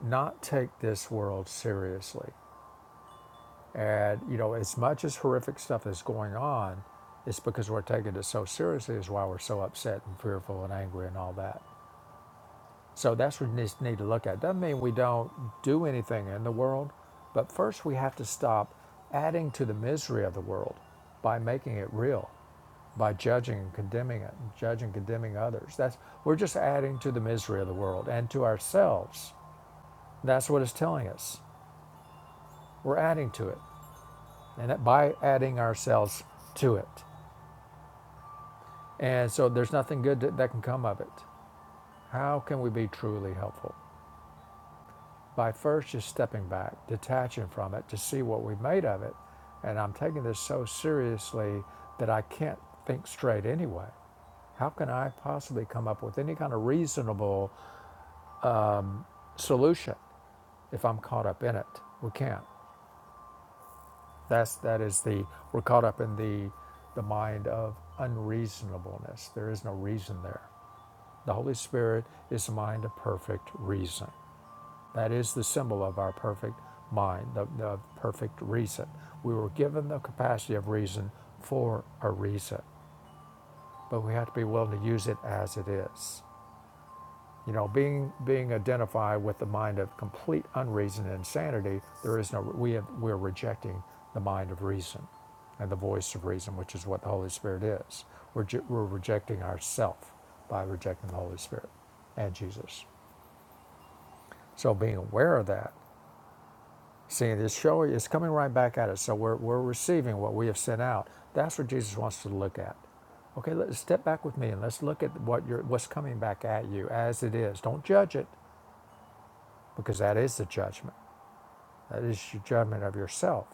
not take this world seriously, And you know, as much as horrific stuff is going on, it's because we're taking it so seriously is why we're so upset and fearful and angry and all that. So that's what we just need to look at. Doesn't mean we don't do anything in the world, but first we have to stop adding to the misery of the world by making it real, by judging and condemning it, and judging and condemning others. That's we're just adding to the misery of the world and to ourselves. That's what it's telling us. We're adding to it, and that by adding ourselves to it. And so there's nothing good that, that can come of it. How can we be truly helpful? By first just stepping back, detaching from it to see what we've made of it. And I'm taking this so seriously that I can't think straight anyway. How can I possibly come up with any kind of reasonable solution if I'm caught up in it? We can't. That's that is the we're caught up in the the mind of unreasonableness. There is no reason there. The Holy Spirit is the mind of perfect reason. That is the symbol of our perfect mind, the, the perfect reason. We were given the capacity of reason for a reason, but we have to be willing to use it as it is. You know, being being identified with the mind of complete unreason and insanity, there is no we have, we're rejecting the mind of reason and the voice of reason, which is what the Holy Spirit is. We're, we're rejecting ourself by rejecting the Holy Spirit and Jesus. So being aware of that See this show is coming right back at us. So we're, we're receiving what we have sent out. That's what Jesus wants to look at. Okay, let's step back with me and let's look at what you're, what's coming back at you as it is. Don't judge it because that is the judgment. That is your judgment of yourself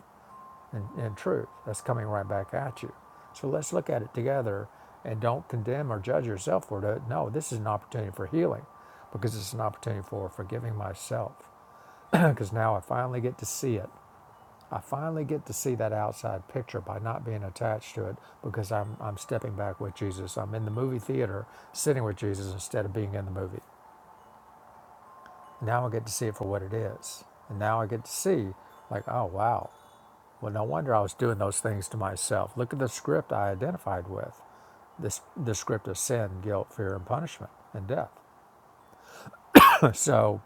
and, and truth. That's coming right back at you. So let's look at it together and don't condemn or judge yourself for it. No, this is an opportunity for healing because it's an opportunity for forgiving myself because now I finally get to see it I finally get to see that outside picture by not being attached to it because I'm, I'm stepping back with Jesus. I'm in the movie theater sitting with Jesus instead of being in the movie. Now I get to see it for what it is. And now I get to see, like, oh, wow. Well, no wonder I was doing those things to myself. Look at the script I identified with this, the script of sin, guilt, fear, and punishment, and death. so,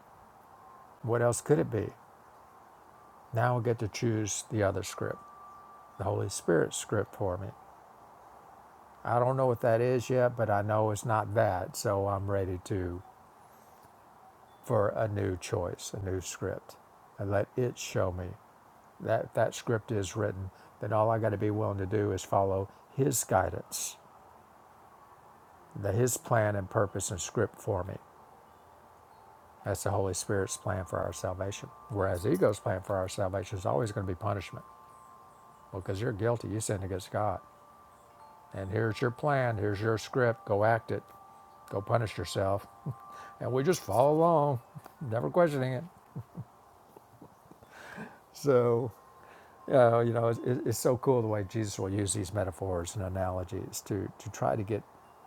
what else could it be? Now I get to choose the other script, the Holy Spirit script for me. I don't know what that is yet, but I know it's not that. So I'm ready to for a new choice, a new script, and let it show me that that script is written. Then all I got to be willing to do is follow His guidance, the, His plan and purpose and script for me. That's the Holy Spirit's plan for our salvation. Whereas ego's plan for our salvation is always going to be punishment. Well, because you're guilty, you sinned against God. and here's your plan, here's your script, go act it, go punish yourself. And we just follow along, never questioning it. So, uh, you know, it's, it's so cool the way Jesus will use these metaphors and analogies to, to try to get,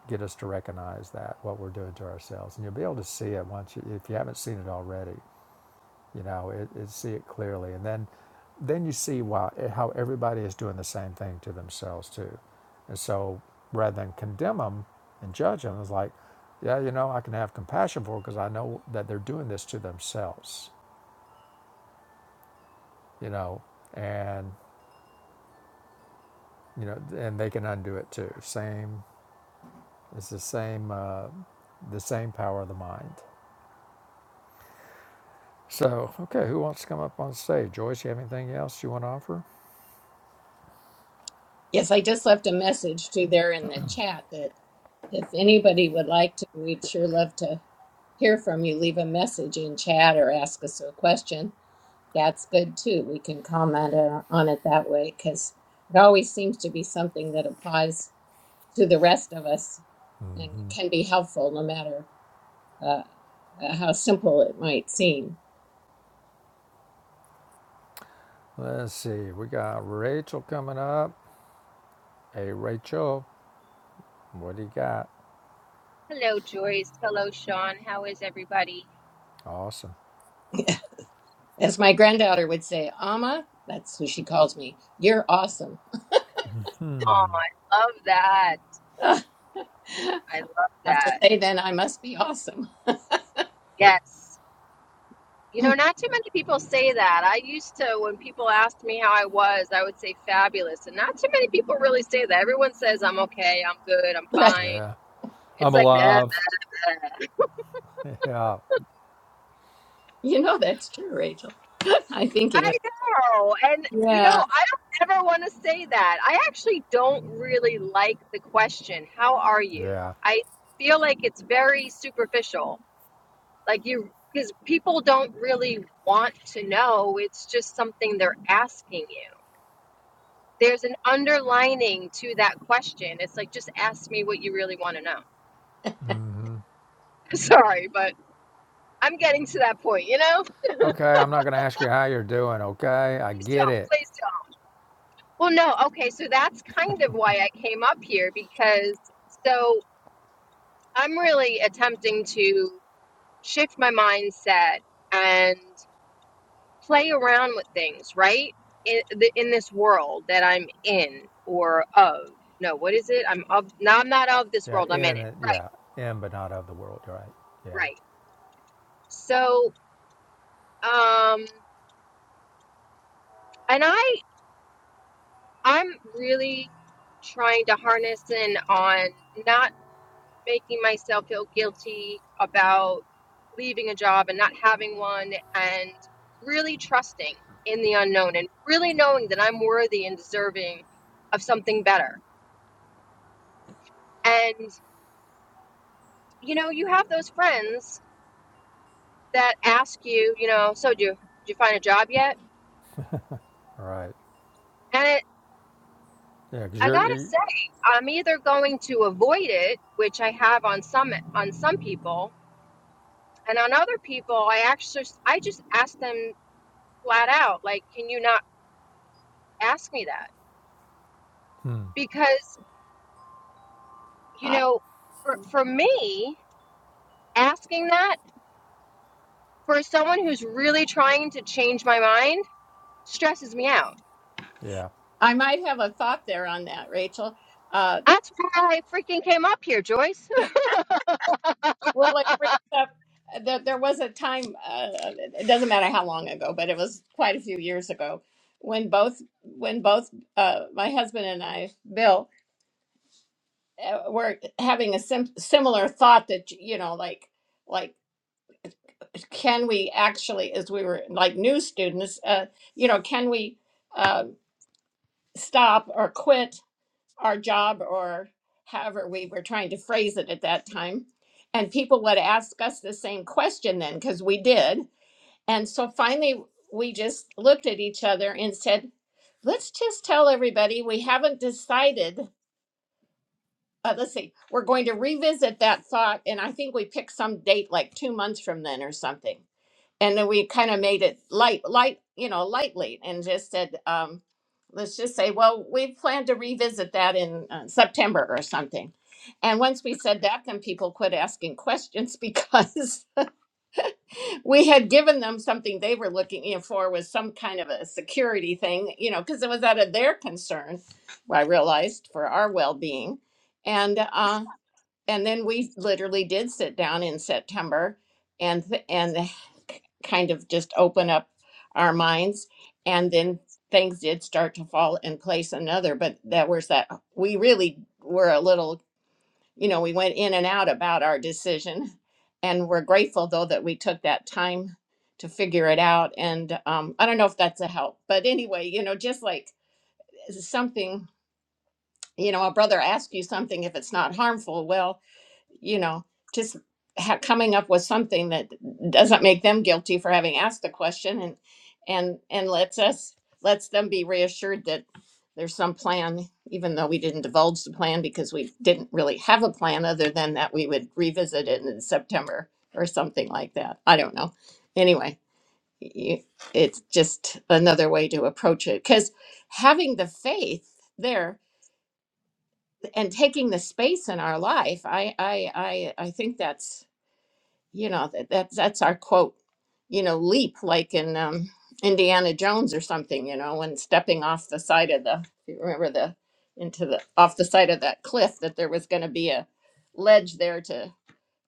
get us to recognize that, what we're doing to ourselves. And you'll be able to see it once you, if you haven't seen it already. you know it, it see it clearly and then then you see why how everybody is doing the same thing to themselves too and so rather than condemn them and judge them it's like yeah you know i can have compassion for it because i know that they're doing this to themselves you know and you know and they can undo it too same it's the same uh, the same power of the mind so okay who wants to come up on stage joyce you have anything else you want to offer Yes, I just left a message to there in the chat that if anybody would like to, we'd sure love to hear from you. Leave a message in chat or ask us a question. That's good too. We can comment uh, on it that way because it always seems to be something that applies to the rest of us and Mm-hmm. can be helpful no matter uh, uh, how simple it might seem. Let's see, we got Rachel coming up. Hey, Rachel, what do you got? Hello, Joyce. Hello, Sean. How is everybody? Awesome. As my granddaughter would say, Amma, that's who she calls me, you're awesome. Oh, I love that. I I love have to that. say then, I must be awesome. Yes. You know, not too many people say that. I used to, when people asked me how I was, I would say fabulous. And not too many people really say that. Everyone says, I'm okay, I'm good, I'm Right. fine. Yeah. It's I'm like, bleh. alive. Yeah. You know that's true, Rachel. I'm thinking. I know. And, you know, Yeah. I don't ever want to say that. I actually don't really like the question, How are you? Yeah. I feel like it's very superficial. Like you, because people don't really want to know. It's just something they're asking you. There's an underlining to that question. It's like, just ask me what you really want to know. Sorry, but I'm getting to that point, you know? Okay. I'm not going to ask you how you're doing. Okay. I Please tell, get it. please tell. Well, no, okay, so that's kind of why I came up here because so I'm really attempting to shift my mindset and. play around with things, right? In, the, in this world that I'm in or of. No, what is it? I'm of. No, I'm not of this Yeah. world. I'm in In it. it. Yeah. In, but not of the world. Right. Right, Yeah. right. So, um, and I, I'm really trying to harness in on not making myself feel guilty about leaving a job and not having one, and really trusting in the unknown and really knowing that I'm worthy and deserving of something better. And you know, you have those friends that ask you, you know, so do you, do you find a job yet? All Right. And it, Yeah. Because I you're, gotta you- say, I'm either going to avoid it, which I have on some on some people, and on other people, I actually I just ask them flat out, like, can you not ask me that? hmm, Because you I, know, for, for me, asking that for someone who's really trying to change my mind stresses me out yeah. I might have a thought there on that, Rachel. Uh, That's why I freaking came up here, Joyce. well, it brings up that there was a time, uh, it doesn't matter how long ago, but it was quite a few years ago when both, when both uh, my husband and I, Bill, uh, were having a sim- similar thought that, you know, like, like, can we actually, as we were like new students, uh, you know, can we, uh, stop or quit our job or however we were trying to phrase it at that time. And people would ask us the same question then, because we did. And so finally, we just looked at each other and said, let's just tell everybody we haven't decided. Uh, let's see, we're going to revisit that thought. And I think we picked some date like two months from then or something and then we kind of made it light light you know lightly and just said um let's just say well we plan to revisit that in uh, september or something and once we said that then people quit asking questions because we had given them something they were looking you know, for was some kind of a security thing you know because it was out of their concern i realized for our well-being and uh and then we literally did sit down in September and th- and k- kind of just open up our minds and then things did start to fall in place another but that was that uh, we really were a little you know we went in and out about our decision and we're grateful though that we took that time to figure it out and um, i don't know if that's a help but anyway you know just like uh, something you know a brother asks you something if it's not harmful well you know, just ha- coming up with something that doesn't make them guilty for having asked the question and and and lets us lets them be reassured that there's some plan even though we didn't divulge the plan because we didn't really have a plan other than that we would revisit it in September or something like that. I don't know. Anyway, y- it's just another way to approach it cuz having the faith there and taking the space in our life, I I I I think that's you know that that's that's our quote you know leap like in um indiana jones or something you know when stepping off the side of the if you remember the into the off the side of that cliff that there was going to be a ledge there to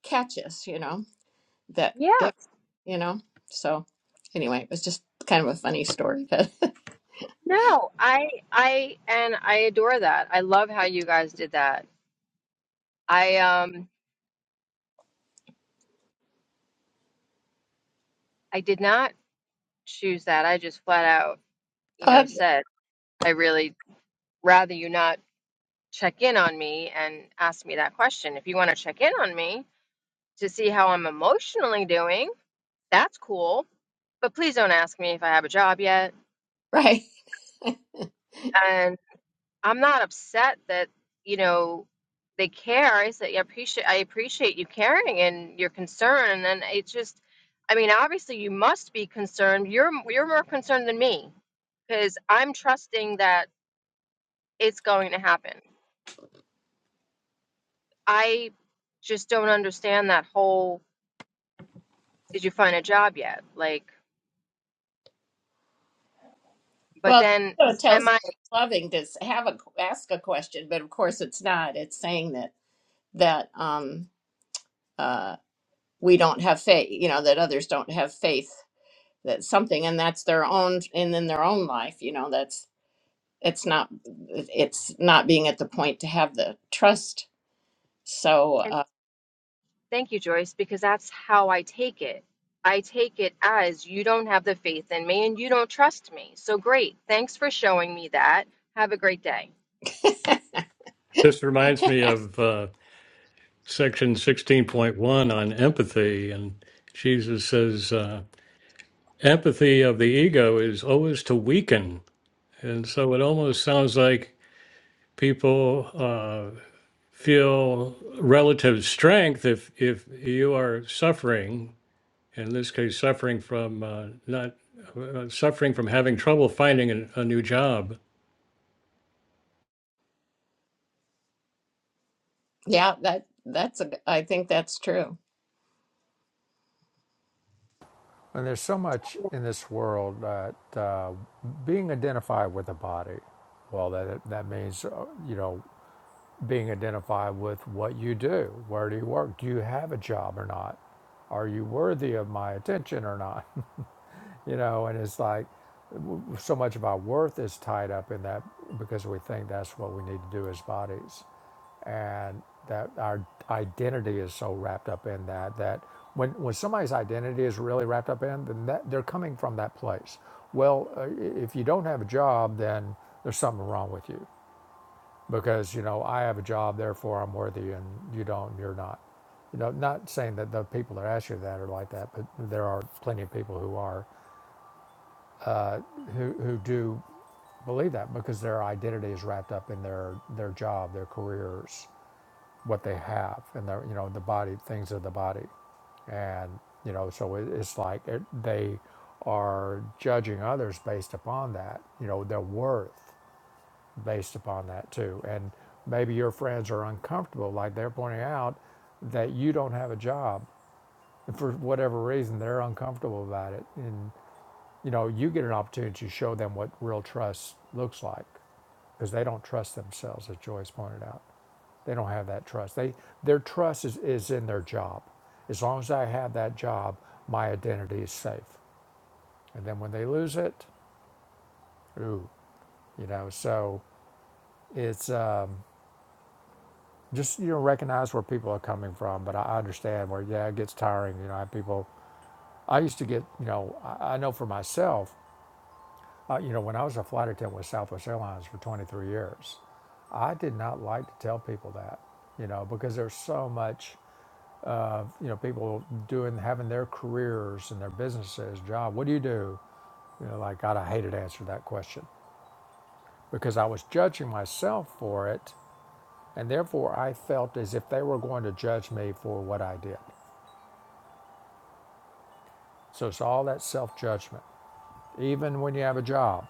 catch us you know that yeah. if you know so anyway it was just kind of a funny story but No, I I and I adore that. I love how you guys did that. I um I did not choose that. I just flat out, you uh, know, said I really rather you not check in on me and ask me that question. If you want to check in on me to see how I'm emotionally doing, that's cool. But please don't ask me if I have a job yet. right I'm not upset that, you know, they care. I said, yeah, appreciate I appreciate you caring and your concern. And it just, I mean, obviously you must be concerned. You're you're more concerned than me because I'm trusting that it's going to happen. I just don't understand that whole, did you find a job yet? Like, but well then it tells am us I? that loving to have a ask a question but of course it's not it's saying that that um uh, we don't have faith you know that others don't have faith that something and that's their own and in their own life you know that's it's not it's not being at the point to have the trust so uh, Thank you, Joyce, because that's how I take it. I take it as you don't have the faith in me and you don't trust me. So great. Thanks for showing me that. Have a great day. This reminds me of uh, section 16.1 on empathy. And Jesus says, uh, empathy of the ego is always to weaken. And so it almost sounds like people uh, feel relative strength if, if you are suffering, in this case, suffering from uh, not uh, suffering from having trouble finding an, a new job. yeah that that's a, i think that's true And there's so much in this world that uh, being identified with the body, well, that that means, uh, you know, being identified with what you do. Where do you work? Do you have a job or not? Are you worthy of my attention or not? you know, and it's like so much of our worth is tied up in that because we think that's what we need to do as bodies. And that our identity is so wrapped up in that that when, when somebody's identity is really wrapped up in, then that, they're coming from that place. Well, uh, if you don't have a job, then there's something wrong with you because you know I have a job, therefore I'm worthy, and you don't, and you're not. You know, not saying that the people that ask you that are like that, but there are plenty of people who are uh, who who do believe that because their identity is wrapped up in their their job, their careers, what they have, and their you know the body things of the body, and you know so it, it's like it, they are judging others based upon that, you know, their worth based upon that too. And maybe your friends are uncomfortable, like they're pointing out that you don't have a job. And for whatever reason, they're uncomfortable about it. And, you know, you get an opportunity to show them what real trust looks like because they don't trust themselves, as Joyce pointed out. They don't have that trust. They, their trust is, is in their job. As long as I have that job, my identity is safe. And then when they lose it, ooh, you know, so it's, um, just you know recognize where people are coming from but i understand where yeah it gets tiring you know I have people i used to get you know i, I know for myself uh, you know when i was a flight attendant with southwest airlines for 23 years i did not like to tell people that you know because there's so much of you know people doing having their careers and their businesses job what do you do you know like god i hated to answer that question because i was judging myself for it and therefore i felt as if they were going to judge me for what i did So it's all that self judgment. Even when you have a job,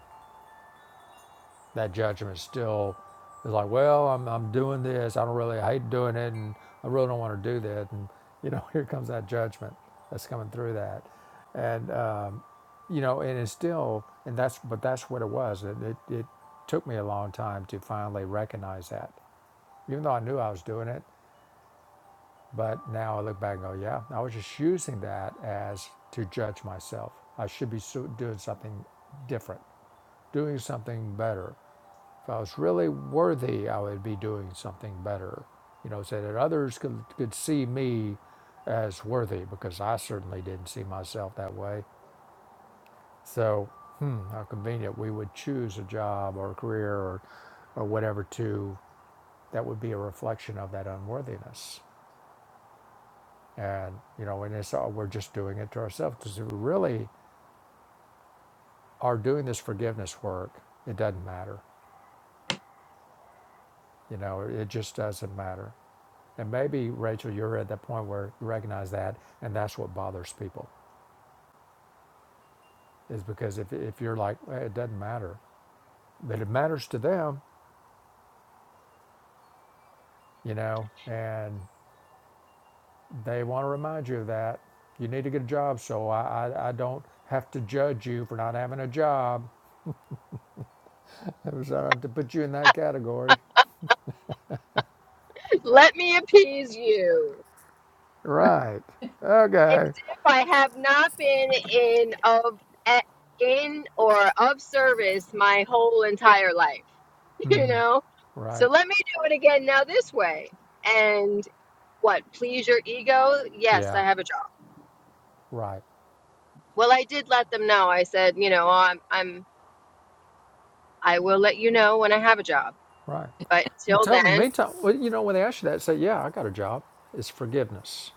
that judgment still is like, well, I'm, I'm doing this. I don't really, I hate doing it, and I really don't want to do that. And, you know, here comes that judgment that's coming through that. And, um, you know, and it's still, and that's, but that's what it was. It, it, it took me a long time to finally recognize that, even though I knew I was doing it. But now I look back and go, yeah, I was just using that as to judge myself. I should be so- doing something different. doing something better. If I was really worthy, I would be doing something better, you know, so that others could, could see me as worthy because I certainly didn't see myself that way. So, hmm, how convenient we would choose a job or a career or, or whatever to that would be a reflection of that unworthiness. And, you know, and it's all we're just doing it to ourselves because if we really are doing this forgiveness work, it doesn't matter. You know, it just doesn't matter. And maybe, Rachel, you're at that point where you recognize that, and that's what bothers people, is because if, if you're like, "Well, it doesn't matter, but it matters to them, you know, and they want to remind you of that. You need to get a job, so I, I, I don't have to judge you for not having a job. It was uh, to put you in that category. Let me appease you. Right. It's Okay. If I have not been in of at- in or of service my whole entire life, you know? So Right. let me do it again now this way. And what, please your ego? Yes, I Yeah. have a job. Right. Well, I did let them know. I said, you know, I'm I'm I will let you know when I have a job. Right. But But till tell them in the then, meantime, well, you know, when they ask you that, say, yeah, I got a job. It's forgiveness.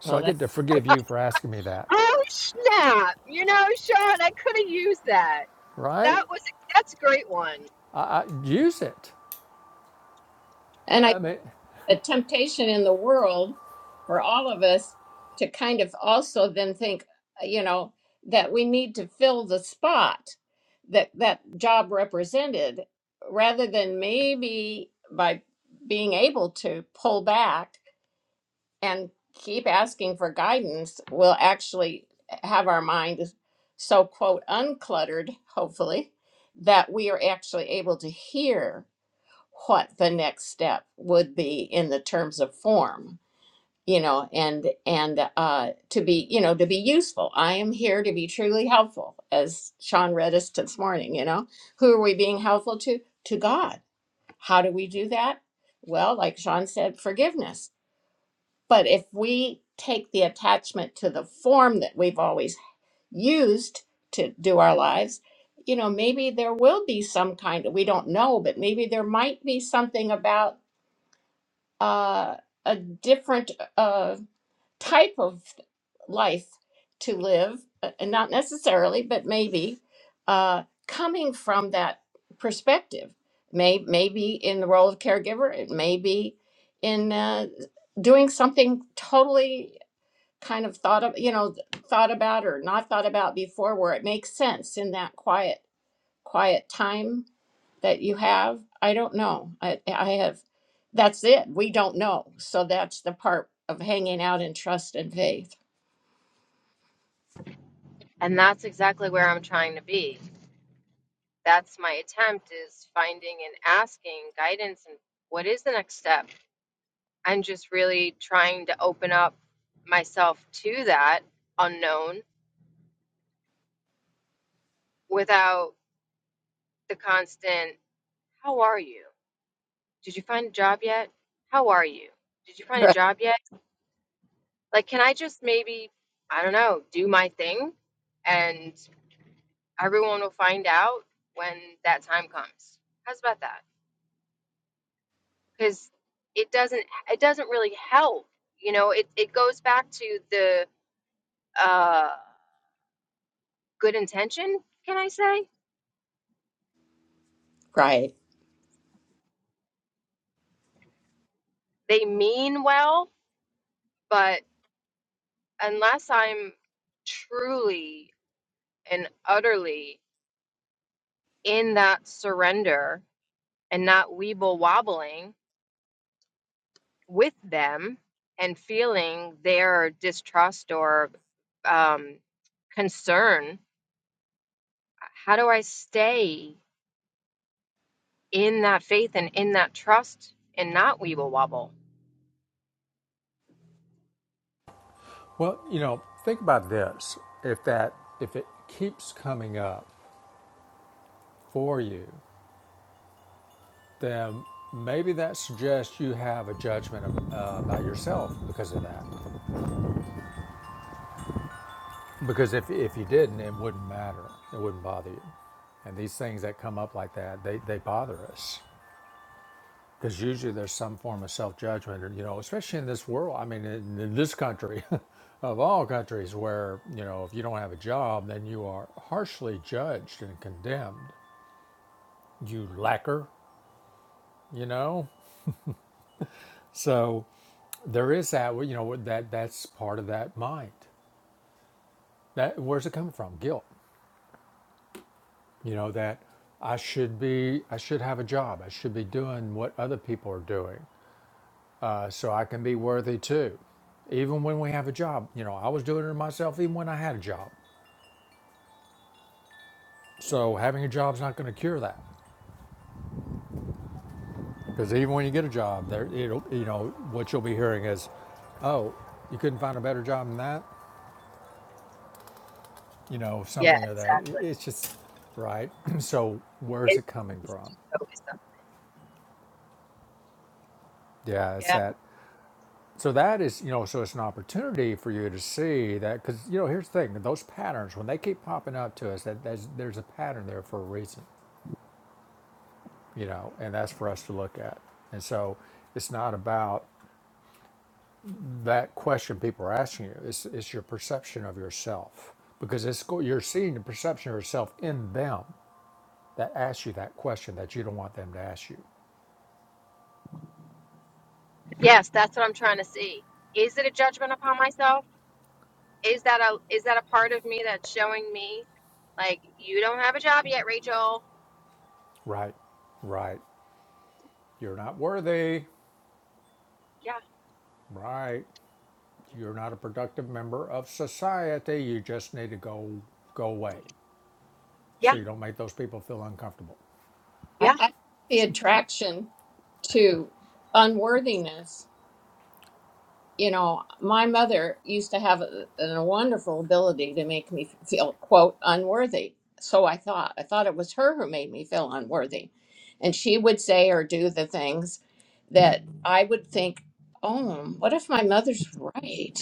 So well I that, get to forgive you for asking me that, oh snap! You know, Sean, I could have used that. right? That was that's a great one. I, I use it. and I I, I mean, a temptation in the world for all of us to kind of also then think uh, you know that we need to fill the spot that that job represented rather than maybe by being able to pull back and keep asking for guidance we'll actually have our mind so quote uncluttered hopefully that we are actually able to hear what the next step would be in the terms of form you know and and uh to be you know to be useful i am here to be truly helpful as sean read us this morning you know who are we being helpful to to god how do we do that well like sean said forgiveness but if we take the attachment to the form that we've always used to do our lives you know maybe there will be some kind of we don't know but maybe there might be something about uh, a different uh, type of life to live, uh, not necessarily, but maybe uh, coming from that perspective. May, maybe in the role of caregiver, it may be in uh, doing something totally kind of thought of, you know, thought about or not thought about before, where it makes sense in that quiet, quiet time that you have? I don't know. I, I have, that's it. We don't know. So that's the part of hanging out in trust and faith. And that's exactly where I'm trying to be. That's my attempt is finding and asking guidance and what is the next step? I'm just really trying to open up myself to that unknown without the constant how are you? Did you find a job yet? How are you? Did you find a Right. job yet? Like, can I just maybe, I don't know, do my thing and everyone will find out when that time comes? How's about that? Because it doesn't, it doesn't really help. You know, it, it goes back to the uh, good intention, can I say? Right. They mean well, but unless I'm truly and utterly in that surrender and not weeble wobbling, with them and feeling their distrust or um, concern, how do I stay in that faith and in that trust and not weeble wobble? well, you know, think about this. If that, if it keeps coming up for you, then maybe that suggests you have a judgment of, uh, about yourself because of that. Because if if you didn't, it wouldn't matter. It wouldn't bother you. And these things that come up like that, they they bother us. because usually there's some form of self judgment, and you know, especially in this world. I mean, in, in this country, of all countries, where you know, if you don't have a job, then you are harshly judged and condemned. You lacquer, you know. So there is that. You know, that that's part of that mind. That where's it coming from? Guilt. You know that I should be. I should have a job. I should be doing what other people are doing. Uh, so I can be worthy too. Even when we have a job, you know, I was doing it to myself even when I had a job. So having a job's not going to cure that, because even when you get a job, there, it'll, you know, what you'll be hearing is, "Oh, you couldn't find a better job than that," you know, Yeah, something or that. exactly. It's just right. so where's It's it coming just from? so wisdom. Yeah, it's Yeah. that. So that is, you know, so it's an opportunity for you to see that, because you know, here's the thing: those patterns when they keep popping up to us, that there's, there's a pattern there for a reason you know, and that's for us to look at. And so it's not about that question people are asking you. It's, it's your perception of yourself because it's go- you're seeing the perception of yourself in them that asks you that question that you don't want them to ask you. Yes, that's what I'm trying to see. Is it a judgment upon myself? Is that a is that a part of me that's showing me like you don't have a job yet, Rachel? Right, right. You're not worthy. Yeah. Right. You're not a productive member of society. You just need to go go away Yeah. so you don't make those people feel uncomfortable Yeah. I, I, the attraction to unworthiness you know, my mother used to have a, a wonderful ability to make me feel, quote, unworthy. So I thought. I thought it was her who made me feel unworthy. And she would say or do the things that I would think, oh, what if my mother's right?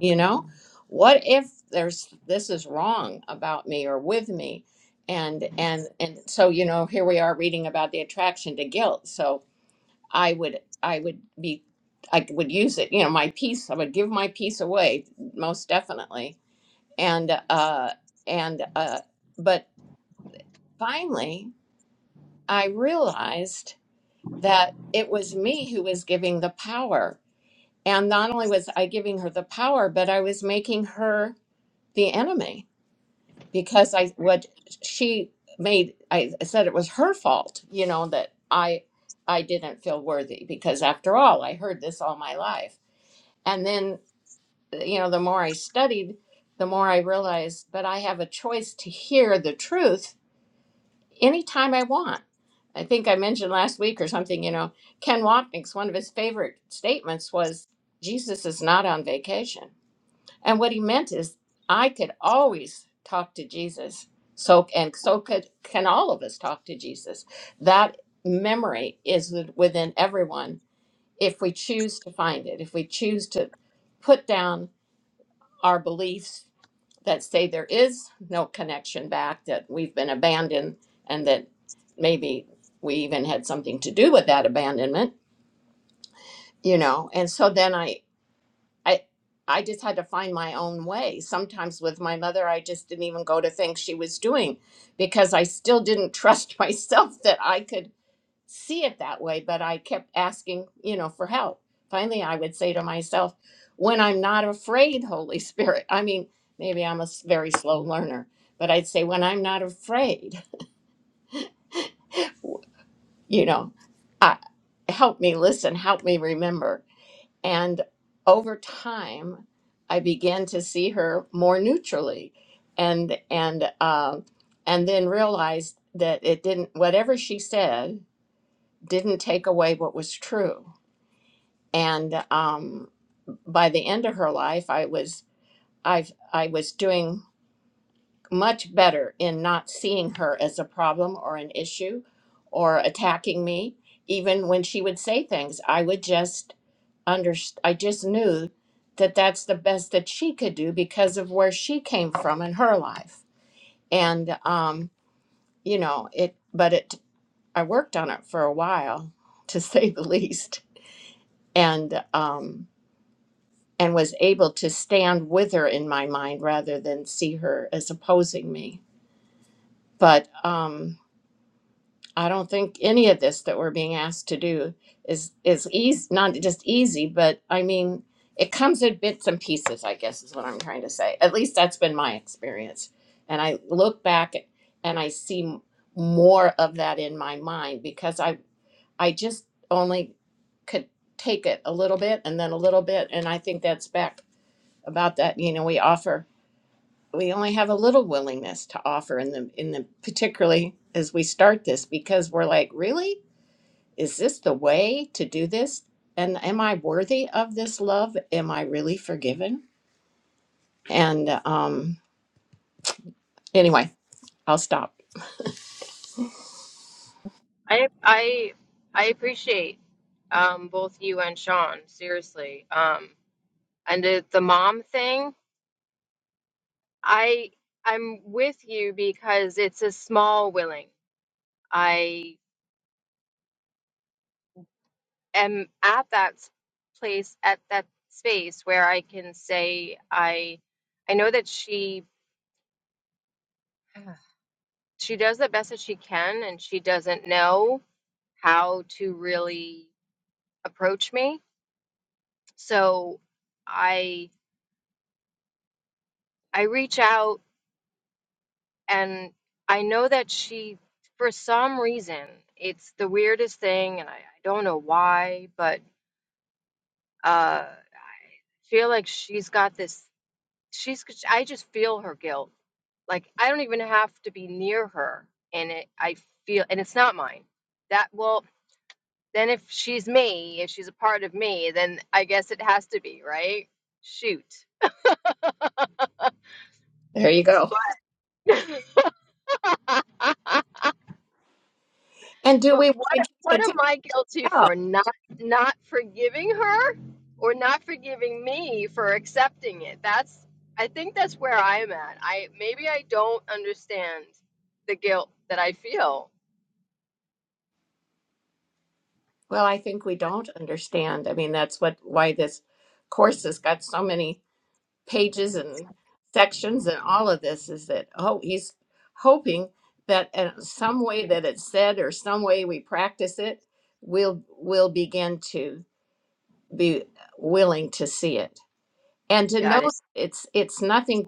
You know, what if there's this is wrong about me or with me? And and and so you know, here we are reading about the attraction to guilt. So I would I would be I would use it. You know, my piece. I would give my piece away most definitely. And uh, and uh, but finally, I realized that it was me who was giving the power. And not only was I giving her the power, but I was making her the enemy because I what she made. I said it was her fault. You know that I I didn't feel worthy because after all, I heard this all my life And then, uh, you know, the more I studied, the more I realized that I have a choice to hear the truth anytime I want. I think I mentioned last week or something, you know, Ken Wapnick's one of his favorite statements was Jesus is not on vacation. And what he meant is I could always talk to Jesus. So and so could can all of us talk to Jesus. That memory is within everyone if we choose to find it, if we choose to put down our beliefs that say there is no connection back, that we've been abandoned, and that maybe we even had something to do with that abandonment, you know. And so then I, I, I just had to find my own way. Sometimes with my mother, I just didn't even go to things she was doing because I still didn't trust myself that I could see it that way, but I kept asking, you know, for help. Finally, I would say to myself, when I'm not afraid, Holy Spirit, I mean, maybe I'm a s- very slow learner, but I'd say, when I'm not afraid, you know, I, help me listen, help me remember. And over time, I began to see her more neutrally and, and, um, and then realized that it didn't, whatever she said, didn't take away what was true and um, by the end of her life i was i i was doing much better in not seeing her as a problem or an issue or attacking me even when she would say things i would just under i just knew that that's the best that she could do because of where she came from in her life and um you know it but it i worked on it for a while to say the least and um, and was able to stand with her in my mind rather than see her as opposing me. But um, I don't think any of this that we're being asked to do is is easy, not just easy, but I mean, it comes in bits and pieces. I guess is what I'm trying to say. At least that's been my experience. And I look back and I see more of that in my mind because I I just only could take it a little bit and then a little bit, and I think that's back about that you know we offer we only have a little willingness to offer in the in the particularly as we start this because we're like really is this the way to do this and am i worthy of this love am i really forgiven and um anyway i'll stop I I I appreciate um both you and Sean, seriously. Um and the, the mom thing, I I'm with you because it's a small willing. I am at that s- place at that space where I can say I I know that she she does the best that she can and she doesn't know how to really approach me. So I I reach out and I know that she, for some reason, it's the weirdest thing, and I, I don't know why, but uh, feel like she's got this. She's. I just feel her guilt. Like I don't even have to be near her, and it. I feel, and it's not mine. That well, then if she's me, if she's a part of me, then I guess it has to be right. Shoot. there you go But but and do we want what to keep what it am I guilty down for? Not not forgiving her? or not forgiving me for accepting it. That's I think that's where I'm at. I maybe I don't understand the guilt that I feel. well i think we don't understand i mean that's what why this course has got so many pages and sections and all of this is that oh he's hoping that in some way that it's said or some way we practice it we'll we'll begin to be willing to see it and to know God it it's it's nothing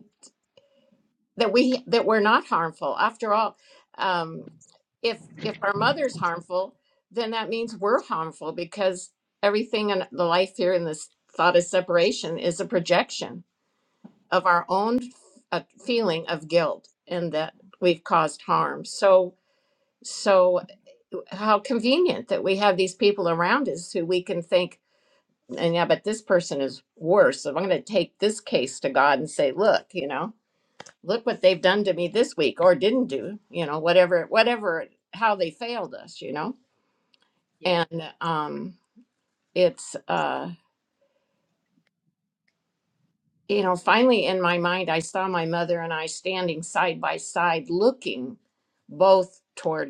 that we that we're not harmful after all um if if our mother's harmful then that means we're harmful because everything in the life here in this thought of separation is a projection of our own f- uh, feeling of guilt and that we've caused harm. So, so how convenient that we have these people around us who we can think, and yeah, but this person is worse. So I'm going to take this case to God and say, look, you know, look what they've done to me this week or didn't do, you know, whatever, whatever, how they failed us, you know, yeah, and um, it's, uh, you know, finally in my mind, I saw my mother and I standing side by side looking both toward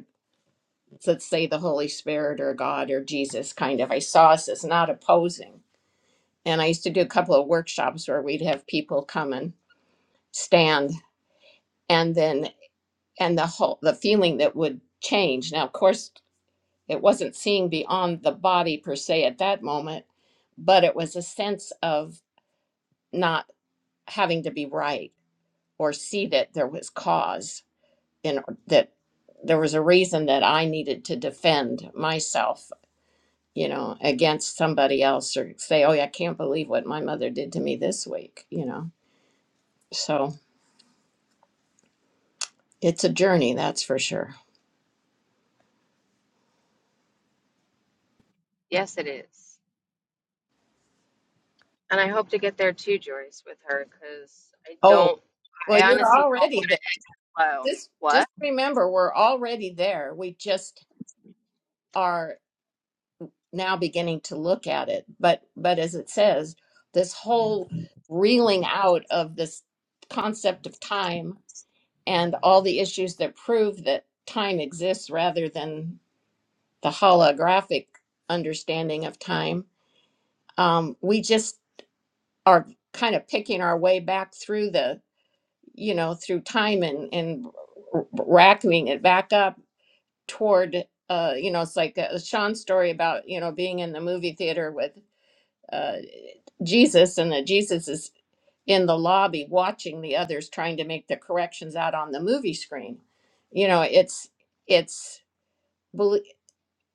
So let's say the Holy Spirit or God or Jesus kind of. I saw us as not opposing. And I used to do a couple of workshops where we'd have people come and stand and then and the whole the feeling that would change. Now of course it wasn't seeing beyond the body per se at that moment, but it was a sense of not having to be right or see that there was cause in that there was a reason that I needed to defend myself you know, against somebody else or say, oh, yeah, I can't believe what my mother did to me this week, you know. So it's a journey, that's for sure. yes, it is. And I hope to get there too, Joyce, with her, because I Oh, don't, well, I you're honestly already there. don't know Just, what. just remember, we're already there. We just are now beginning to look at it. But, but as it says, this whole reeling out of this concept of time and all the issues that prove that time exists rather than the holographic understanding of time um, we just are kind of picking our way back through the you know through time and and r- r- racking it back up toward uh you know it's like uh sean's story about you know being in the movie theater with uh jesus and that jesus is in the lobby watching the others trying to make the corrections out on the movie screen you know it's it's belie-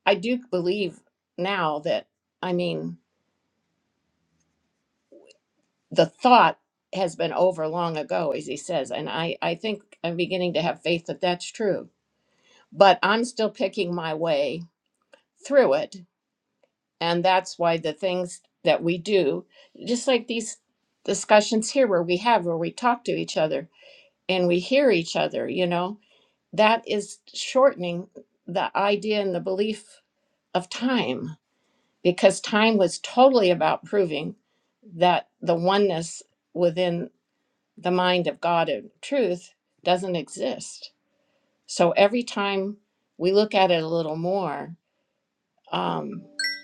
i do believe now that i mean the thought has been over long ago, as he says. And I, I think I'm beginning to have faith that that's true. But I'm still picking my way through it. And that's why the things that we do, just like these discussions here where we have, where we talk to each other and we hear each other, you know, that is shortening the idea and the belief of time because time was totally about proving that the oneness within. the mind of God and truth doesn't exist. So every time we look at it a little more, um,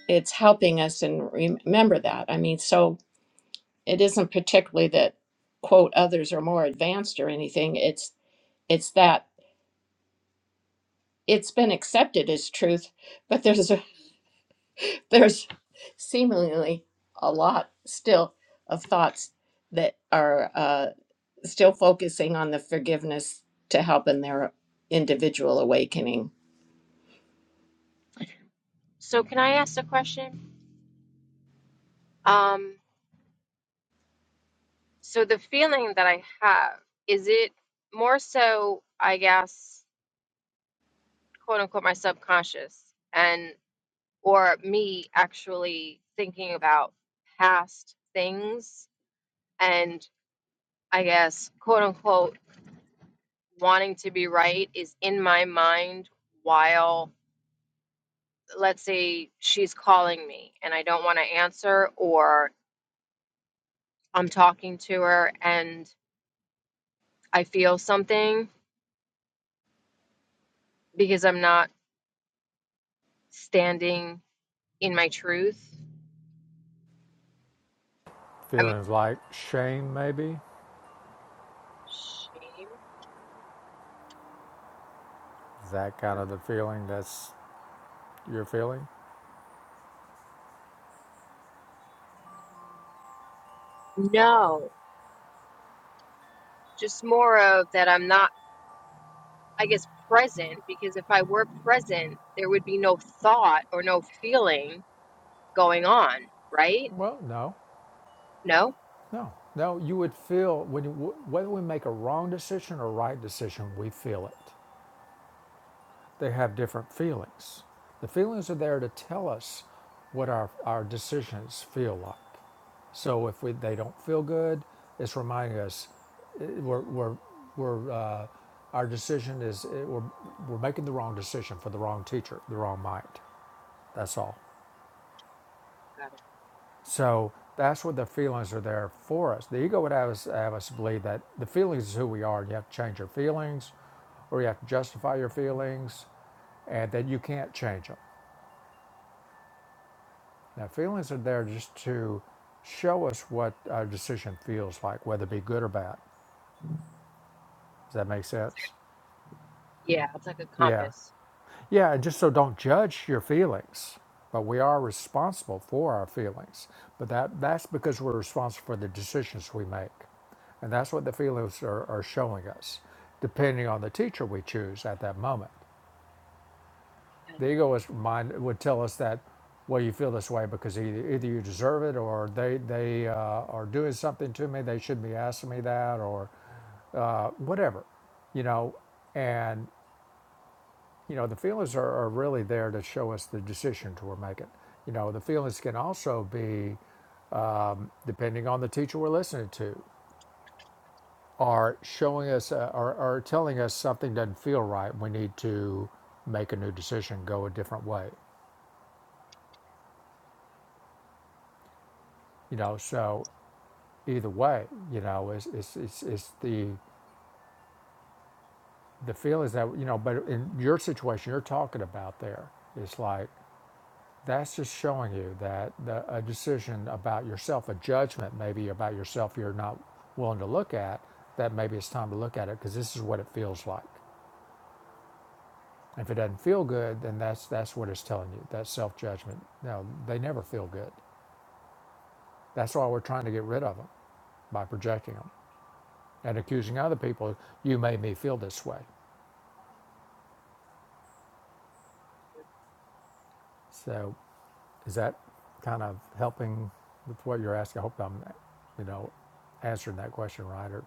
it's helping us and remember that. I mean, so it isn't particularly that quote others are more advanced or anything. It's it's that it's been accepted as truth, but there's a, there's seemingly a lot still of thoughts that are uh, still focusing on the forgiveness to help in their individual awakening. So, can I ask a question? Um, so the feeling that I have is it more so, I guess, quote unquote, my subconscious, and. or me actually thinking about past things and I guess quote unquote wanting to be right is in my mind while let's say she's calling me and I don't want to answer or I'm talking to her and I feel something because I'm not standing in my truth. I'm feelings like shame maybe ashamed. Is that I kind don't- of the feeling that's You're feeling? No, just more of that I'm not I guess, present because if I were present, there would be no thought or no feeling going on, right? Well, no, No? no, no. You would feel when you, whether we make a wrong decision or a right decision, we feel it. They have different feelings. The feelings are there to tell us what our, our decisions feel like. So if we, they don't feel good, it's reminding us eh, we're, we're, we're, uh, our decision is eh, we're, we're making the wrong decision for the wrong teacher, the wrong mind. That's all. Got it. So that's what the feelings are there for us. The ego would have us, have us believe that the feelings is who we are. You have to change your feelings or you have to justify your feelings and that you can't change them. Now, feelings are there just to show us what our decision feels like, whether it be good or bad. Does that make sense? Yeah, it's like a Yeah. compass. Yeah, and just so don't judge your feelings. But we are responsible for our feelings. But that, that's because we're responsible for the decisions we make. And that's what the feelings are, are showing us, depending on the teacher we choose at that moment. Got it. The egoist mind would tell us that, well, you feel this way because either, either you deserve it or they, they uh, are doing something to me, they shouldn't be asking me that, or uh, whatever, you know. and. You know, the feelings are, are really there to show us the decisions we're making. You know, the feelings can also be, depending on the teacher we're listening to, are showing us uh, or, or telling us something doesn't feel right. We need to make a new decision, go a different way. You know, so either way, you know, it's, it's, it's, it's the the feelings that, you know, but in your situation you're talking about there, it's like, That's just showing you that the, a decision about yourself, a judgment maybe about yourself you're not willing to look at, that maybe it's time to look at it because this is what it feels like. And If it doesn't feel good, then that's that's what it's telling you. That self judgment. No, they never feel good. That's why we're trying to get rid of them by projecting them and accusing other people. You made me feel this way. So, is that kind of helping with what you're asking? I hope I'm, you know, answering that question right. Or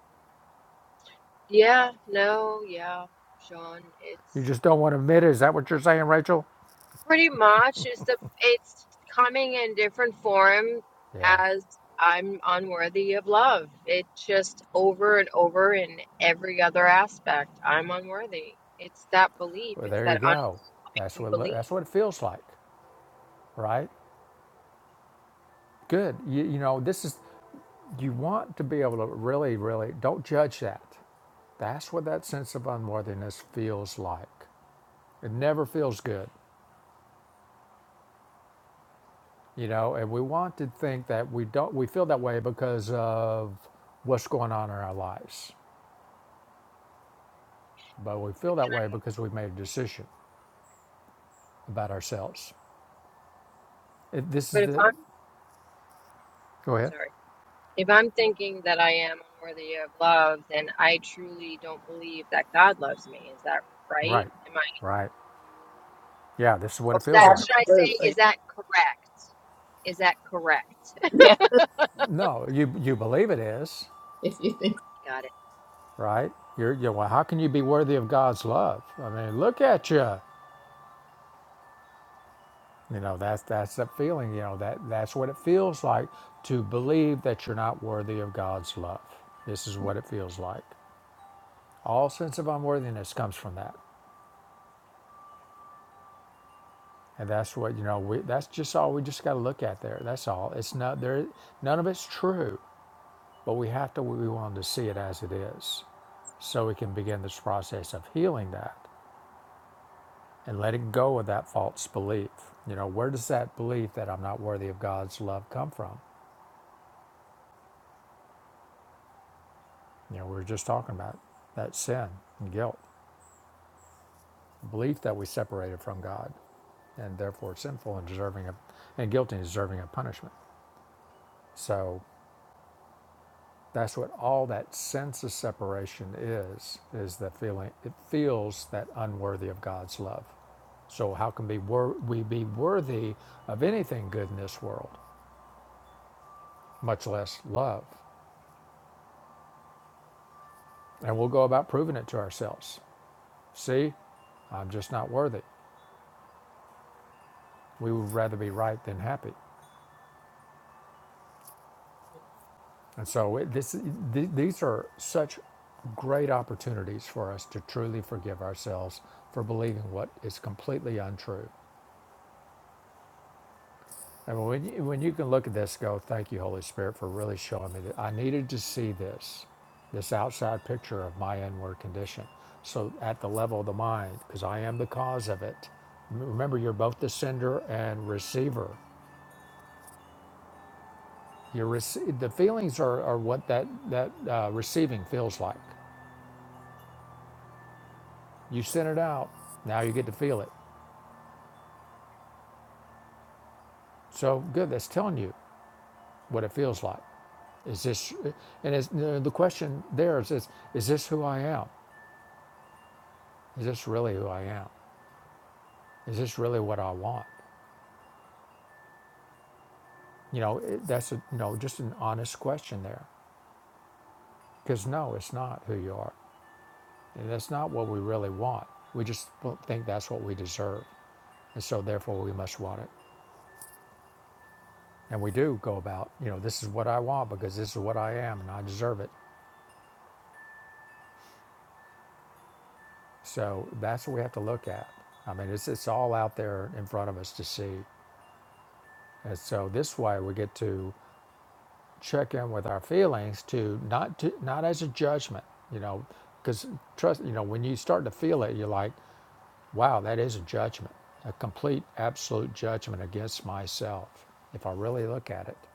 Yeah, no, yeah, Sean, You it's just don't want to admit it. Is that what you're saying, Rachel? pretty much it's the it's coming in different form Yeah. as I'm unworthy of love. It just over and over in every other aspect. I'm unworthy. It's that belief. Well, It's there you that go. That's unending what belief. that's what it feels like, right? Good. You, you know, this is you want to be able to really, really don't judge that. That's what that sense of unworthiness feels like. It never feels good, you know. And we want to think that we don't. We feel that way because of what's going on in our lives, but we Okay, feel that way because we've made a decision about ourselves. It, this But is if the. I'm Go ahead. sorry. If I'm thinking that I am unworthy of love, then I truly don't believe that God loves me. Is that right? Right. Am I? Right. Yeah, this is what well, it that feels like. should I say? Is Absolutely. that correct? Is that correct? Yeah. No, you you believe it is, If you think, Got it right? You're, you're well. How can you be worthy of God's love? I mean, look at you. You know, that's that's the feeling. You know that that's what it feels like to believe that you're not worthy of God's love. This is what it feels like. All sense of unworthiness comes from that, and that's what you know. We that's just all we just got to look at there. That's all. It's not there. None of it's true, but we have to we want to see it as it is, so we can begin this process of healing that and letting go of that false belief. You know, where does that belief that I'm not worthy of God's love come from? You know, we were just talking about that sin and guilt, belief that we separated from God and therefore sinful and deserving of, and guilty and deserving of punishment. So that's what all that sense of separation is, is the feeling, it feels that unworthy of God's love. So how can be wor- we be worthy of anything good in this world, much less love? And we'll go about proving it to ourselves. See, I'm just not worthy. We would rather be right than happy. And so it, this, th- these are such great opportunities for us to truly forgive ourselves for believing what is completely untrue. And when you, when you can look at this, go, thank you, Holy Spirit, for really showing me that I needed to see this, this outside picture of my inward condition. So at the level of the mind, because I am the cause of it. Remember, you're both the sender and receiver Your rece- the feelings are, are what that, that uh, receiving feels like. You sent it out, now you get to feel it. So good, that's telling you what it feels like. Is this, and it's, the the question there is, is, is this who I am? Is this really who I am? Is this really what I want? You know, it, that's a, you know, just an honest question there. Because no, it's not who you are. And that's not what we really want. We just think that's what we deserve. And so therefore we must want it. And we do go about, you know, this is what I want because this is what I am and I deserve it. So that's what we have to look at. I mean, it's, it's all out there in front of us to see. And so this way we get to check in with our feelings to not to, not as a judgment, you know, because trust, you know, when you start to feel it, you're like, wow, that is a judgment, a complete, absolute judgment against myself if I really look at it.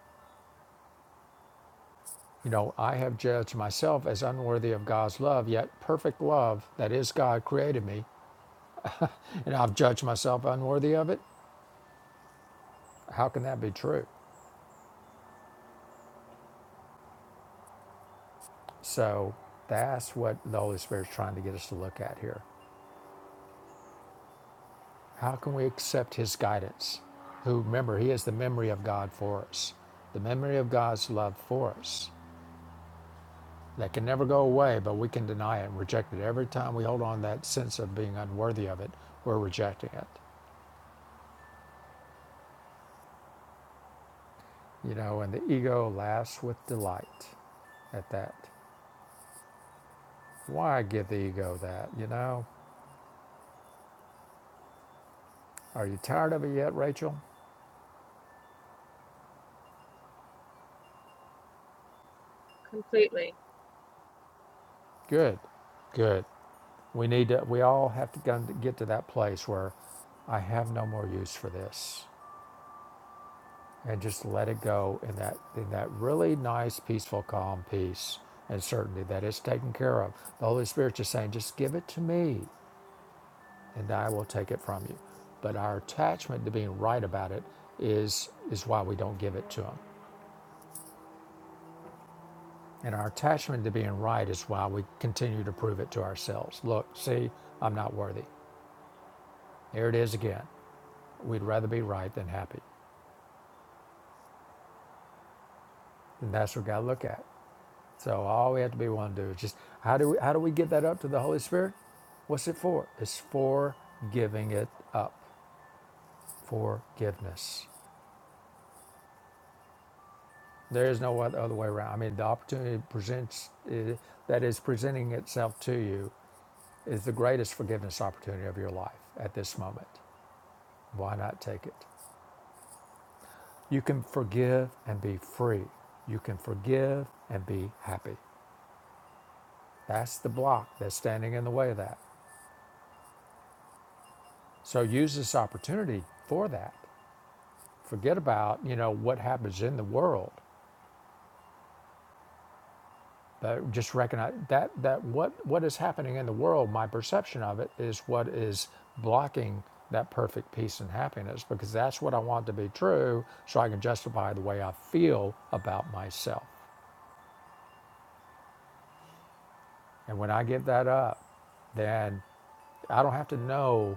You know, I have judged myself as unworthy of God's love, yet perfect love, that is God, created me, and I've judged myself unworthy of it. How can that be true? So that's what the Holy Spirit's trying to get us to look at here. How can we accept His guidance? Who, remember, He is the memory of God for us, the memory of God's love for us that can never go away, but we can deny it and reject it. Every time we hold on to that sense of being unworthy of it, we're rejecting it. you know, and the ego laughs with delight at that. Why give the ego that, you know? Are you tired of it yet, Rachel? completely. Good, good. We need to, we all have to get to that place where I have no more use for this and just let it go in that, in that really nice, peaceful, calm peace and certainty that it's taken care of. The Holy Spirit's just saying, just give it to me. and I will take it from you. But our attachment to being right about it is is why we don't give it to him. And our attachment to being right is why we continue to prove it to ourselves. Look, see, I'm not worthy. Here it is again. We'd rather be right than happy. And that's what we gotta look at. So all we have to be willing to do is just how do we how do we give that up to the Holy Spirit? What's it for? It's for giving it up. Forgiveness. There is no oth- other way around. I mean, the opportunity presents eh, that is presenting itself to you is the greatest forgiveness opportunity of your life at this moment. Why not take it? You can forgive and be free. You can forgive and be happy. That's the block that's standing in the way of that. So use this opportunity for that. Forget about, you know, what happens in the world. but just recognize that that what what is happening in the world my perception of it is what is blocking that perfect peace and happiness because that's what i want to be true so i can justify the way i feel about myself and when i get that up then i don't have to know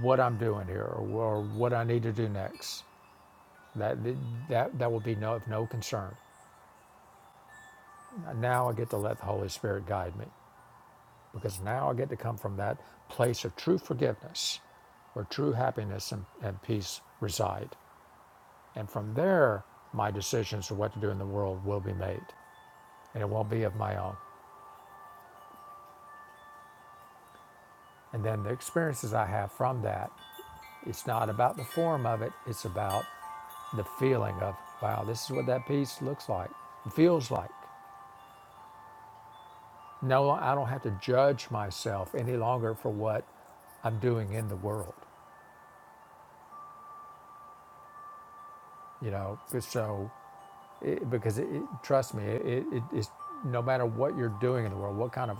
what i'm doing here or, or what i need to do next that that that will be no, of no concern now i get to let the holy spirit guide me because now I get to come from that place of true forgiveness where true happiness and, and peace reside. And from there, my decisions of what to do in the world will be made, and it won't be of my own. And then the experiences I have from that, it's not about the form of it, it's about the feeling of, wow, this is what that peace looks like, feels like. No, I don't have to judge myself any longer for what I'm doing in the world, you know, So It- because it, it- trust me, it, it is no matter what you're doing in the world, what kind of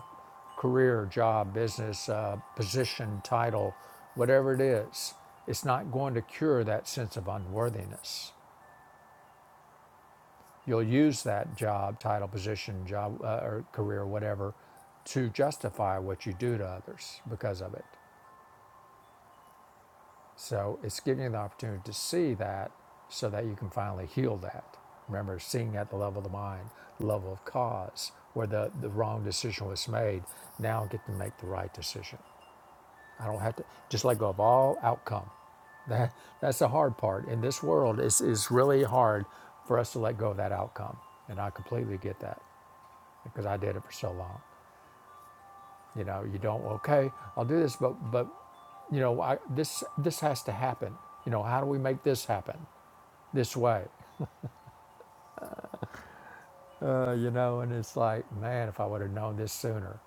career, job, business, uh, position, title, whatever it is, it's not going to cure that sense of unworthiness. You'll use that job, title, position, job, uh, or career, whatever, to justify what you do to others because of it. So it's giving you the opportunity to see that so that you can finally heal that. Remember, seeing at the level of the mind, level of cause, where the, the wrong decision was made, now I get to make the right decision. I don't have to just let go of all outcome. That, that's the hard part. In this world, it's, it's really hard for us to let go of that outcome. And I completely get that because I did it for so long. You know, you don't. Okay, I'll do this, but but you know, I, this this has to happen. You know, how do we make this happen this way? Uh, you know, and it's like, man, if I would have known this sooner.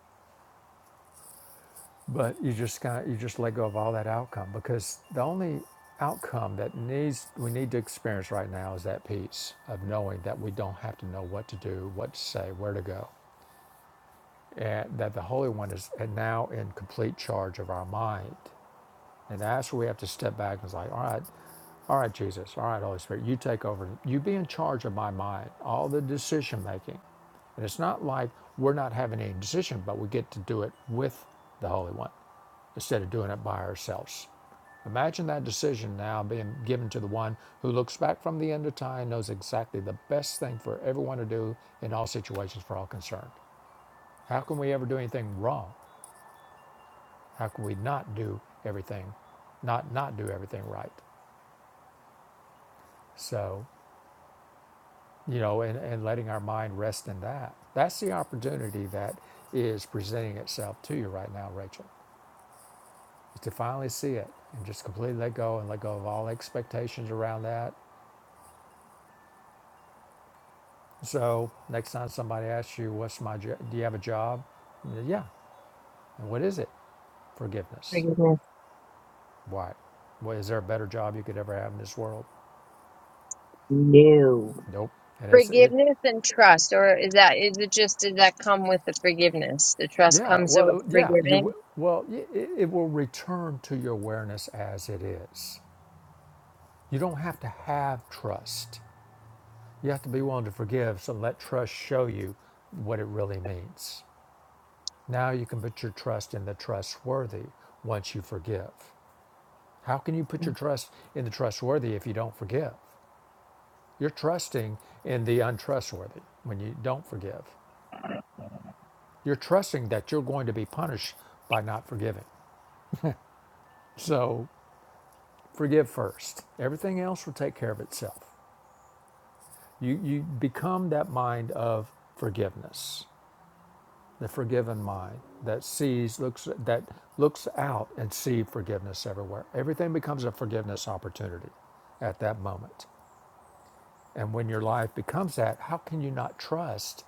But you just kind of you just let go of all that outcome because the only outcome that needs we need to experience right now is that peace of knowing that we don't have to know what to do, what to say, where to go, and that the Holy One is now in complete charge of our mind And that's where we have to step back and it's like, all right, all right, Jesus, all right, Holy Spirit, you take over. You be in charge of my mind, all the decision making. And it's not like we're not having any decision, but we get to do it with the Holy One instead of doing it by ourselves. Imagine that decision now being given to the one who looks back from the end of time and knows exactly the best thing for everyone to do in all situations for all concerned. How can we ever do anything wrong? How can we not do everything, not not do everything right? So, you know, and, and letting our mind rest in that. That's the opportunity that is presenting itself to you right now, Rachel, is to finally see it and just completely let go and let go of all expectations around that. So, next time somebody asks you, What's my job? Do you have a job? And you- Yeah. And what is it? Forgiveness. Forgiveness. Why? Well, is there a better job you could ever have in this world? No. Nope. And it's, it, Forgiveness and trust, or is that is it just does that come with the forgiveness? The trust yeah, comes with well, yeah, you, forgiving. w- well, y- it, it will return to your awareness as it is You don't have to have trust. You have to be willing to forgive, so let trust show you what it really means. Now you can put your trust in the trustworthy once you forgive. How can you put your trust in the trustworthy if you don't forgive? You're trusting in the untrustworthy when you don't forgive. You're trusting that you're going to be punished by not forgiving. So forgive first. Everything else will take care of itself. You, you become that mind of forgiveness. the forgiven mind that sees looks that looks out and sees forgiveness everywhere everything becomes a forgiveness opportunity at that moment and when your life becomes that how can you not trust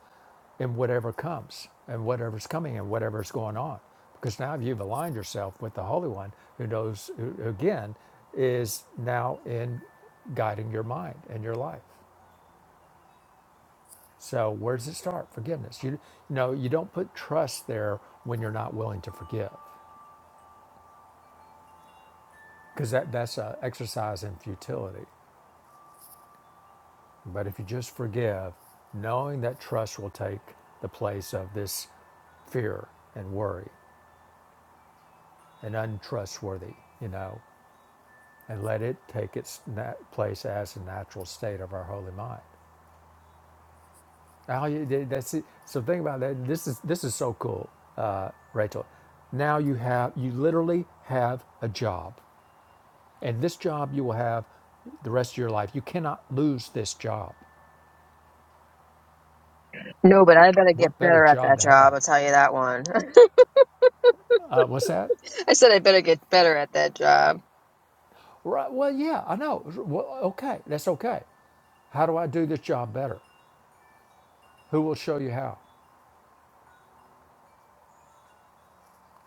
in whatever comes and whatever's coming and whatever's going on because now you've aligned yourself with the holy one who knows who again is now in guiding your mind and your life so where does it start forgiveness you, you know you don't put trust there when you're not willing to forgive because that, that's an exercise in futility. But if you just forgive, knowing that trust will take the place of this fear and worry and untrustworthy, you know, and let it take its na- place as a natural state of our holy mind. Now you, that's it. So think about that. This is this is so cool, uh, Rachel. Now you have you literally have a job, and this job you will have the rest of your life. You cannot lose this job. No, but I better What get better better at job that to job. have? I'll tell you that one. Uh, what's that? I said I better get better at that job. Right. Well, yeah, I know. Well, okay, that's okay. How do I do this job better? Who will show you how?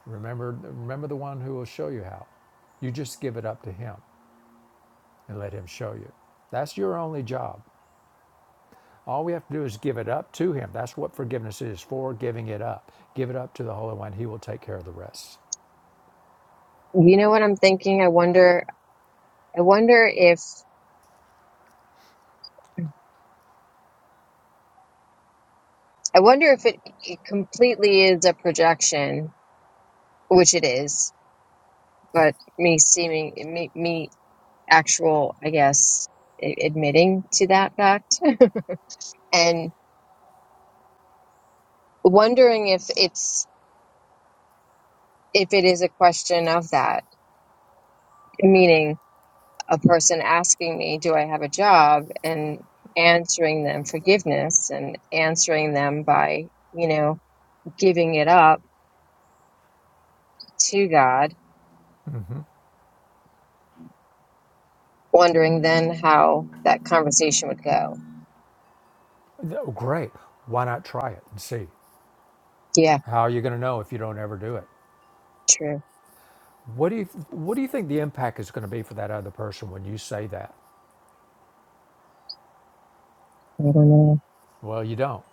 Remember, remember the one who will show you how. You just give it up to him and let him show you. That's your only job. All we have to do is give it up to him. That's what forgiveness is for, giving it up. Give it up to the Holy One. He will take care of the rest. You know what I'm thinking? I wonder. I wonder if I wonder if it, it completely is a projection, which it is, but me seeming, me, me actual, I guess, a- admitting to that fact and wondering if it's, if it is a question of that, meaning a person asking me, do I have a job? And answering them forgiveness and answering them by, you know, giving it up to God, wondering then how that conversation would go. Th- oh, Great. Why not try it and see? Yeah, How are you going to know if you don't ever do it? true. What do you What do you think the impact is going to be for that other person when you say that? I don't know. Well, you don't.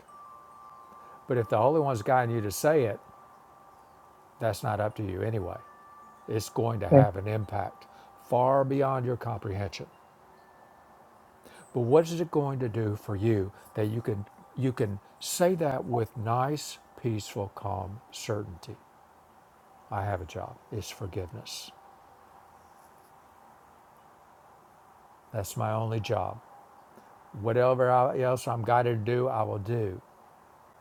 But if the Holy One's guiding you to say it, that's not up to you anyway. It's going to Yeah. have an impact far beyond your comprehension. But what is it going to do for you that you can you can say that with nice, peaceful, calm certainty? I have a job. It's forgiveness. That's my only job. Whatever I- else I'm guided to do, I will do.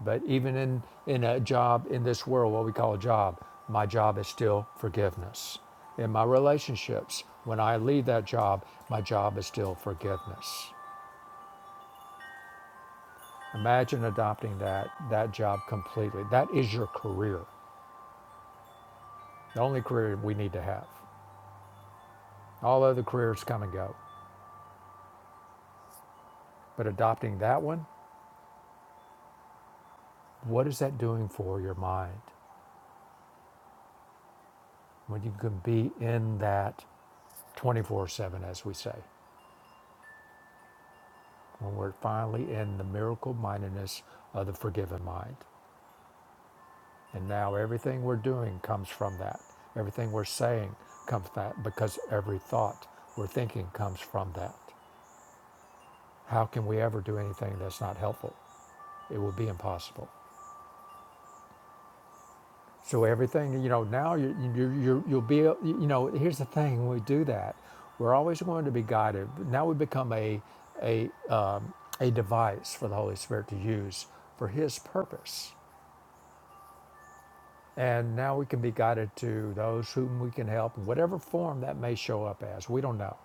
But even in, in a job, in this world, what we call a job, my job is still forgiveness. In my relationships, when I leave that job, my job is still forgiveness. Imagine adopting that, that job completely. That is your career, the only career we need to have. All other careers come and go. But adopting that one, what is that doing for your mind when you can be in that 24 7, as we say? when we're finally in the miracle mindedness of the forgiven mind. And now everything we're doing comes from that. Everything we're saying comes from that because every thought we're thinking comes from that. How can we ever do anything that's not helpful? It would be impossible. So everything, you know, now you, you, you, you'll be, you know, here's the thing, when we do that, we're always going to be guided. Now we become a, a, um, a device for the Holy Spirit to use for His purpose And now we can be guided to those whom we can help, whatever form that may show up as. We don't know.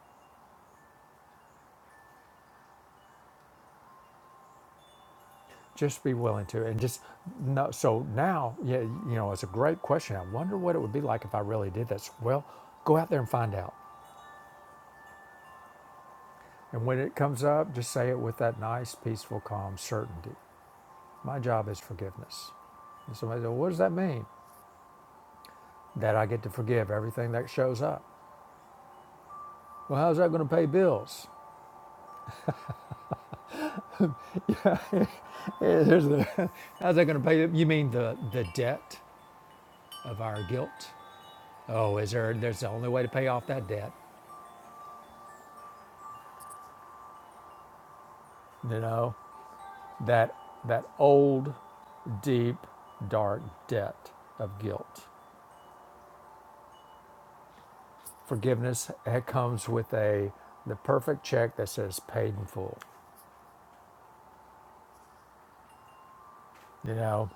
Just be willing to, and just no. So now, yeah, you know, it's a great question. I wonder what it would be like if I really did this. Well, go out there and find out. And when it comes up, just say it with that nice, peaceful, calm certainty. My job is forgiveness. And somebody said, What does that mean? That I get to forgive everything that shows up. Well, how's that going to pay bills? Here's the- how's that going to pay? You mean the, the debt? of our guilt. Oh, is there? There's the only way to pay off that debt. You know that that old, deep, dark debt of guilt. Forgiveness it comes with a the perfect check that says paid in full. You know,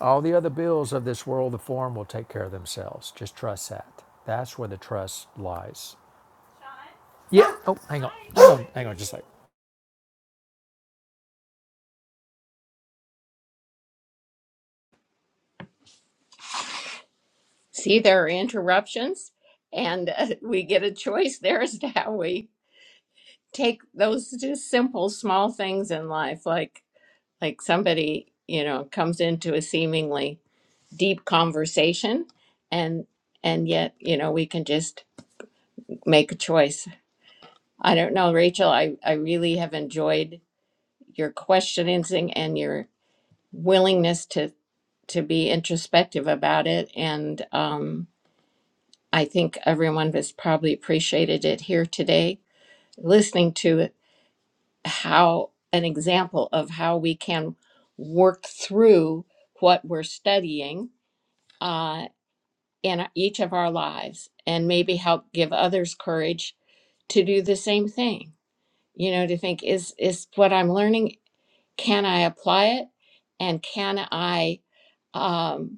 all the other bills of this world, the form will take care of themselves. Just trust that. That's where the trust lies. Yeah. Oh, hang on. Hang on. Hang on. Just like. see, there are interruptions, and uh, we get a choice there as to how we take those just simple, small things in life. Like, like somebody, you know, comes into a seemingly deep conversation, and and yet, you know, we can just make a choice. I don't know, Rachel. I I really have enjoyed your questioning and your willingness to to be introspective about it and um i think everyone has probably appreciated it here today listening to it, how an example of how we can work through what we're studying uh, in each of our lives and maybe help give others courage to do the same thing you know to think is is what i'm learning can i apply it and can i um,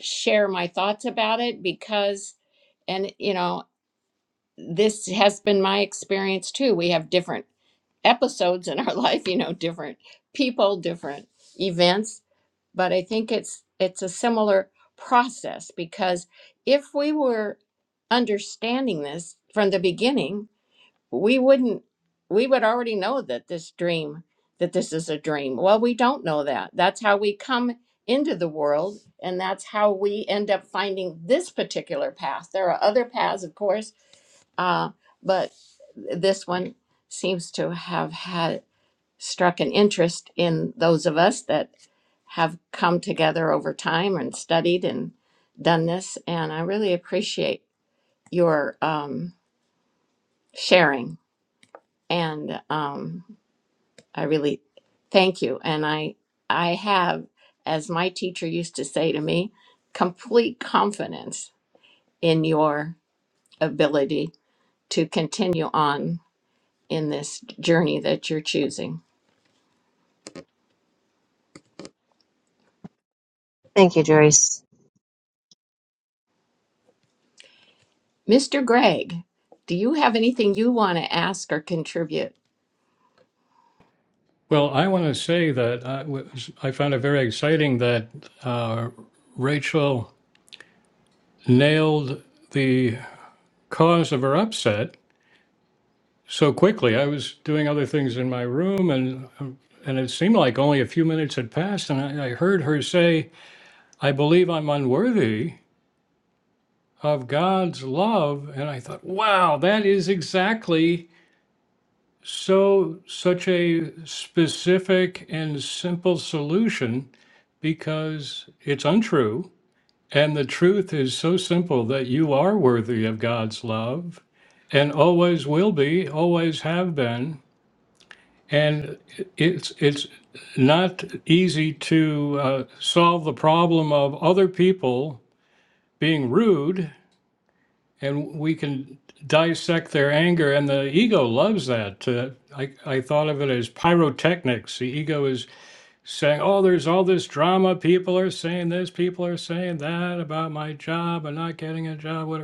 share my thoughts about it because and you know this has been my experience too we have different episodes in our life you know different people different events but i think it's it's a similar process because if we were understanding this from the beginning we wouldn't we would already know that this dream that this is a dream well we don't know that that's how we come into the world and that's how we end up finding this particular path there are other paths of course uh, but this one seems to have had struck an interest in those of us that have come together over time and studied and done this and i really appreciate your um, sharing and um, I really thank you. And I I have, as my teacher used to say to me, complete confidence in your ability to continue on in this journey that you're choosing. Thank you, Joyce. Mr. Gregg, do you have anything you want to ask or contribute? Well, I want to say that I, was, I found it very exciting that uh, Rachel. nailed the cause of her upset so quickly. I was doing other things in my room, and and it seemed like only a few minutes had passed, and I, I heard her say, "I believe I'm unworthy of God's love," and I thought, "Wow, that is exactly." So, such a specific and simple solution because it's untrue And the truth is so simple that you are worthy of God's love and always will be, always have been. And it's, it's not easy to uh, solve the problem of other people being rude, and we can dissect their anger, and the ego loves that. Uh, I, I thought of it as pyrotechnics. The ego is saying, Oh, there's all this drama. People are saying this, people are saying that about my job and not getting a job, whatever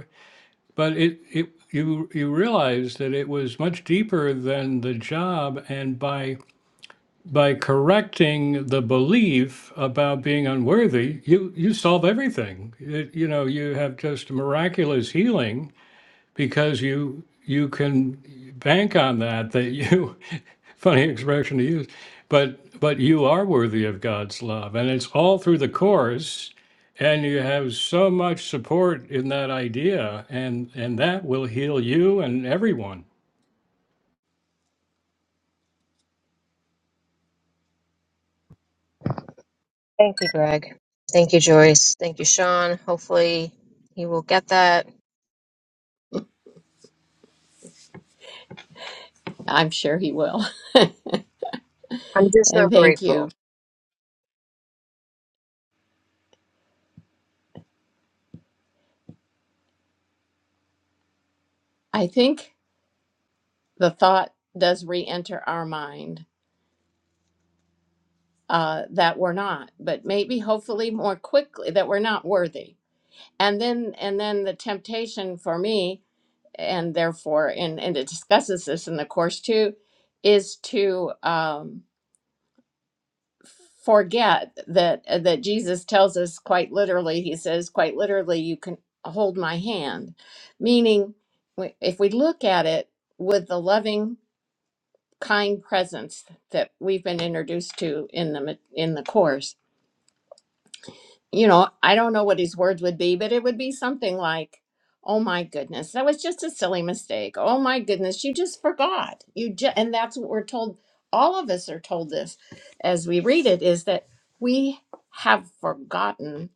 But it, it you you realize that it was much deeper than the job, and by by correcting the belief about being unworthy, you you solve everything. It, you know, you have just miraculous healing because you you can bank on that that you funny expression to use but but you are worthy of god's love and it's all through the course and you have so much support in that idea and and that will heal you and everyone Thank you, Greg. Thank you, Joyce. Thank you, Sean. Hopefully, he will get that. I'm sure he will. I'm just so And thank grateful. you. I think the thought does re enter our mind uh, that we're not, but maybe hopefully more quickly, that we're not worthy and then and then the temptation for me and therefore and and it discusses this in the course too is to um forget that uh, that jesus tells us quite literally he says quite literally you can hold my hand meaning w- if we look at it with the loving kind presence that we've been introduced to in the ma- in the course you know, I don't know what his words would be, but it would be something like, "Oh my goodness, that was just a silly mistake. Oh my goodness, you just forgot. You just," and that's what we're told. All of us are told this as we read it is that we have forgotten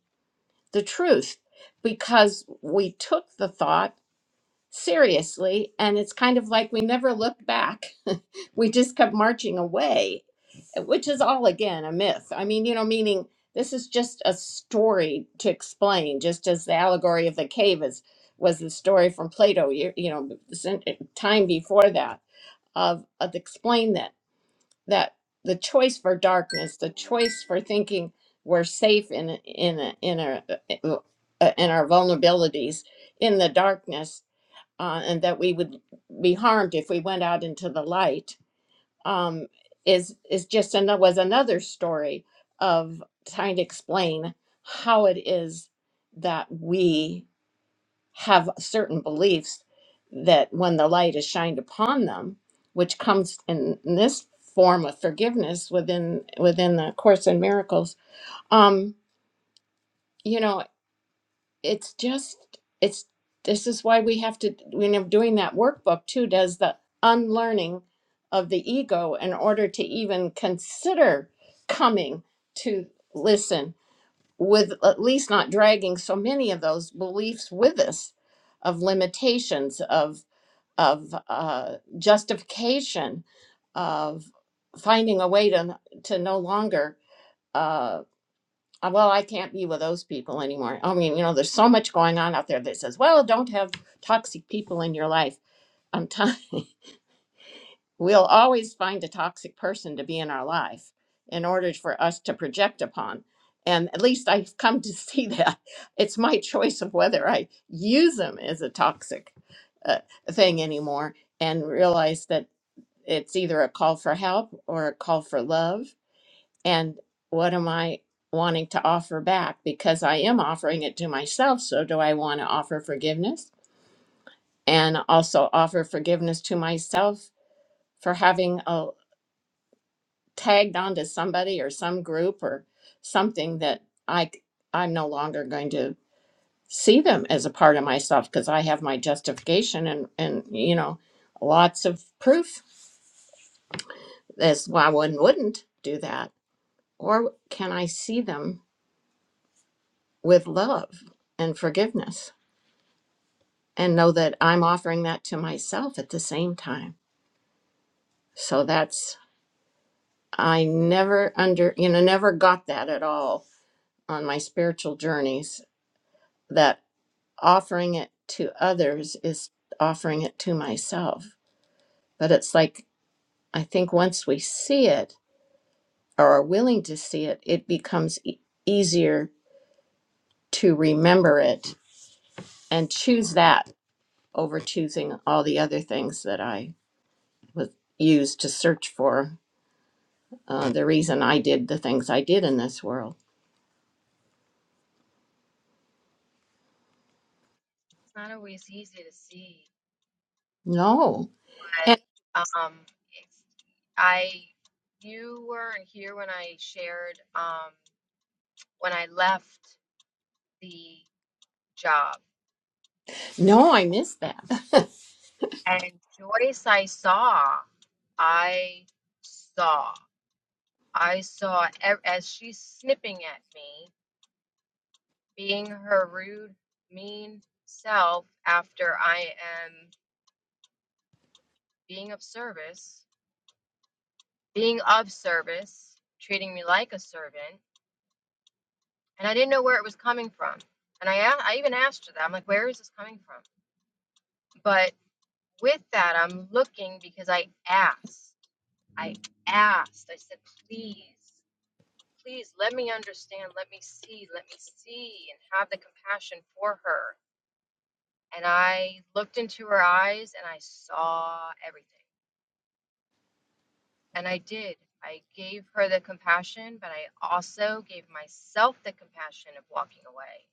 the truth because we took the thought seriously, and it's kind of like we never looked back. we just kept marching away which is all again a myth. I mean, you know, meaning this is just a story to explain, just as the allegory of the cave is was the story from Plato. You, you know, cent- time before that of of explain that that the choice for darkness, the choice for thinking we're safe in a- in a, in our in our vulnerabilities in the darkness, uh, and that we would be harmed if we went out into the light um, is is just another was another story of trying to explain how it is that we have certain beliefs that when the light is shined upon them, which comes in, in this form of forgiveness within within the Course in Miracles, um, you know it's just it's this is why we have to when i doing that workbook too does the unlearning of the ego in order to even consider coming to listen with at least not dragging so many of those beliefs with us of limitations of of uh, justification of finding a way to to no longer uh, uh, well, I can't be with those people anymore. I mean, you know, there's so much going on out there that says, well, don't have toxic people in your life. I'm telling we'll always find a toxic person to be in our life in order for us to project upon. And at least I've come to see that. It's my choice of whether I use them as a toxic uh, thing anymore and realize that it's either a call for help or a call for love and what am I wanting to offer back? Because I am offering it to myself. So, do I want to offer forgiveness and also offer forgiveness to myself for having a, tagged onto somebody or some group or something that I c- I'm no longer going to see them as a part of myself because I have my justification and and you know lots of proof as why one wouldn't do that. Or can I see them with love and forgiveness? and know that I'm offering that to myself at the same time. So that's, I never under, you know, never got that at all on my spiritual journeys that offering it to others is offering it to myself. But it's like, I think once we see it or are willing to see it, it becomes e- easier to remember it and choose that over choosing all the other things that I was used to search for uh, the reason I did the things I did in this world. It's not always easy to see, No, and but um, it's, I, you weren't here when I shared um when I left the job, no, I missed that. and Joyce, I saw, I saw, I saw ev- as she's snipping at me. being her rude, mean self after I am being of service, being of service, treating me like a servant. And I didn't know where it was coming from. And I, a- I even asked her that. I'm like, where is this coming from? But with that, I'm looking because I asked. I asked. I said, please, please let me understand. Let me see. Let me see and have the compassion for her. And I looked into her eyes and I saw everything. And I did. I gave her the compassion, but I also gave myself the compassion of walking away.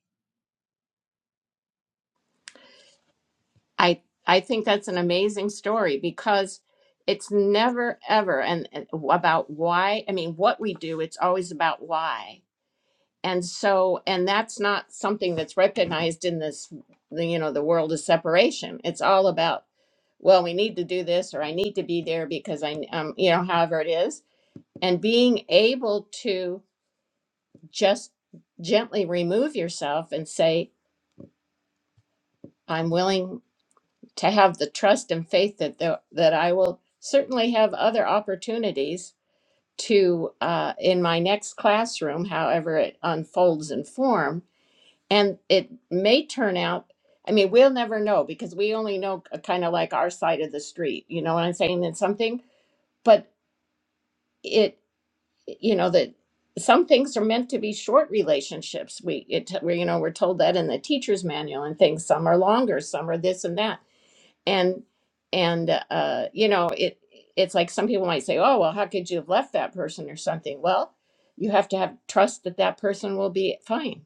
I I think that's an amazing story because it's never ever and and about why. I mean, what we do, it's always about why. And so, and that's not something that's recognized in this, the, you know, the world of separation. It's all about, well, we need to do this, or I need to be there because I, um, you know, however it is, and being able to just gently remove yourself and say, I'm willing to have the trust and faith that the, that I will certainly have other opportunities to uh, in my next classroom, however it unfolds in form. And it may turn out, I mean, we'll never know because we only know kind of like our side of the street. You know what I'm saying? And something, but it." you know that some things are meant to be short relationships we it we you know we're told that in the teacher's manual and things some are longer some are this and that and and uh you know it it's like some people might say oh well how could you have left that person or something well you have to have trust that that person will be fine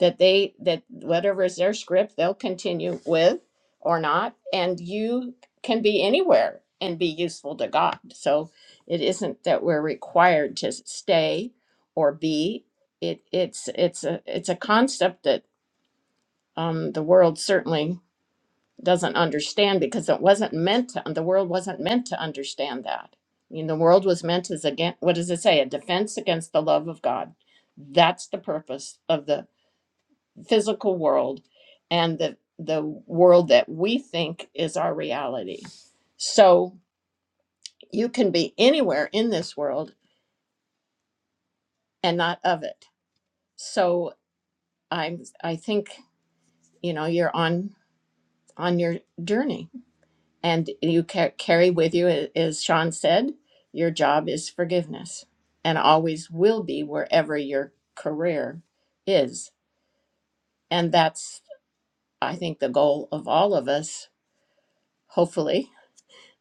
that they that whatever is their script they'll continue with or not and you can be anywhere and be useful to god so it isn't that we're required to stay or be it it's it's a it's a concept that um, the world certainly doesn't understand because it wasn't meant to, the world wasn't meant to understand that i mean the world was meant as again what does it say a defense against the love of god that's the purpose of the physical world and the the world that we think is our reality. So you can be anywhere in this world and not of it. So I'm I think you know you're on on your journey and you ca- carry with you a- as Sean said your job is forgiveness and always will be wherever your career is and that's I think the goal of all of us hopefully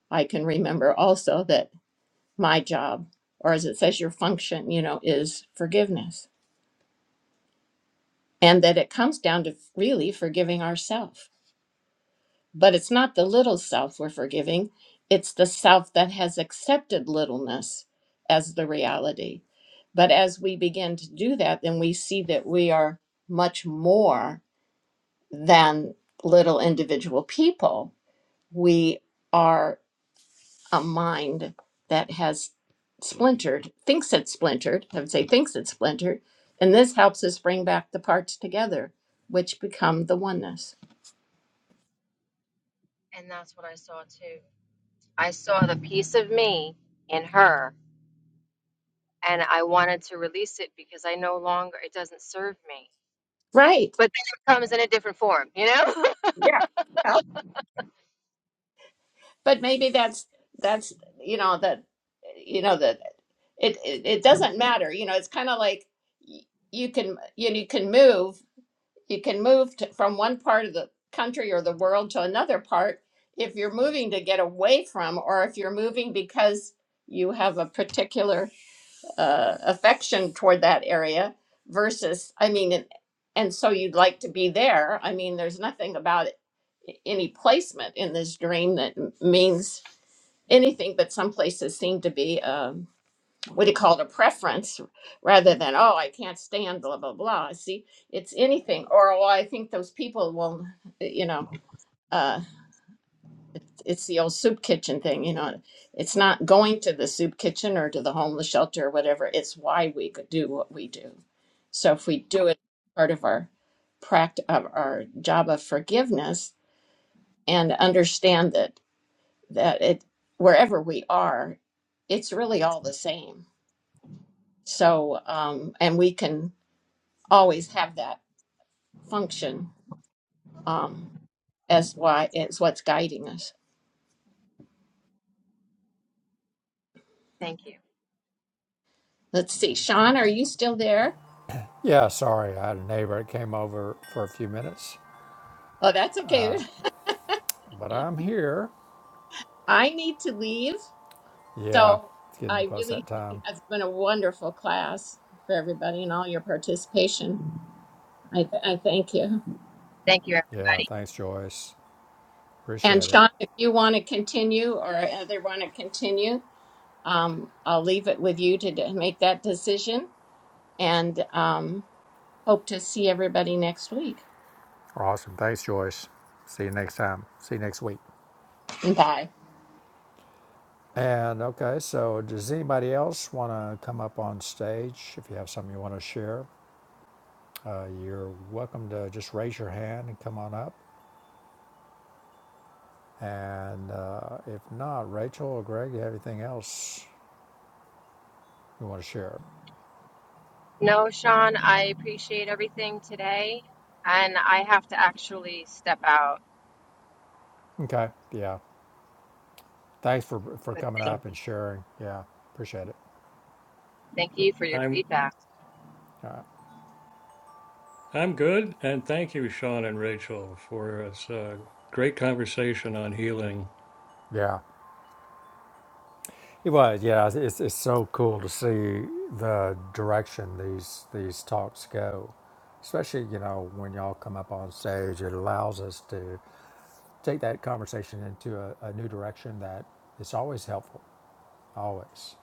I can remember also that my job, or as it says, your function, you know, is forgiveness. And that it comes down to really forgiving ourself. But it's not the little self we're forgiving, it's the self that has accepted littleness as the reality. But as we begin to do that, then we see that we are much more than little individual people. We are. a mind that has splintered, thinks it's splintered, I would say thinks it's splintered, and this helps us bring back the parts together, which become the oneness. And that's what I saw too. I saw the piece of me in her, and I wanted to release it because I no longer, it doesn't serve me. Right. But then it comes in a different form, you know? Yeah. Well, but maybe that's that's you know that you know that it it, it doesn't matter. You know, it's kind of like y- you can you know, you can move you can move to, from one part of the country or the world to another part if you're moving to get away from or if you're moving because you have a particular uh, affection toward that area versus i mean and, and so you'd like to be there i mean there's nothing about it, any placement in this dream that m- means anything but some places seem to be um, what do you call it, a preference rather than, oh, I can't stand blah, blah, blah. See, it's anything. Or, well, I think those people will, you know, uh, it's the old soup kitchen thing, you know, it's not going to the soup kitchen or to the homeless shelter or whatever. It's why we could do what we do. So if we do it part of our practice of our job of forgiveness and understand that, that it, wherever we are, it's really all the same. So, um, and we can always have that function um, as why as what's guiding us. Thank you. Let's see, Sean, are you still there? Yeah. Sorry, I had a neighbor that came over for a few minutes, Oh, that's okay. but I'm here. I need to leave, Yeah, so it's getting I close really that think time. it's been a wonderful class for everybody and all your participation. I, th- I thank you. Thank you, Yeah, everybody. thanks, Joyce. And Appreciate it. Sean, if you want to continue or other want to continue, um, I'll leave it with you to d- make that decision. And um, hope to see everybody next week. Awesome. Thanks, Joyce. See you next time. See you next week. Bye. And okay, so does anybody else want to come up on stage? If you have something you want to share, uh, you're welcome to just raise your hand and come on up. And uh, if not, Rachel or Greg, you have anything else you want to share? No, Sean, I appreciate everything today, and I have to actually step out. Okay, yeah. Thanks for for But coming I- up and sharing. Yeah, appreciate it. thank you for your i'm feedback. All right. i'm good and thank you sean and rachel for this uh, great conversation on healing Yeah. It was, yeah. It's, it's it's so cool to see the direction these these talks go, especially you know when y'all come up on stage. It allows us to take that conversation into a, a new direction that is always helpful, always.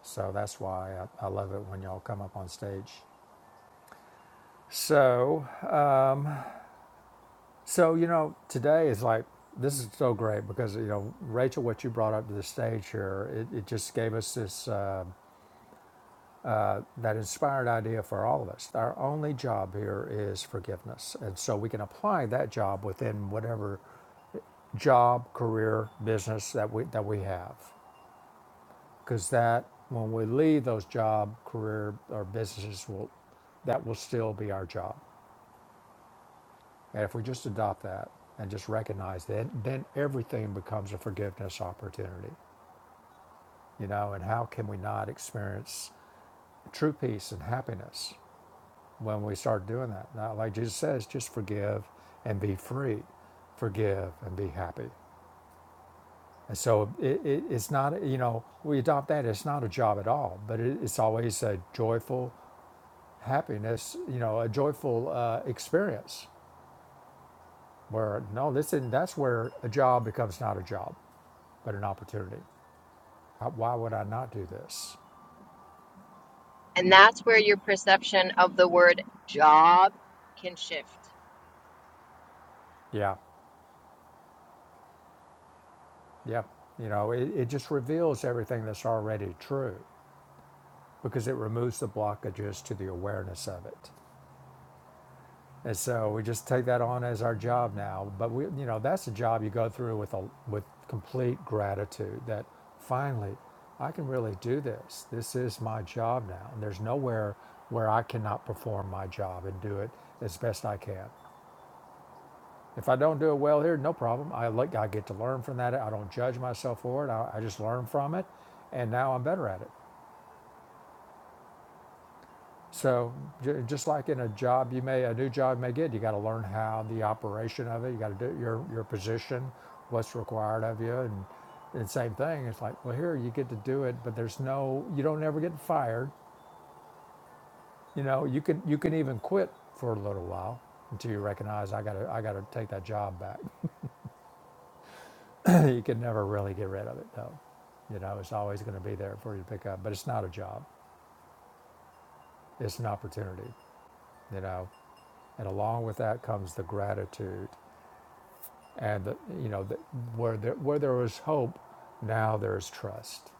So that's why I, I love it when y'all come up on stage. So, so you know, today is like this is so great because you know Rachel, what you brought up to the stage here, it, it just gave us this. Uh, that inspired idea for all of us. Our only job here is forgiveness. And so we can apply that job within whatever job, career, business that we, that we have. Because that, when we leave those job, career, or businesses, will, that will still be our job. And if we just adopt that and just recognize that, then everything becomes a forgiveness opportunity. You know, and how can we not experience true peace and happiness when we start doing that. Now, like Jesus says, just forgive and be free, forgive and be happy. And so it, it, it's not, you know, we adopt that. It's not a job at all, but it, it's always a joyful happiness, you know, a joyful uh, experience where no, this isn't, that's where a job becomes not a job, but an opportunity. How, why would I not do this? And that's where your perception of the word job can shift. Yeah, yeah. You know, it, it just reveals everything that's already true because it removes the blockages to the awareness of it. And so we just take that on as our job now. But we, you know, that's a job you go through with a with complete gratitude that finally I can really do this. This is my job now, and there's nowhere where I cannot perform my job and do it as best I can. If I don't do it well here, no problem. I look, I get to learn from that. I don't judge myself for it. I, I just learn from it, and now I'm better at it. So j- just like in a job, you may a new job you may get, you got to learn how the operation of it. You got to do your your position, what's required of you, and, the same thing. It's like well, here you get to do it, but there's no you don't ever get fired. You know you can you can even quit for a little while until you recognize I got to I got to take that job back. you can never really get rid of it though. You know it's always going to be there for you to pick up, but it's not a job. It's an opportunity. You know, and along with that comes the gratitude and the, you know the, where there where there was hope, now there is trust.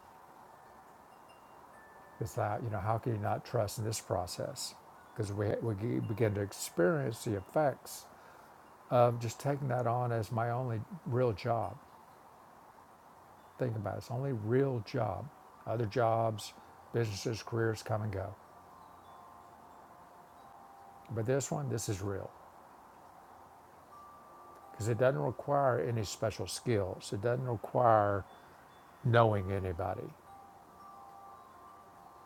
It's that you know how can you not trust in this process? Because we we g- begin to experience the effects of just taking that on as my only real job. Think about it, it's only real job. Other jobs, businesses, careers come and go, but this one, this is real because it doesn't require any special skills. It doesn't require knowing anybody.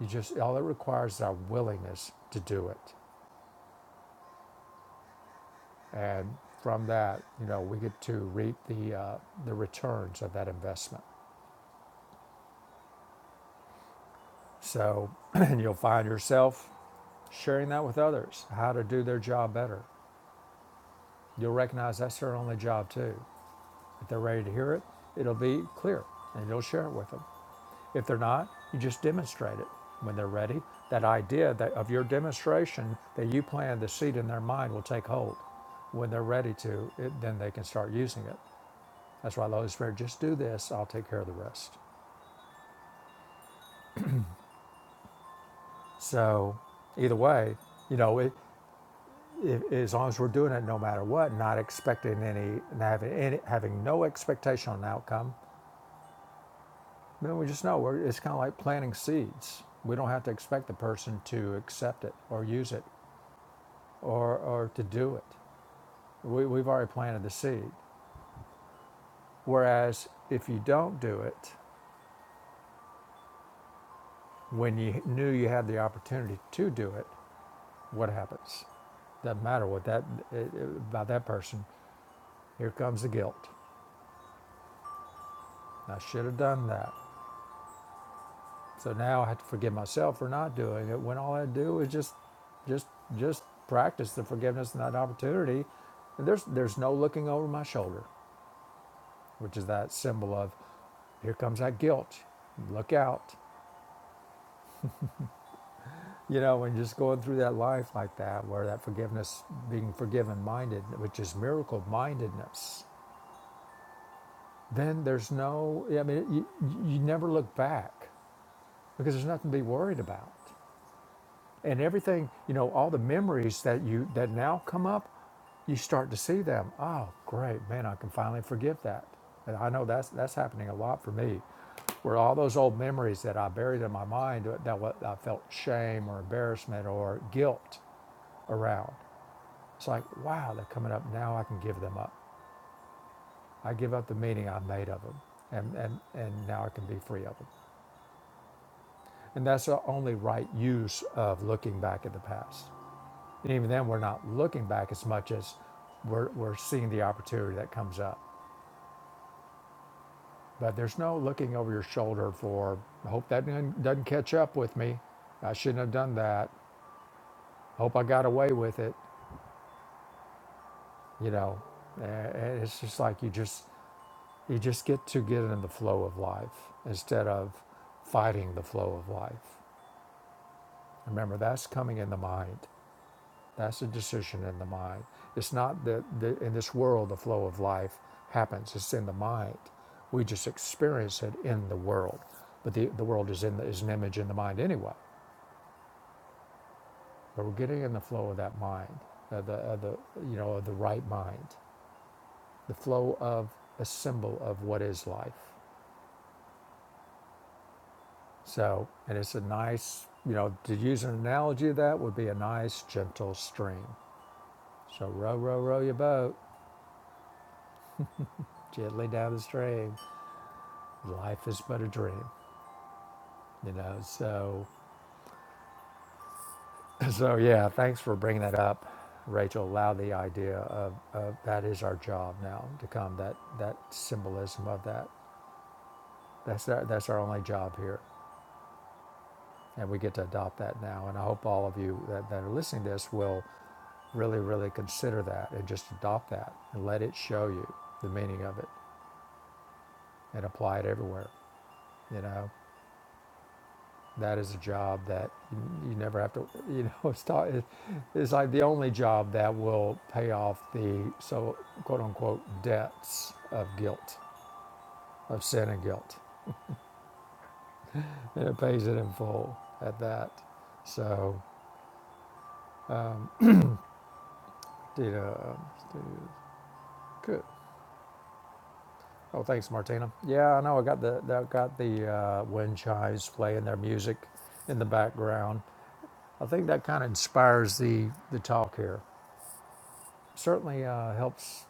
You just all it requires is our willingness to do it. And from that, you know, we get to reap the, uh, the returns of that investment. So, and you'll find yourself sharing that with others, how to do their job better. You'll recognize that's their only job too. If they're ready to hear it, it'll be clear and you'll share it with them. If they're not, you just demonstrate it when they're ready. That idea that of your demonstration that you planted the seed in their mind will take hold. When they're ready to, it, then they can start using it. That's why the Holy Spirit, just do this, I'll take care of the rest. So, either way, you know, it, it, as long as we're doing it no matter what, not expecting any, having, any, having no expectation on an outcome, then we just know we're, it's kind of like planting seeds. We don't have to expect the person to accept it or use it or, or to do it. We, we've already planted the seed. Whereas if you don't do it, when you knew you had the opportunity to do it, what happens? Doesn't matter what that eh, eh, about that person. Here comes the guilt. I should have done that. So now I have to forgive myself for not doing it. When all I do is just, just, just practice the forgiveness and that opportunity. And there's there's no looking over my shoulder, which is that symbol of, here comes that guilt. Look out. You know, and just going through that life like that, where that forgiveness, being forgiven minded, which is miracle mindedness then there's no, I mean, you, you never look back because there's nothing to be worried about. And everything, you know, all the memories that you, that now come up, you start to see them. Oh, great, man, I can finally forgive that. And I know that's, that's happening a lot for me, where all those old memories that I buried in my mind that what I felt shame or embarrassment or guilt around. It's like, wow, they're coming up. Now I can give them up. I give up the meaning I made of them. And, and, and now I can be free of them. And that's the only right use of looking back at the past. And even then, we're not looking back as much as we're, we're seeing the opportunity that comes up. But there's no looking over your shoulder for, I hope that doesn't doesn't catch up with me. I shouldn't have done that. Hope I got away with it. You know, Uh, and it's just like you just, you just get to get in the flow of life instead of fighting the flow of life. Remember, that's coming in the mind. That's a decision in the mind. It's not that the, in this world the flow of life happens, it's in the mind. We just experience it in the world. But the, the world is, in the, is an image in the mind anyway. But we're getting in the flow of that mind, of the, of the, you know, of the right mind, the flow of a symbol of what is life. So, and it's a nice, you know, to use an analogy of that would be a nice, gentle stream. So row, row, row your boat gently down the stream. life is but a dream, you know. So, so yeah, thanks for bringing that up, Rachel. Allow the idea of, of that is our job now to come. That that symbolism of that. That's our, that's our only job here, and we get to adopt that now. And I hope all of you that, that are listening to this will really, really consider that and just adopt that and let it show you the meaning of it and apply it everywhere. You know, That is a job that you never have to, you know, it's, ta- it's like the only job that will pay off the so quote unquote debts of guilt, of sin and guilt. And it pays it in full at that. So, um, did, uh, good. Oh, thanks, Martina. Yeah, I know. I got the that got the uh, wind chimes playing their music in the background. I think that kind of inspires the the talk here. Certainly uh, helps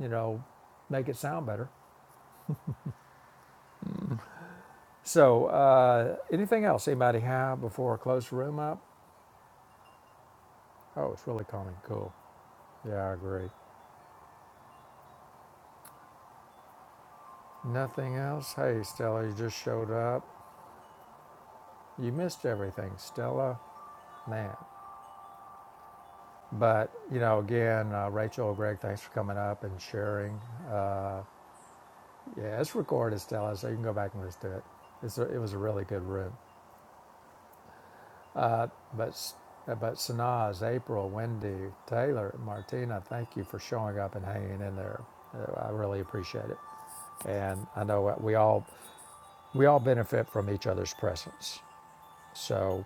you know, make it sound better. So, uh, anything else anybody have before I close the room up? Oh, it's really calming. cool. Yeah, I agree. Nothing else? Hey, Stella, you just showed up. You missed everything, Stella. Man. But, you know, again, uh, Rachel, Greg, thanks for coming up and sharing. Uh, yeah, it's recorded, Stella, so you can go back and listen to it. It's a, it was a really good room. Uh, But but Sanaz, April, Wendy, Taylor, Martina, thank you for showing up and hanging in there. Uh, I really appreciate it, and I know we all we all benefit from each other's presence. So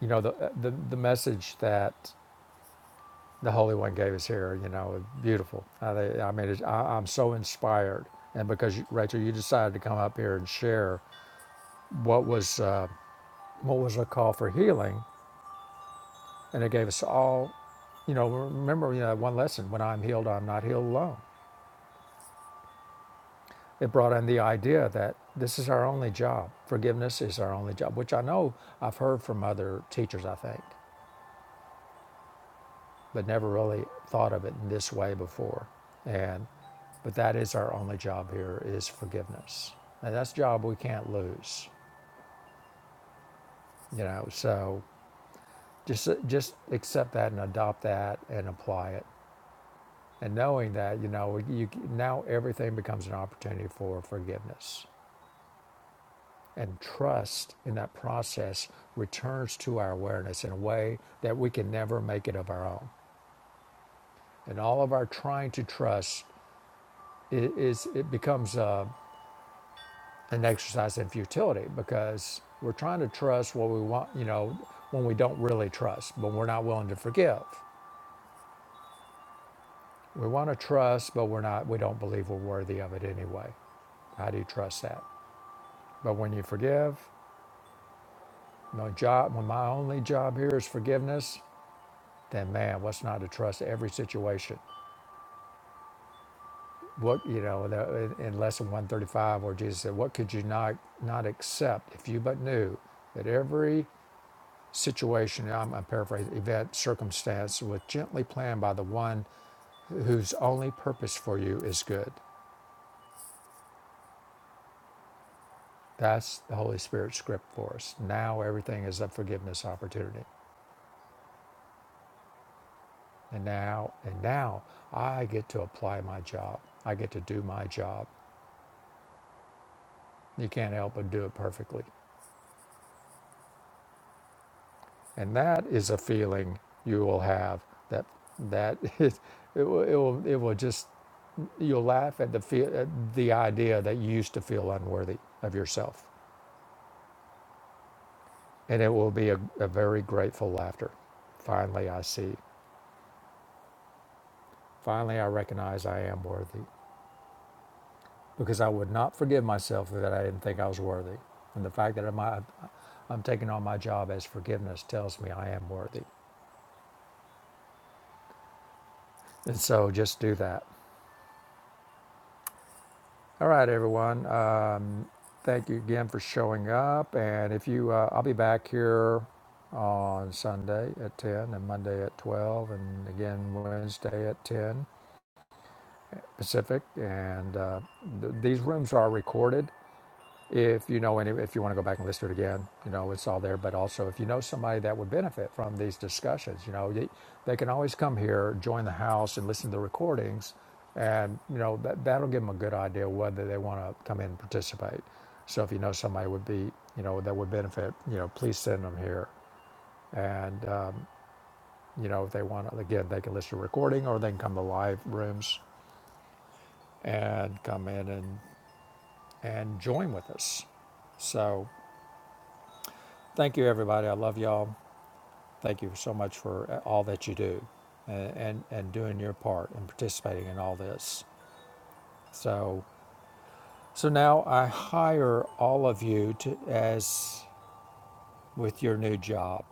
you know the uh, the, the message that the Holy One gave us here, you know, beautiful. I, I mean, it's, I, I'm so inspired, and because Rachel, you decided to come up here and share what was uh, what was a call for healing And it gave us all, you know, remember, you know, one lesson when I'm healed, I'm not healed alone. It brought in the idea that this is our only job. Forgiveness is our only job, which I know I've heard from other teachers, I think, but never really thought of it in this way before. And, but that is our only job here is forgiveness. And that's a job we can't lose, you know, so just, just accept that and adopt that and apply it And knowing that, you know, you, now everything becomes an opportunity for forgiveness. And trust in that process returns to our awareness in a way that we can never make it of our own. And all of our trying to trust i- is it becomes uh, an exercise in futility because we're trying to trust what we want, you know, when we don't really trust, but we're not willing to forgive. We want to trust, but we're not. We don't believe we're worthy of it anyway. How do you trust that? But when you forgive, My job, when my only job here is forgiveness, then man, what's not to trust every situation? What you know, the, in lesson one thirty five, where Jesus said, "What could you not not accept if you but knew that every situation, I'm, I'm paraphrasing, event, circumstance was gently planned by the one whose only purpose for you is good." That's the Holy Spirit script for us. Now everything is a forgiveness opportunity. And now and now I get to apply my job. I get to do my job. You can't help but do it perfectly. And that is a feeling you will have that that it, it, will, it will it will just you'll laugh at the feel, at the idea that you used to feel unworthy of yourself. And it will be a, a very grateful laughter. Finally I see. Finally I recognize I am worthy because I would not forgive myself that I didn't think I was worthy. And the fact that I'm, I'm taking on my job as forgiveness tells me I am worthy. And so just do that. All right, everyone. Um, thank you again for showing up. And if you, uh, I'll be back here on Sunday at 10 and Monday at 12 and again Wednesday at 10 Pacific. And uh, th- these rooms are recorded. If you know any, if you want to go back and listen to it again, you know it's all there. But also, if you know somebody that would benefit from these discussions, you know they, they can always come here, join the house, and listen to the recordings, and you know that that'll give them a good idea whether they want to come in and participate. So if you know somebody would be, you know, that would benefit, you know, please send them here. And um, you know, if they want, to, again, they can listen to the recording or they can come to live rooms and come in and and join with us. So Thank you, everybody. I love y'all. Thank you so much for uh, all that you do, and and, and doing your part and participating in all this. So so now I hire all of you to as with your new job,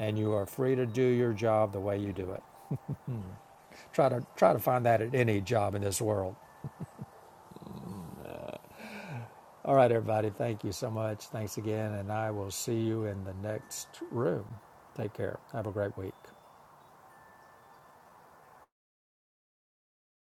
and you are free to do your job the way you do it. Try to try to find that at any job in this world. All right, everybody. Thank you so much. Thanks again, and I will see you in the next room. Take care. Have a great week.